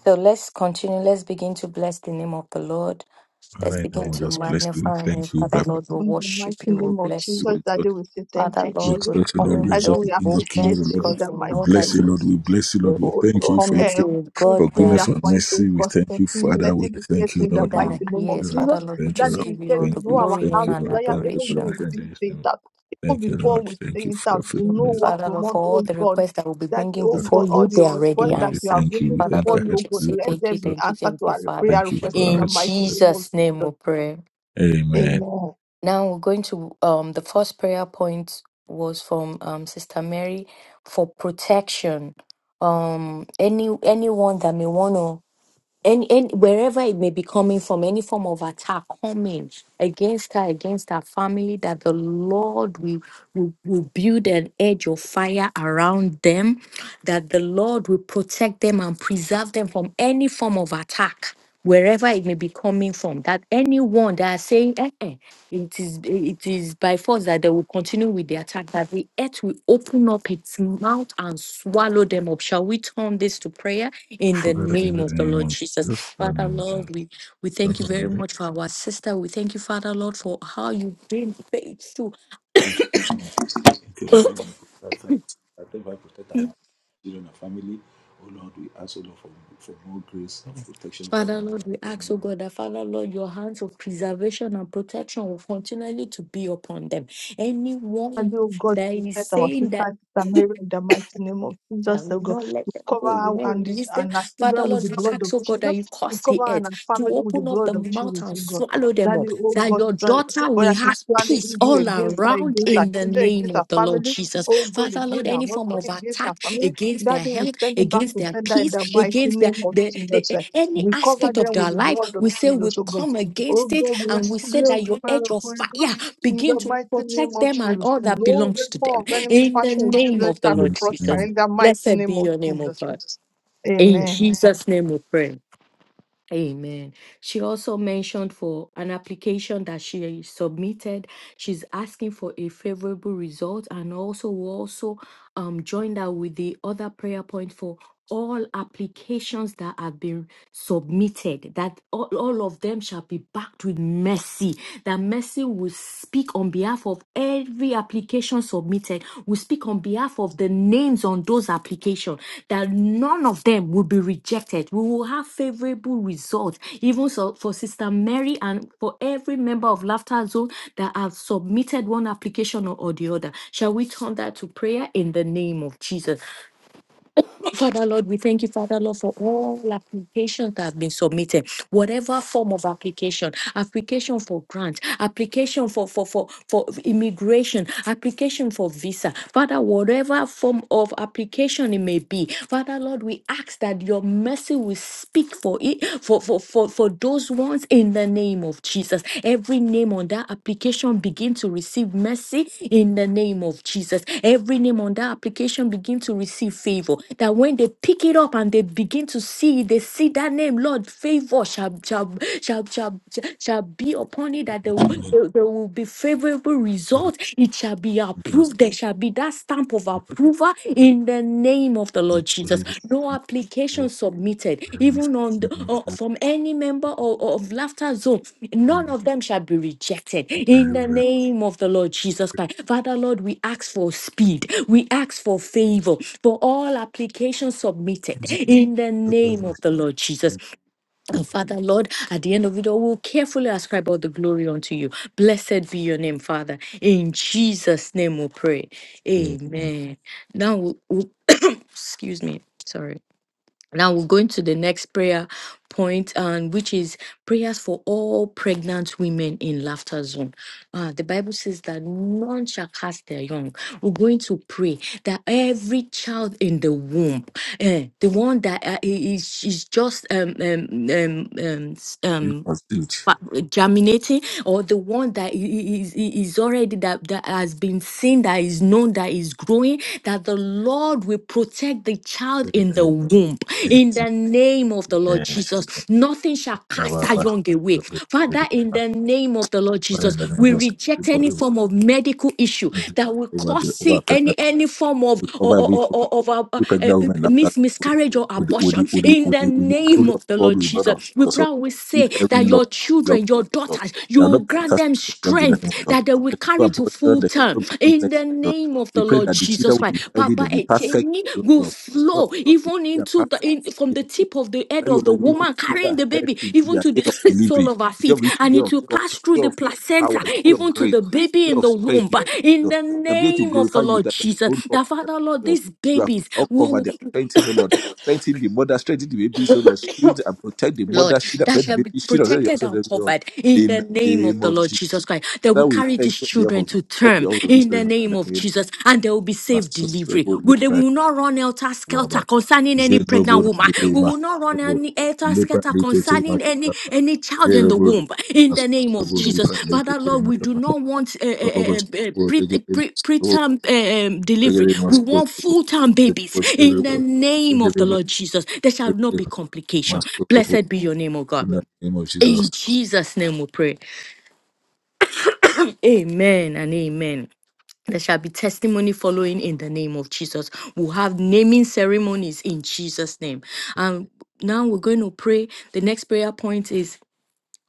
B: So let's continue. Let's begin to bless the name of the Lord.
E: Father,
B: Let's
E: in
B: begin
E: heaven, we
B: to
E: just bless you.
B: magnify him.
E: Thank you,
B: Father
E: Black
B: Lord, we
G: In the
B: worship
G: mighty
B: you.
G: name
B: We
G: of
B: bless
E: We
B: you.
G: Jesus,
E: exalt you,
G: Daddy, we say thank
B: Father
G: you,
E: we
B: Lord, we
G: Jesus.
E: exalt you,
B: come
E: Lord.
B: in
E: We
G: Daddy,
E: exalt
B: your
E: you,
G: we
E: King of Kings,
B: goodness
G: appreciate
E: Lord,
G: you
E: of
G: in
E: Lord.
B: because
G: the
B: we
E: We
B: know
G: mighty
B: that
E: bless
G: name
E: you,
G: of
E: Lord. We bless you, Lord.
B: we're
E: We
G: oh
E: thank you
G: Lord,
E: for your
B: coming
E: faith,
G: every
B: to a God.
E: for
B: that
E: goodness,
G: prayer
E: for
G: point, oh
E: mercy. We
G: God,
E: thank
G: thank
E: you,
G: you.
E: Father.
G: Let
E: We
G: it be set
E: thank
G: to
E: you,
G: in the
E: Lord. We
G: mighty
B: that
E: worship
G: name of
E: you,
B: yes,
E: Lord.
G: Jesus.
B: Father Lord, we
E: Thank you,
B: just
G: Daddy,
E: Lord.
G: you
B: give you
G: said
B: all
E: Thank
G: you
B: the
G: know
E: you.
G: our
B: glory,
E: Thank
G: heart
B: honor,
E: you,
B: and
E: Lord.
G: desire,
E: Thank
G: even
B: adoration.
G: though we didn't
E: you,
G: say
E: God.
G: it out. Even
E: Thank you,
G: before
E: Lord.
G: we say
E: Thank you
G: it
E: for your
G: out, you
B: Thank
G: know
E: faithfulness.
G: what
B: Father
G: we
B: Lord,
G: want,
B: for all
G: oh
B: the
G: God.
B: requests that we'll be
G: That,
B: bringing
G: oh
E: Lord,
B: before
G: God, all
B: you,
G: the
B: they are already
E: Lord,
G: requests
E: we
G: that
E: say
G: we
B: answered.
G: are
E: thank you.
G: bringing
E: We
B: Father
E: thank
G: before
E: you
B: Lord,
G: you,
B: we
G: oh
E: ahead of
B: just
G: God,
E: the
B: say
G: let
E: request.
B: thank you,
G: them be
E: Lord.
B: thank you,
G: answered
B: thank
G: to
B: you,
G: our
B: Father.
G: prayer
E: Thank you
G: request
E: for our
G: in the
B: In
G: mighty
E: request.
G: name of
B: Jesus' name we
G: Jesus.
B: pray.
E: Amen.
G: Amen.
B: Now we're going to um the first prayer point was from um Sister Mary for protection. Um any anyone that may want to and, and wherever it may be coming from, any form of attack coming against her, against her family, that the Lord will, will, will build an edge of fire around them, that the Lord will protect them and preserve them from any form of attack, wherever it may be coming from. That anyone that are saying, eh, eh, it is it is by force that they will continue with the attack, that the earth will open up its mouth and swallow them up. Shall we turn this to prayer in the
E: Father, in
B: name
E: the
B: of the
E: name
B: Lord
E: of
B: Jesus?
E: Jesus, in the
B: Father
E: name of
B: Lord,
E: Jesus.
B: we, we thank you
E: Father,
B: very
E: in the
B: much for our sister. We thank you, Father Lord, for how you've been faithful.
E: name Thank you, Lord. I'm gonna protect her. I thank God protect our children and family. Oh Lord, we ask O Lord for, for more grace of protection over
B: Father Lord,
E: our
B: we ask,
E: family.
B: oh
E: over
B: God, that Father Lord, your hands of preservation and protection will continually to be upon them.
G: And
B: Anyone
G: oh God,
B: that is
G: protect our
B: saying that
G: sister, sister Mary in the mighty name of Jesus,
B: And
G: O
B: we
G: God.
B: not let
G: We
B: them go.
G: cover
B: We
G: her
B: not
G: and, the,
B: release them.
G: and our
B: Father
G: children with
B: Lord,
G: the
B: we
G: blood of
B: ask, oh God,
G: Jesus.
B: that you
G: We
B: cause the
G: cover her
B: earth
G: and our
B: to
G: family with the
B: open up the
G: blood of
B: mouth
G: Jesus,
B: and
G: O God.
B: swallow them up.
G: Daddy, oh
B: That
G: God,
B: your
G: stand-
B: daughter will
G: anybody that is
B: have
G: planning
B: peace
G: evil
B: all
G: against her,
B: around
G: against her
B: in the
G: children,
B: name
G: against her
B: of the Lord
G: family,
B: Jesus.
G: oh God,
B: Father Lord,
G: against her
B: any form
G: husband,
B: of
G: against her
B: attack
G: family,
B: against their
G: Daddy, we
B: health,
G: send it back
B: against
G: to
B: their
G: sender in
B: peace,
G: the mighty
B: against their
G: name of
B: the,
G: Jesus.
B: the
G: eh.
B: any
G: We cover
B: aspect of
G: them
B: their
G: with the
B: life,
G: blood
B: we
G: of
B: say
G: Jesus,
B: we
G: oh God.
B: come
G: Oh
B: against it
G: God, we are
B: and we
G: so
B: say that
G: grateful
B: your edge of
G: for you, God.
B: fire
G: In
B: begin
G: the
B: to
G: mighty name
B: protect
G: of
B: them
G: Jesus.
B: and all that
G: No
B: belongs
G: weapon
B: to them.
G: of enemy
B: In the
G: fashion against
B: name
G: them
B: of the
G: shall be
B: Lord
E: of
G: prospered
B: Jesus.
E: Jesus.
G: in the mighty
B: Blessed be
G: name of
B: your name, O
G: Jesus.
B: God. In
G: Amen.
B: Jesus' name we pray. Amen. She also mentioned for an application that she submitted. She's asking for a favorable result and also we also um join that with the other prayer point for all applications that have been submitted, that all, all of them shall be backed with mercy, that mercy will speak on behalf of every application submitted submitted. We speak on behalf of the names on those applications that none of them will be rejected. We will have favorable results, even so for Sister Mary and for every member of Laughter Zone that have submitted one application or, or the other. Shall we turn that to prayer in the name of Jesus? Father Lord, we thank you, Father Lord, for all applications that have been submitted, whatever form of application, application for grant, application for for for, for immigration, application for visa, Father, whatever form of application it may be, Father Lord, we ask that your mercy will speak for it for for for, for those ones in the name of name of Jesus. Every name on that application begin to receive mercy in the name of Jesus. Every name on that application begin to receive favor. That when they pick it up and they begin to see, it, they see that name, Lord, favor shall shall shall shall, shall be upon it. That there, will-
E: Father,
B: there will be favorable result. It shall be approved. There shall be that stamp of approval in the name of the Lord Jesus. No application submitted, even on the, or from any member of, of Laughter Zone. None of them shall be rejected in the name of the Lord Jesus Christ. Father, Lord, we ask for speed. We ask for favor for all applications submitted
E: in the name
B: in the
E: of Jesus.
B: name of the Lord Jesus.
E: Amen.
B: And Father, Lord, at the end of it all, we'll carefully ascribe all the glory unto you. Blessed be your name, Father. In Jesus' name we pray. Amen. Now, we we- excuse me. Sorry. Now we're going to the next prayer point, and which is prayers for all pregnant women in laughter zone. Uh, the Bible says that none shall cast their young. We're going to pray that every child in the womb, eh, the one that uh, is, is just um, um, um, um, s-
E: We
B: um,
E: proceed.
B: fa- germinating or the one that i- i- is, i- is already that, that has been seen that is known that is growing that the lord will protect the child in the
E: Amen.
B: womb in the name of the lord
E: Amen.
B: jesus nothing shall cast
E: Our
B: that young away father in the name of the lord
E: Father,
B: jesus
E: in the name of
B: we
E: Jesus, thank you
B: reject
E: for
B: any form of medical issue
E: the
B: that will
E: over
B: cause
E: the
B: see
E: over
B: any any form of
E: we
B: or,
E: cover every
B: or,
E: cover
B: or, of uh, uh,
E: every
B: uh,
E: pregnant woman
B: mis-
E: after so
B: miscarriage or
E: with the, with
B: abortion
E: the, with the,
B: in
E: with
B: the
E: the, with the
B: name name
E: glory of
B: of the
E: God,
B: Lord
E: with the blood of
B: Jesus. We
E: Jesus.
B: pray,
E: So
B: we say
E: feed every
B: that
E: loss
B: your
E: of young
B: children, your
E: adult.
B: daughters,
E: There are not
B: you
E: be
B: grant
E: cast
B: them
E: young in the name of
B: strength
E: God.
B: that they will
E: There shall no
B: carry to
E: abortion,
B: full
E: there
B: term.
E: shall not be
B: In
E: sickness
B: the
E: in the church.
B: name of
E: We
B: the
E: pray
B: Lord
E: that the children
B: Jesus
E: will be
B: Christ,
E: healthy,
B: Papa,
E: they'll be
B: a
E: perfect
B: genuine
E: in the
B: will
E: name of God. Lord,
B: flow
E: they
B: even
E: will be
B: into the in, from the
E: perfect
B: tip of the head
E: that you
B: of
E: know,
B: the
E: we even
B: woman
E: speak
B: carrying the
E: ahead
B: baby,
E: into
B: even
E: their
B: to
E: day
B: the
E: of
B: sole
E: delivery,
B: of her
E: the day
B: feet,
E: of reach, the
B: and
E: day
B: it
E: of
B: will pass
E: touch,
B: through
E: the day
B: the
E: of power,
B: placenta,
E: the day of
B: even to
E: grace,
B: the baby
E: the day
B: in
E: of
B: the
E: strength
B: womb.
E: in
B: In
E: Jesus.
B: the
E: The day to
B: name of
E: glorify
B: the
E: you
B: Lord
E: that the
B: Jesus,
E: whole Lord
B: the
E: that
B: Father, Lord,
E: Jesus.
B: these
E: You are
B: babies
E: all covered
B: will.
E: there. Strengthen, O Lord. Strengthen the mother, strengthen the babies, O Lord. Shield and protect the
B: Lord,
E: mother, shield and
B: that
E: protect the
B: shall be
E: baby, shield and protect the
B: protected and
E: husband, O Lord.
B: covered in
E: In
B: the
E: the
B: name of
E: name
B: the
E: of
B: Lord
E: Jesus.
B: Jesus Christ. That will
E: Father, we
B: carry
E: thank
B: these
E: you on behalf
B: children
E: of this,
B: to
E: on
B: term
E: behalf of this
B: in
E: prayer
B: the
E: in
B: name
E: the
B: of
E: name
B: Jesus, and there will be
E: of
B: safe delivery. We, they
E: Jesus.
B: will not run elter skelter
E: Baba.
B: concerning any pregnant
E: Jedrobo
B: woman.
E: regede
B: We will not run
E: masrobo.
B: any elter
E: Lepa
B: skelter concerning
E: lekete
B: any any
E: makaba.
B: any child in the
E: Jedrobo
B: womb
E: regede
B: in the name of
E: masrobo. Lepa
B: jesus father
E: lekete
B: lord we do
E: makaba.
B: not want uh, uh,
E: Baba
B: uh, uh,
E: bashrobo
B: pre,
E: regede
B: pre,
E: masrobo.
B: preterm uh, um, delivery
E: Regede
B: we want
E: masrobo.
B: full-term
E: Lepa
B: babies in
E: bashrobo.
B: the name of
E: Regede
B: the
E: masrobo.
B: lord jesus there shall not be
E: Regede
B: complication
E: masrobo.
B: blessed be your name O god
E: In the name of
B: in
E: Jesus.
B: jesus name we pray amen and amen there shall be testimony following in the name of Jesus. We'll have naming ceremonies in Jesus' name. Um. now we're going to pray. The next prayer point is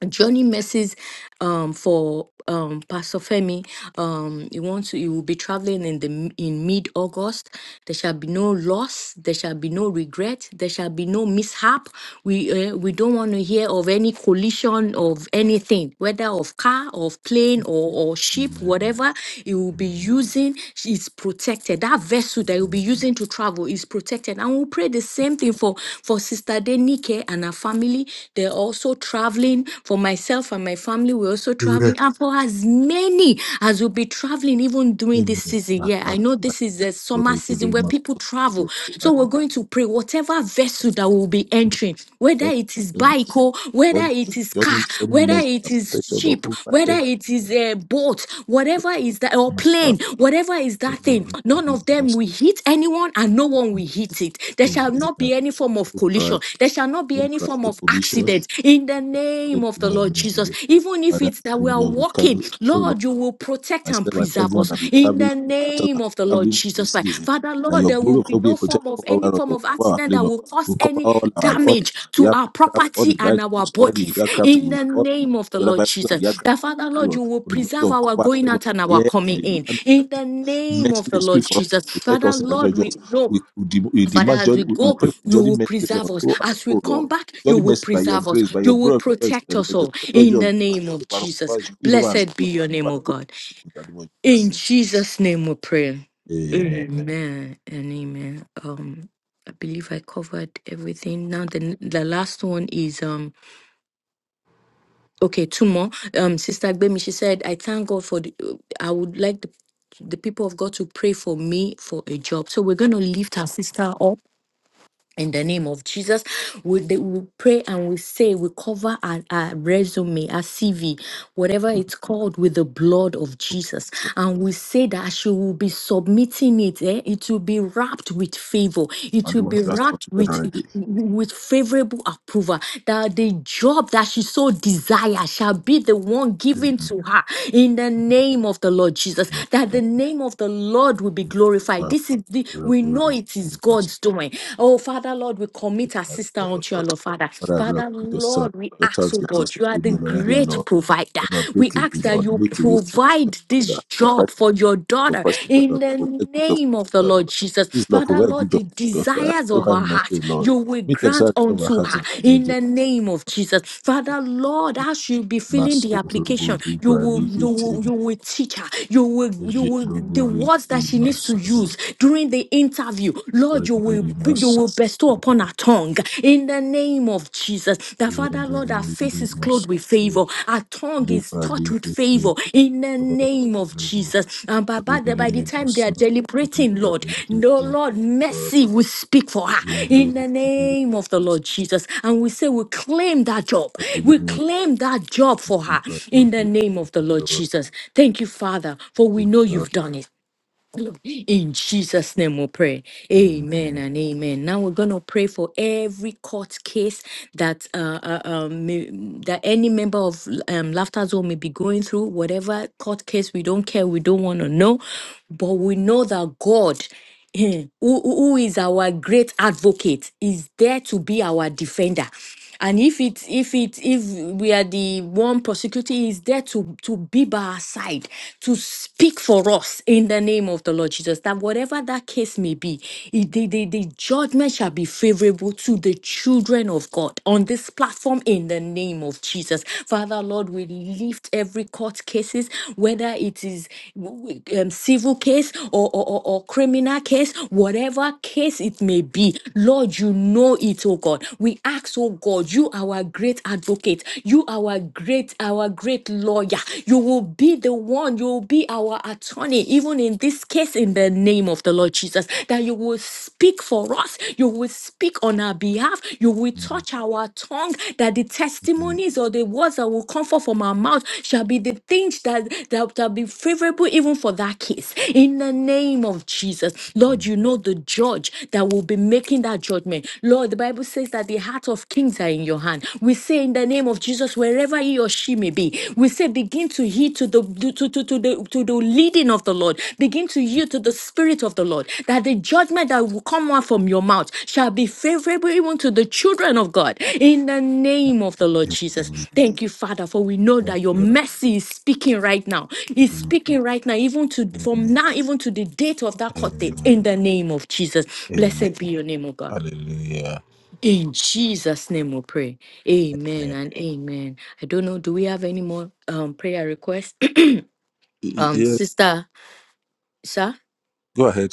B: Johnny messes um for um Pastor Femi. Um he wants to You will be traveling in the m- in mid-August. There shall be no loss, there shall be no regret, there shall be no mishap. We uh, we don't want to hear of any collision of anything, whether of car, of plane or, or ship,
E: Amen.
B: whatever you will be
E: Amen.
B: using is protected. That vessel that you will be
E: Amen.
B: using to travel is protected. And we'll pray the same thing for for Sister Denike and her family family. They're also traveling. For myself and my family, we're also
E: Amen.
B: traveling. And for as many as will be traveling, even during this
E: Amen.
B: season. Yeah,
E: Makaba
B: I know this is the
E: bashrobo
B: summer season
E: regede
B: where
E: masrobo.
B: people travel. So we're going to pray whatever vessel that will be entering, whether it is
E: Johnny,
B: bike or whether
E: Johnny,
B: it is car,
E: Johnny,
B: whether
E: mercy
B: it
E: and
B: is
E: protection
B: ship,
E: over
B: whether it is
E: everyone.
B: a boat, whatever is that, or
E: matter
B: plane, whatever is
E: of
B: that thing, none of them
E: forgiveness.
B: will hit anyone and no one will hit it. There shall not
E: Amen.
B: be any form of
E: No
B: collision.
E: crash,
B: There shall not be
E: no
B: any
E: crash,
B: form
E: no
B: of
E: collision.
B: accident in the name
E: Thank
B: of
E: you in
B: the
E: the
B: Lord
E: name of
B: Jesus.
E: Jesus.
B: Even if
E: Father,
B: it's that
E: in
B: we
E: the
B: are
E: name of Jesus, we
B: walking,
E: cancel the prayer of
B: Lord, you will protect and
E: myself and
B: preserve
E: everyone
B: us
E: that be
B: in
E: traveling,
B: the
E: everyone after
B: name
E: that be
B: of the Lord
E: traveling in
B: Jesus
E: this
B: Christ.
E: season.
B: Father,
E: That
B: Lord,
E: your
B: there will
E: glory of
B: be
E: God be
B: no form
E: protected
B: of
E: from all
B: any
E: virus,
B: form
E: all
B: of
E: our
B: accident
E: plane,
B: that
E: of-
B: will
E: we
B: cause
E: cover
B: any
E: all our all
B: damage
E: the
B: to our
E: aircraft, all the
B: property and our
E: vehicles, all the
B: bodies
E: aircraft,
B: in
E: with
B: the
E: all the,
B: name of
E: all
B: the
E: the other
B: Lord
E: vehicles and the
B: Jesus.
E: aircraft.
B: That Father, Lord, you will
E: For the
B: preserve
E: blood of
B: our
E: cover
B: going
E: seven
B: out and our
E: here on
B: coming
E: the
B: in
E: land of
B: in
E: the
B: the
E: sea.
B: name
E: Mercy
B: of the
E: will
B: Lord
E: speak for us,
B: Jesus.
E: protect
B: Father,
E: us in the name of
B: Lord,
E: Jesus.
B: we know
E: We, we, dem- we
B: Father,
E: demand
B: as
E: joy,
B: we
E: we, we
B: go,
E: pray for
B: you
E: Johnny
B: will
E: Mercy,
B: preserve
E: Lord.
B: us.
E: Go and
B: As we
E: go,
B: come
E: Lord.
B: back, you
E: Johnny
B: will
E: Mercy, by your
B: preserve us.
E: grace, by
B: You
E: your
B: will
E: glory, face
B: protect
E: in the name
B: us
E: of Jesus.
B: all.
E: The Lord
B: In
E: Jesus,
B: the
E: can
B: name of
E: keep our
B: Jesus.
E: lives, shield our lives,
B: Blessed be your name,
E: our
B: O
E: good
B: God.
E: in the name of
B: In
E: Jesus.
B: Jesus' name we pray.
E: Amen.
B: Amen Amen and amen. Um, I believe I covered everything. Now the the last one is um okay two more. Um, Sister Gbemi, she said, I thank God for the. uh, I would like the the people of God to pray for me for a job. So we're going to lift our sister up. in the name of Jesus, we, they- we pray and we say, we cover our, our resume, our CV, whatever it's called, with the blood of Jesus.
E: Okay.
B: And we say that she will be submitting it. eh, It will be wrapped with favor. It
E: And
B: will
E: the one
B: be
E: who has
B: wrapped
E: submitted
B: with,
E: already.
B: with favorable approval. That the job that she so desires shall be the one given
E: Amen.
B: to her in the name of the Lord Jesus.
E: Amen.
B: That the name of the Lord will be glorified.
E: Amen.
B: This is the,
E: Glory,
B: we know
E: glory,
B: it is is
E: glory.
B: God's doing. Oh, Father, Lord, we commit our sister unto you,
E: But
B: Lord, Father.
E: I've lost
B: Father,
E: your son.
B: Lord, we
E: Your
B: ask,
E: child
B: oh
E: gets us
B: God, you are
E: to
B: the
E: know already, O
B: great
E: Lord.
B: provider.
E: Lord, I
B: We
E: make a
B: ask
E: way,
B: that
E: Lord.
B: you
E: Make a way for your
B: provide
E: daughter.
B: this
E: Surprise,
B: job for your daughter
E: surprise your
B: in
E: daughter.
B: the
E: Provide good job for
B: name of the
E: your daughter,
B: Lord
E: Lord.
B: Jesus.
E: Please, Lord,
B: Father,
E: provide
B: Lord,
E: good job
B: the
E: for your daughter.
B: desires
E: Show
B: of
E: her
B: our
E: mercy,
B: heart,
E: Lord.
B: you will
E: Meet her
B: grant
E: desire of her
B: unto
E: heart in
B: her
E: the name of
B: in the
E: Jesus.
B: name of Jesus. Father, Lord, as you be filling the
E: Master
B: application,
E: Lord,
B: you will, you
E: Pralikete,
B: will,
E: Master
B: you will teach her. You will, you will, the
E: Lord,
B: words that
E: Master Robodi,
B: she needs
E: Master
B: to use tongues during the interview. Lord, you will
E: Robodi,
B: you will bestow upon our tongue in the name of Jesus. The Father,
E: Master
B: Lord, our face
E: Robodi,
B: is clothed
E: Master
B: with
E: Robodi,
B: favor, our tongue is taught with
E: Pralikete,
B: favor in the
E: Kabas
B: name of
E: Level
B: Jesus. And by, by, the, by the
E: Rigidi
B: time they are
E: Masas
B: deliberating,
E: Lipa
B: Lord, no
E: Dinkiti
B: Lord,
E: Kaba
B: mercy will speak for her
E: Zulu
B: in the
E: Rigidi
B: name of the
E: Masas
B: Lord Jesus. And we say, we claim that job, we
E: Rigidi
B: claim that job for her
E: Lipa
B: in the
E: Dinkiti
B: name of the Lord
E: Kaba
B: Jesus. Thank you, Father, for we
E: Thank
B: know
E: you, Lord.
B: you've done it. Lord. In Jesus' name we pray. Amen
E: Amen.
B: and amen. Now we're going to pray for every court case that uh, uh, um, may, that any member of um, Laughter Zone may be going through, whatever court case we don't care, we don't want to know. But we know that God eh, who who- who is our great advocate, is there to be our defender. And if it if it if we are the one prosecuting, he is there to to be by our side, to speak for us in the name of the Lord Jesus. That whatever that case may be, it- the, the, the judgment shall be favorable to the children of God on this platform in the name of Jesus. Father Lord. Lord, we lift every court cases, whether it is w- w- um, civil case or, or, or, or criminal case, whatever case it may be. Lord, you know it, oh God. We ask, oh God, you our great advocate, you our great, our great lawyer. You will be the one, you will be our attorney, even in this case, in the name of the Lord Jesus, that you will speak speak for us. You will speak on our behalf. You will
E: Amen.
B: touch our tongue that the
E: Amen.
B: testimonies or the words that will come forth from our mouth shall be the things that, that shall be favorable even for that case. In the name of Jesus, Lord, you know the judge that will be making that judgment. Lord, the Bible says that the heart of kings are in your hand. We say in the name of Jesus, wherever he or she may be, we say, begin to heed to the to, to, to the to the leading of the Lord. Begin to yield to the spirit of the Lord. That the judgment that will come out from your mouth shall be favorable even to the children of God. In the name of the Lord Jesus. Thank you, Father, for we know
E: Thank
B: that your
E: you, Lord.
B: mercy is speaking right now. It's
E: Amen.
B: speaking right now, even to from
E: Amen.
B: now, even to the date of that court date. In the name of Jesus.
E: Amen.
B: Blessed be your name, O God.
E: Hallelujah.
B: In Jesus' name we pray. Amen
E: Amen.
B: and amen. I don't know. Do we have any more um prayer requests?
E: Y-
B: um
E: Yes,
B: sister sir
E: go ahead.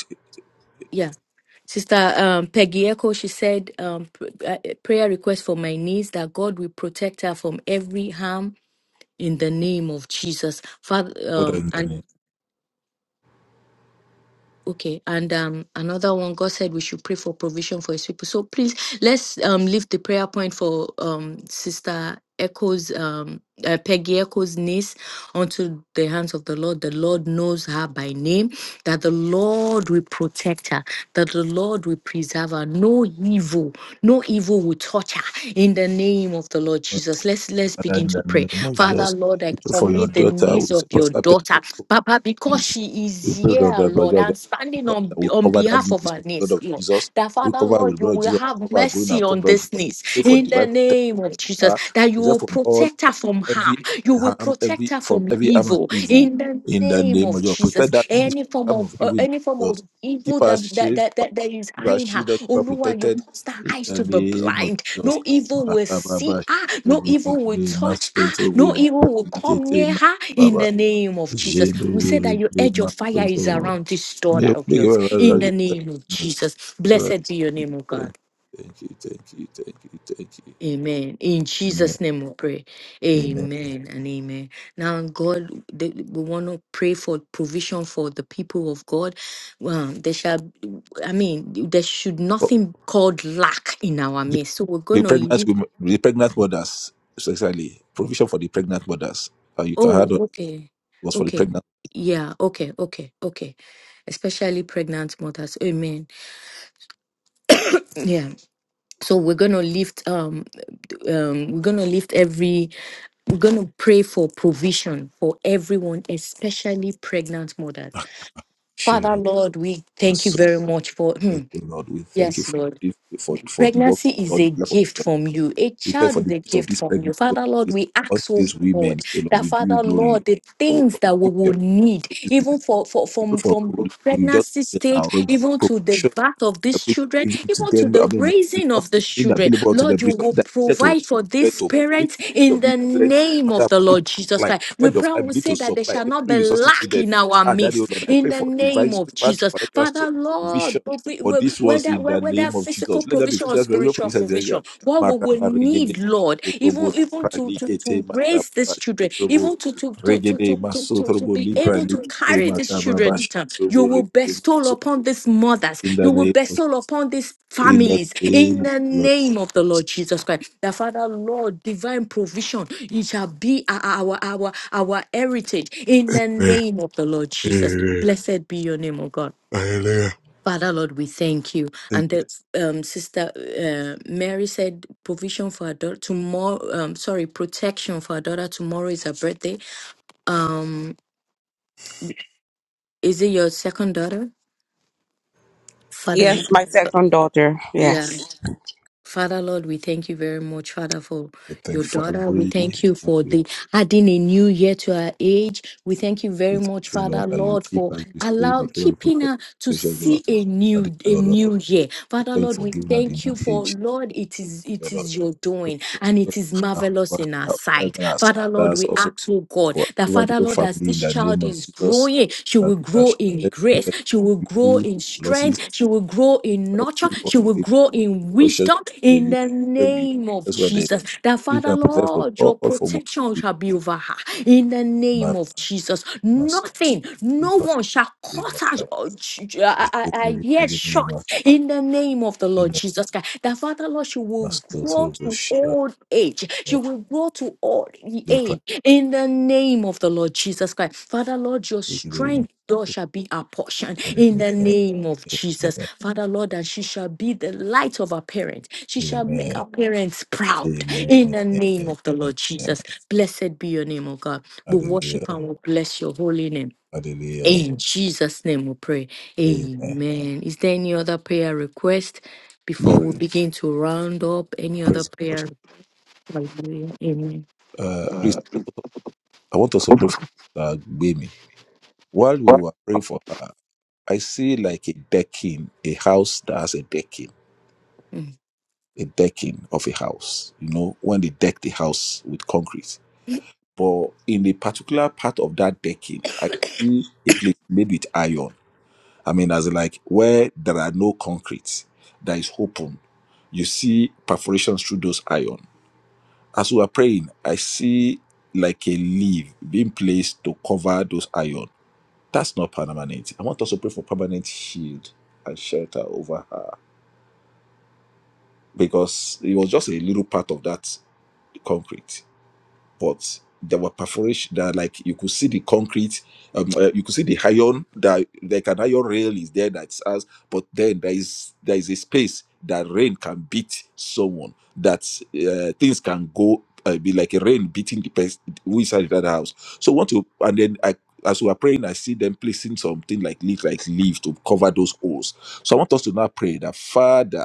B: yeah sister um peggy echo she said um pr- uh, eh, prayer request for my niece that god will protect her from every harm in the name of jesus
E: Father,
B: father
E: in the name.
B: Okay, and um, another one, God said we should pray for provision for His people. So please, let's um leave the prayer point for um Sister Echo's um uh, Peggy Echo's niece onto the hands of the Lord. The Lord knows her by name. That the Lord will protect her. That the Lord will preserve her. No evil, no evil will touch her. In the name of the Lord Jesus, let's let's
E: Father,
B: begin
E: in
B: to
E: the
B: pray.
E: name of
B: Father,
E: Jesus,
B: Lord, I
E: we pray for your
B: commit the
E: daughter who
B: needs
E: is
B: of Your
E: supposed
B: daughter
E: to
B: Papa, because
E: knees.
B: she
E: We
B: is
E: pray, Lord,
B: here,
E: that, Lord,
B: Lord, and
E: that
B: standing on,
E: we
B: on
E: cover that
B: behalf of
E: knees
B: her
E: with the blood
B: niece,
E: of
B: Lord,
E: Jesus.
B: that
E: We
B: Father,
E: cover with
B: Lord,
E: the
B: you
E: blood of
B: will
E: Jesus. We
B: have
E: cover our going our
B: mercy
E: coming,
B: on
E: blood of Jesus.
B: this niece
E: Pray for
B: in the
E: divine protection.
B: name of
E: for
B: Jesus,
E: her.
B: that you will
E: Protect from all
B: protect her from harm,
E: every
B: you will
E: harm,
B: protect
E: every
B: her
E: from
B: from
E: every harm and
B: evil
E: evil.
B: in the
E: In the
B: name
E: name of
B: of
E: Jesus,
B: Jesus.
E: protect that knees
B: Any form
E: from harm
B: of
E: of
B: uh,
E: evil. In the
B: any form
E: name of
B: of
E: Jesus,
B: evil
E: keep
B: that
E: us
B: that,
E: safe,
B: that,
E: keep us
B: that, that is eyeing her,
E: shielded,
B: oh
E: keep us
B: Lord, you
E: protected.
B: cause her
E: In
B: eyes
E: the
B: to be
E: name of
B: blind
E: Jesus,
B: no evil will see
E: Makababa,
B: her. No evil will
E: Shubodegede,
B: touch her. No
E: Masotobodike,
B: evil will come near her in
E: Makababa.
B: the name of Jesus.
E: Jedo
B: We say that
E: wuri
B: your
E: gbe
B: edge of fire
E: masozo
B: is
E: wo.
B: around this daughter
E: Make
B: of
E: make a
B: yours
E: very very
B: in
E: large
B: the name of
E: much.
B: Jesus. Blessed be your
E: Thank
B: name, O
E: you,
B: God.
E: thank you, thank you, thank you. thank you.
B: Amen. In
E: Amen.
B: Jesus' name we pray.
E: Amen.
B: Amen and amen. Now, God, the- we want to pray for provision for the people of God. Well, there shall, I mean, there should
E: But
B: nothing called lack in our
E: the,
B: midst. So we're
E: the
B: going to
E: pregnant
B: lift
E: women, the pregnant mothers, exactly. provision for the pregnant mothers. Uh, you can
B: Oh,
E: add on
B: okay.
E: was for the
B: Okay.
E: pregnant.
B: Yeah. Okay. Okay. Okay. Especially pregnant mothers. Amen. Yeah. So we're going to lift um um we're going to lift every we're going to pray for provision for everyone, especially pregnant mothers. Father
E: Shero
B: Lord, we thank you
E: maso.
B: very much for hmm,
E: Thank you, Lord. We thank you
B: yes,
E: for
B: Lord.
E: this, for for the work
B: Pregnancy is
E: done.
B: a gift from you. A
E: We thank
B: child
E: you for
B: is
E: the
B: a
E: gift of
B: gift
E: this
B: from you.
E: pregnancy of
B: Father Lord,
E: this,
B: we
E: of
B: ask oh
E: these
B: God
E: women. So Lord,
B: That
E: we give you
B: Father,
E: glory
B: Lord, the
E: for,
B: things
E: for
B: that
E: the
B: we
E: gift you
B: will
E: have
B: need,
E: given these women
B: even for, for
E: We pray
B: from
E: for,
B: from the
E: like you just
B: pregnancy
E: said now,
B: stage,
E: provi-
B: even to the
E: provision
B: birth of
E: the
B: these
E: people
B: children,
E: giving to
B: even to
E: them, I
B: the
E: mean,
B: raising of
E: resources
B: these
E: being
B: children,
E: available to them,
B: Lord, you
E: resources
B: will
E: that needed to
B: provide for
E: read
B: these
E: to meet
B: parents
E: this need
B: in
E: of this
B: the
E: bread,
B: name of
E: Father,
B: the
E: begin to
B: Lord Jesus
E: supply
B: Christ. We
E: ahead
B: pray,
E: of time,
B: we
E: begin
B: say
E: to
B: that there
E: supply
B: shall not
E: every
B: be
E: resources
B: lack
E: needed.
B: in our
E: And that, oh Lord,
B: midst,
E: I
B: in
E: pray
B: the
E: for divine
B: name of
E: supernatural
B: Jesus,
E: supernatural
B: Father, Lord,
E: provision for these ones
B: whether
E: in
B: whether
E: the
B: whether
E: name of Jesus.
B: physical
E: Let there be
B: provision or
E: physical revival for
B: spiritual
E: this
B: provision
E: area.
B: provision, what we will
E: Maraba regede
B: need, Lord, even
E: sotrobo
B: even
E: lipra
B: to to,
E: likete
B: to raise
E: makaba
B: these children,
E: shedrobo
B: even to to, to, to,
E: regede
B: to, to to to
E: masotrobo
B: be
E: lipra
B: able to
E: likete
B: carry these children
E: makaba
B: to term.
E: shedrobo
B: You will
E: regede
B: bestow
E: maso.
B: upon these mothers,
E: In the
B: you will
E: name of Jesus.
B: bestow upon these
E: In the
B: families
E: name
B: in
E: of
B: the
E: Jesus.
B: name of the Lord Jesus Christ. The Father, Lord, divine provision, it shall be our our our, our heritage in the name of the Lord Jesus. Blessed be your name, O God.
E: Hallelujah.
B: Father Lord, we thank you.
E: Thank
B: And
E: you.
B: the um, sister uh, Mary said, provision for her daughter tomorrow. Um, sorry, protection for her daughter. Tomorrow is her birthday. Um, is it your second daughter, Father?
C: Yes, my second daughter.
B: Lord?
C: Yes.
B: Father, Lord, we thank you very much, Father, for
E: We thank
B: your
E: you for
B: daughter. We
E: every we,
B: thank you for the adding a new year to her age. We thank you
E: we
B: very
E: thank
B: much,
E: you,
B: Father,
E: Lord, that you
B: Lord,
E: keep
B: for
E: every state,
B: allow
E: you keep and
B: keeping
E: protect the
B: her to
E: precious Lord.
B: see a
E: I did
B: new a
E: Lord, I thank
B: new year.
E: I
B: Father,
E: thank you
B: Lord,
E: for
B: we
E: giving her the
B: thank
E: new
B: you for
E: age.
B: Lord, it is it
E: Lord, Lord.
B: is your doing and
E: Pray
B: it is
E: for her,
B: marvelous
E: over
B: in our
E: her, over
B: sight.
E: even her
B: Father, Lord,
E: sisters,
B: we
E: also
B: ask, oh God,
E: for
B: that
E: over the
B: Father,
E: whole
B: Lord, as
E: family in
B: this
E: the name
B: child
E: of
B: is
E: Jesus.
B: growing, she
E: That,
B: will
E: that
B: grow
E: she
B: in
E: let
B: grace,
E: protect
B: she will
E: people
B: grow in
E: from
B: strength.
E: losses,
B: She will grow in
E: from
B: nurture.
E: people, from
B: She will
E: failure,
B: grow
E: from
B: in
E: destruction.
B: wisdom
E: You
B: in
E: you-
B: the
E: them you
B: name of
E: that's why they
B: Jesus. That
E: keep
B: Father,
E: and protect from
B: Lord, your
E: all form of
B: protection shall be over her in the
E: evil.
B: name of Jesus.
E: must
B: Nothing,
E: be
B: no
E: but
B: one shall
E: they
B: cut
E: must
B: her
E: have
B: uh, sh- uh, uh, uh,
E: the
B: yet
E: beginning
B: short
E: must
B: in the name of the Lord
E: in a
B: Jesus Christ. That Father, Lord, she will
E: must go
B: grow
E: through
B: to
E: bush uh,
B: old age. She
E: must
B: will grow to old
E: be
B: age in the name of the Lord Jesus Christ. Father, Lord, your
E: practically must
B: strength, thou shall be our portion. In
E: amen
B: the name of Jesus. Father, Lord, that she shall be the light of our parents. She shall make
E: amen
B: our parents proud. In
E: amen
B: the name
E: amen
B: of the Lord
E: amen
B: Jesus. Blessed be your name, O God. We worship
E: hallelujah
B: and we bless your holy name.
E: hallelujah
B: In Jesus' name we pray.
E: amen
B: Amen. Is there any other prayer request before
E: Pray-
B: we begin to round up? Any other
E: praise God
B: prayer? Hallelujah. Amen.
E: uh please I just want to- I want us to pray for uh, Baby while we were praying for her I see like a decking a house that has a decking
B: Uh,
E: a decking of a house, you know, when they deck the house with concrete. But in a particular part of that decking, I see a place made with iron. I mean, as in like where there are no concrete that is open, you see perforations through those iron. As we are praying, I see like a leaf being placed to cover those iron. That's not permanent. I want us to pray for permanent shield and shelter over her because it was just a little part of that concrete but there were perforation that like you could see the concrete um, uh, you could see the iron that like an iron rail is there that's us but then there is there is a space that rain can beat someone that uh, things can go uh, be like a rain beating the person who is inside that house so want to and then i as we are praying i see them placing something like leaf like leaf to cover those holes so i want us to now pray that father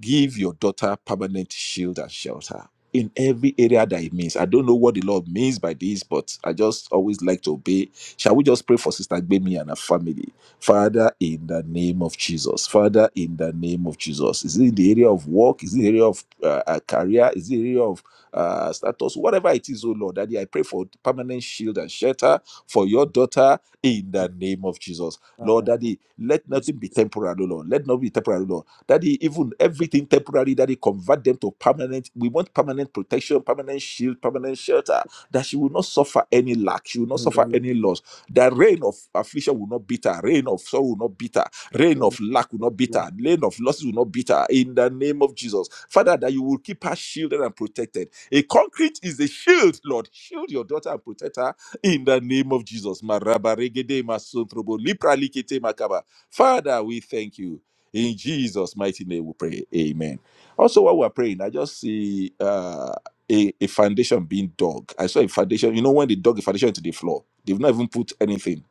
E: Give your daughter permanent shield and shelter in every area that it means. I don't know what the Lord means by this, but I just always like to obey. Shall we just pray for Sister Gbemi and her family? Father, in the name of Jesus. Father, in the name of Jesus. Is it in the area of work? Is it in the area of uh, uh, career? Is it in the area of uh, status? Whatever it is, oh Lord, Daddy, I pray for permanent shield and shelter for your daughter in the name of Jesus. Lord,
A: Father,
E: Daddy, let
A: is
E: nothing be temporary, oh Lord. Let nothing be temporary, oh Lord. That he even everything temporary that he convert them to permanent. We want permanent protection, permanent shield, permanent shelter. That she will not suffer any lack. She will not
A: in the
E: suffer
A: name
E: any loss. The reign of affliction will not beat her. Reign of sorrow will not beat her. Reign of
A: of
E: lack will not beat
A: my
E: her. Reign of losses will not beat her. In the name of Jesus, Father, that you will keep her shielded and protected. A concrete is a shield, Lord. Shield your daughter and protect her in the name of Jesus. Marabaregede masontrobo, lipralikete makaba. Father, we thank you. In Jesus' mighty name we pray. Amen. Also, while we're praying, I just see uh, a, a foundation being dug. I saw a foundation. You know, when they dug a foundation into the floor, they've not even put anything,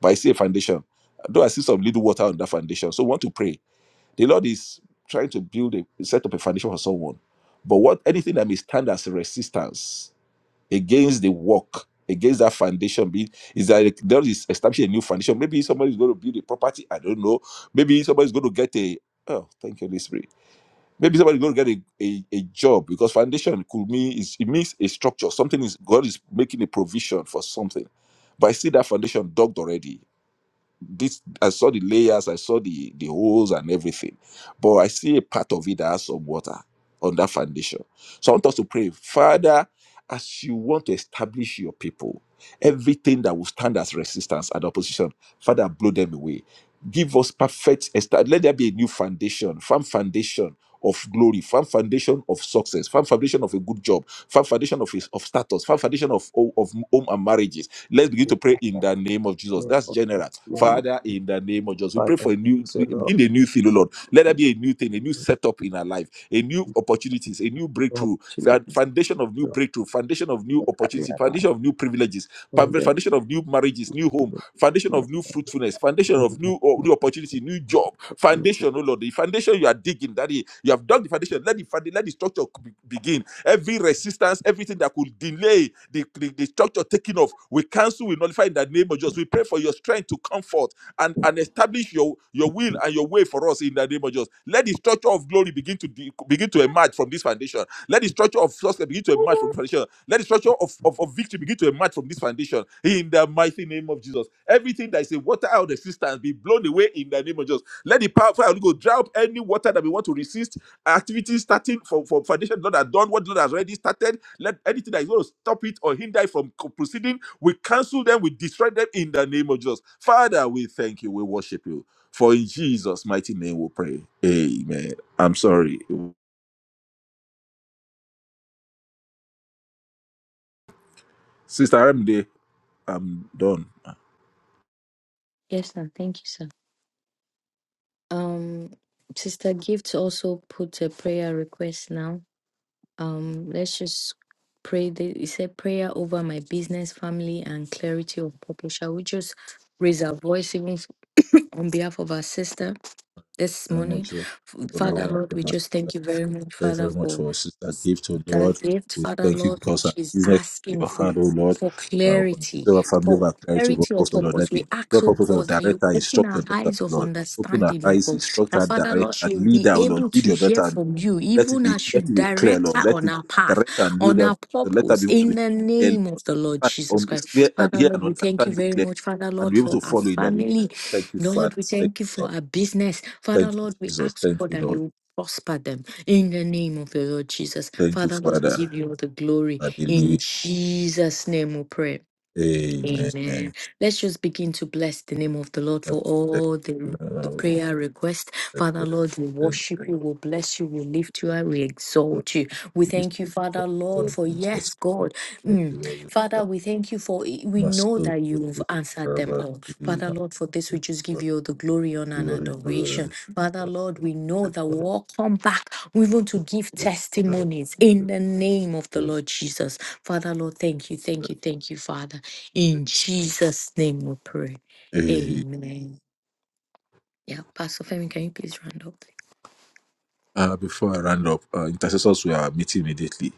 E: but I see a foundation. Though I see some little water on that foundation. So, we want to pray. The Lord is trying to build a set up a foundation for someone. But what anything that may stand as resistance against the work, against that foundation being is that there is establishing a new foundation. Maybe somebody's going to build a property. I don't know. Maybe somebody's going to get a oh, thank you, Holy Spirit. Maybe somebody's going to get a, a, a job because foundation could mean is it means a structure. Something is God is making a provision for something. But I see that foundation dogged already this i saw the layers i saw the the holes and everything but i see a part of it that has some water on that foundation so i want us to pray father as you want to establish your people everything that will stand as resistance and opposition father blow them away give us perfect esta- let there be a new foundation firm foundation of glory, firm foundation of success, firm foundation of a good job, firm foundation of, of status, firm foundation of, of, of home and marriages, Let's begin to pray in
A: Savior,
E: the name of Jesus.
A: Lord,
E: That's
A: of the
E: general.
A: name of
E: Father, in the name of Jesus, we
A: Father,
E: pray for a
A: we
E: new
A: ask, O Lord,
E: in a new thing, oh Lord. Let there be a new thing, a new setup in our life, a new opportunities, a new
A: for
E: breakthrough, fa-
A: opportunities.
E: foundation of new breakthrough, foundation of new
A: entirely
E: opportunity,
A: aligned
E: foundation of new privileges,
A: in
E: fa-
A: the
E: foundation of new marriages, new home, foundation
A: name
E: of new fruitfulness, foundation
A: of
E: of new or
A: the
E: new opportunity, new job,
A: opportunity
E: foundation, oh Lord, the foundation you are digging, that is, you have dug the foundation. Let the founda- let the structure be- begin Every resistance, everything that could delay the, the, the structure taking off, we cancel, we nullify in the name of Jesus. We pray for your strength to comfort and, and establish your, your will and your way for us in the name of Jesus. Let the structure of glory begin to de- begin to emerge from this foundation. Let the structure of success begin to emerge from this foundation. Let the structure of, of, of victory begin to emerge from this foundation in the mighty name of Jesus. Everything that is a water out of existence be blown away in the name of Jesus. Let the power of God dry up any water that we want to resist activities starting from, from foundation the Lord has done, what the Lord has already started. Let anything that is going to stop it or hinder it from co- proceeding, we cancel them, we destroy them in the name of Jesus. Father, we thank you, we worship you. For in Jesus' mighty name we pray. Amen. I'm sorry. Sister Ramde, I'm done.
B: Yes, sir. Thank you, sir. Um, Sister Gift also put a prayer request now. Um, let's just pray. The, it said prayer over my business, family, and clarity of purpose. Shall we just raise our voice even f- on behalf of our sister this
E: I'm
B: morning?
E: not sure.
B: F- Father, Lord, we just thank you very much,
E: Thank you
B: Father,
E: very much
B: for
E: for sister gift, to
B: the
E: Lord.
B: gift,
E: We
B: Father
E: thank you
B: Lord,
E: because
B: which
E: our
B: is
E: business is in
B: asking
E: your
B: for
E: hand, oh Lord.
B: for
E: Uh, this
B: clarity,
E: is our family of
B: for
E: our clients, your
B: clarity of
E: purpose, oh Lord.
B: purpose.
E: That be
B: We ask,
E: your
B: oh
E: purpose, Lord.
B: God, that
E: Direct
B: you
E: her,
B: open
E: instruct
B: our
E: your daughter, oh
B: eyes of
E: Lord. Open her
B: understanding, oh
E: eyes,
B: God.
E: instruct
B: That
E: her,
B: Father
E: direct
B: Lord
E: and
B: she will
E: lead
B: be
E: her, oh Lord.
B: able
E: Lead
B: to
E: your
B: hear
E: daughter, Lord.
B: from you,
E: Let it
B: even
E: be,
B: as
E: let
B: you
E: it be clear,
B: direct her
E: Lord. Let
B: on
E: it
B: our path,
E: direct her and lead
B: on
E: her.
B: our
E: So let her
B: purpose,
E: be able
B: in
E: to
B: the
E: hear,
B: name of the Lord
E: understand,
B: Jesus
E: um, it's clear
B: Christ.
E: and
B: Father
E: hear
B: Lord,
E: and
B: we thank you
E: understand you
B: very
E: clear
B: much, Father
E: and
B: Lord,
E: be able
B: for
E: to
B: our
E: follow in that. name.
B: family.
E: Thank you,
B: Lord,
E: Father.
B: we
E: Thank
B: thank
E: you,
B: you for
E: Lord.
B: our business. Father
E: Thank you,
B: Lord, we
E: Jesus.
B: ask, oh
E: Thank
B: God,
E: you,
B: that
E: Lord.
B: you prosper them in the name of the Lord Jesus.
E: Thank you,
B: Father, Lord, we
E: Father.
B: give you all the glory.
E: Hallelujah.
B: In Jesus' name we pray.
E: Amen.
B: Amen.
E: That's-
B: Let's just begin to bless the name of the Lord for
E: that's-
B: all the, the
E: uh,
B: prayer request.
E: that's-
B: Father
E: that's-
B: Lord, we
E: Thank you.
B: worship you,
E: for what
B: we bless you, we lift you, and we
E: you have done.
B: exalt you. We
E: It is
B: thank you, Father Lord,
E: God,
B: for
E: it is not
B: yes,
E: God,
B: God.
E: it
B: Mm.
E: is not God,
B: Father,
E: that
B: we thank you for we
E: must
B: know
E: so
B: that you've
E: focus,
B: answered
E: uh,
B: them
E: but
B: all.
E: it is
B: Father
E: not
B: Lord, for this
E: Master,
B: we
E: it,
B: just give
E: but
B: you all the glory, honor,
E: we
B: and
E: are in
B: adoration.
E: tolerance,
B: Father
E: but
B: Lord,
E: it's
B: we know
E: that
B: that
E: all of
B: we'll
E: us
B: all come back We want to give
E: focus, uh, but
B: testimonies in the name of the
E: thank you, but thank you.
B: Lord Jesus. Father Lord, thank you, thank you,
E: Lord.
B: thank you, Father. In Jesus' name we pray.
E: Eh,
B: Amen. Yeah, Pastor Femi, can you please round up?
E: Uh, before I round up, uh, intercessors were meeting immediately.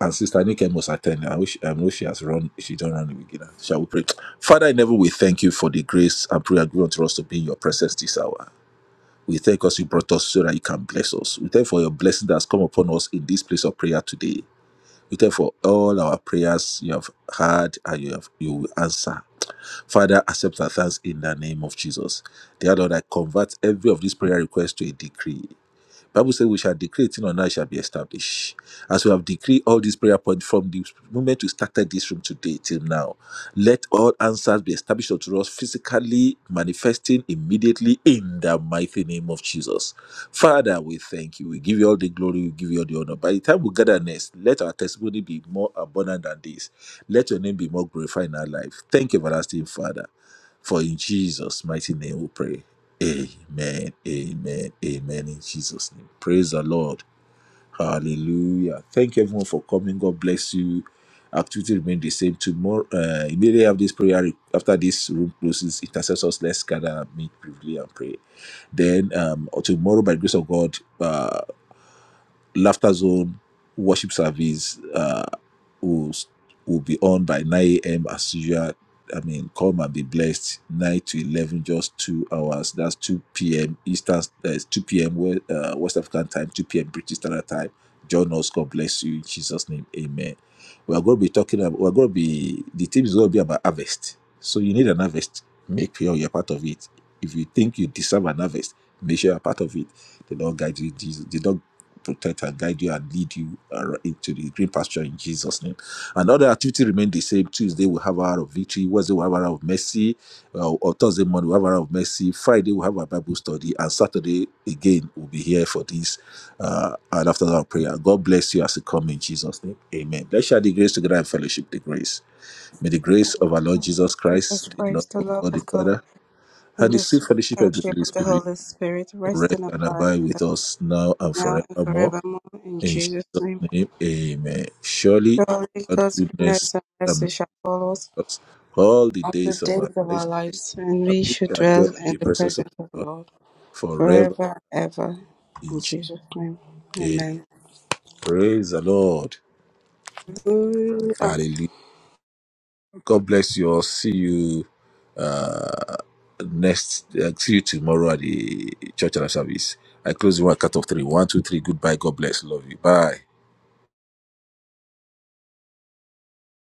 E: And Sister Nikem was attend. I wish I know she has run, she don't run the beginner. Shall we pray? Father, in heaven, we thank you for the grace and prayer given unto us to be in your presence this hour. We thank us you brought us so that you can bless us. We thank you for your blessing that has come upon us in this place of prayer today. We thank you for all our prayers you have heard and you have you will answer. Father, accept our thanks in the name of Jesus. Dear Lord, I convert every of these prayer requests to a decree. Bible says we shall decree a thing on earth shall be established. As we have decreed all these prayer points from the moment we started this room today till now, let all answers be established unto us physically, manifesting immediately in the mighty name of Jesus. Father, we thank you. We give you all the glory. We give you all the honor. By the time we gather next, let our testimony be more abundant than this. Let your name be more glorified in our life. Thank you, everlasting Father. For in Jesus' mighty name we pray. Amen. Amen. Amen. In Jesus' name. Praise the Lord. Hallelujah. Thank you everyone for coming. God bless you. Activity remain the same tomorrow. Uh, immediately after this prayer, after this room closes, intercessors, let's gather, meet briefly and pray. Then um, tomorrow, by the grace of God, uh, laughter zone worship service. Uh will will be on by 9 a.m. as usual. I mean, come and be blessed. 9 to 11, just two hours. That's 2 p.m. Eastern, uh, 2 p.m. West, uh, West African time, 2 p.m. British Standard Time. Join us. God bless you in Jesus' name. Amen. We are going to be talking about, we're going to be, the team is going to be about harvest. So you need an harvest. Make sure you're part of it. If you think you deserve an harvest, make sure you're part of it. The Lord guide you. Jesus- The Lord protect and guide you and lead you ar- into the green pasture in Jesus' name. And other activity remain the same. Tuesday we have our hour of victory. Wednesday we have our hour of mercy. Uh, or Thursday morning we have our hour of mercy. Friday we have our Bible study. And Saturday again we'll be here for this uh, and after that prayer. God bless you as you come in Jesus' name. Amen. Let's share the grace together and fellowship the grace. May the grace of our Lord
C: Hallelujah.
E: Jesus
C: Let us
E: Christ, the
C: praise
E: love
C: the
E: of
C: love
E: God the
C: of God
E: Father,
C: in
E: and the
C: this
E: sweet
C: sweet
E: fellowship of the
C: fellowship
E: Holy
C: of the
E: Spirit
C: Holy Spirit. Rest
E: rest
C: and
E: and
C: abide
E: abide
C: with
E: with
C: us
E: us now and
C: now and
E: forevermore.
C: forevermore in
E: In
C: Jesus'
E: Jesus'
C: name.
E: name, amen. Surely
C: Surely
E: God
C: God's
E: goodness
C: goodness and
E: and mercy
C: mercy shall follow us
E: us all the
C: all the
E: days of
C: days
E: our
C: of our
E: lives,
C: lives, and
E: and
C: we
E: we
C: should
E: shall dwell
C: dwell
E: in
C: in
E: the
C: the
E: presence of
C: presence of the
E: God
C: Lord
E: forever
C: forever and ever.
E: in
C: In
E: Jesus'
C: Jesus' name.
E: name.
C: Amen.
E: Praise the Lord.
C: Hallelujah.
E: Hallelujah. God bless you all. See you uh, next. Uh, see you tomorrow at the church and service. I close the one cut off three. One, two, three. Goodbye. God bless. Love you. Bye.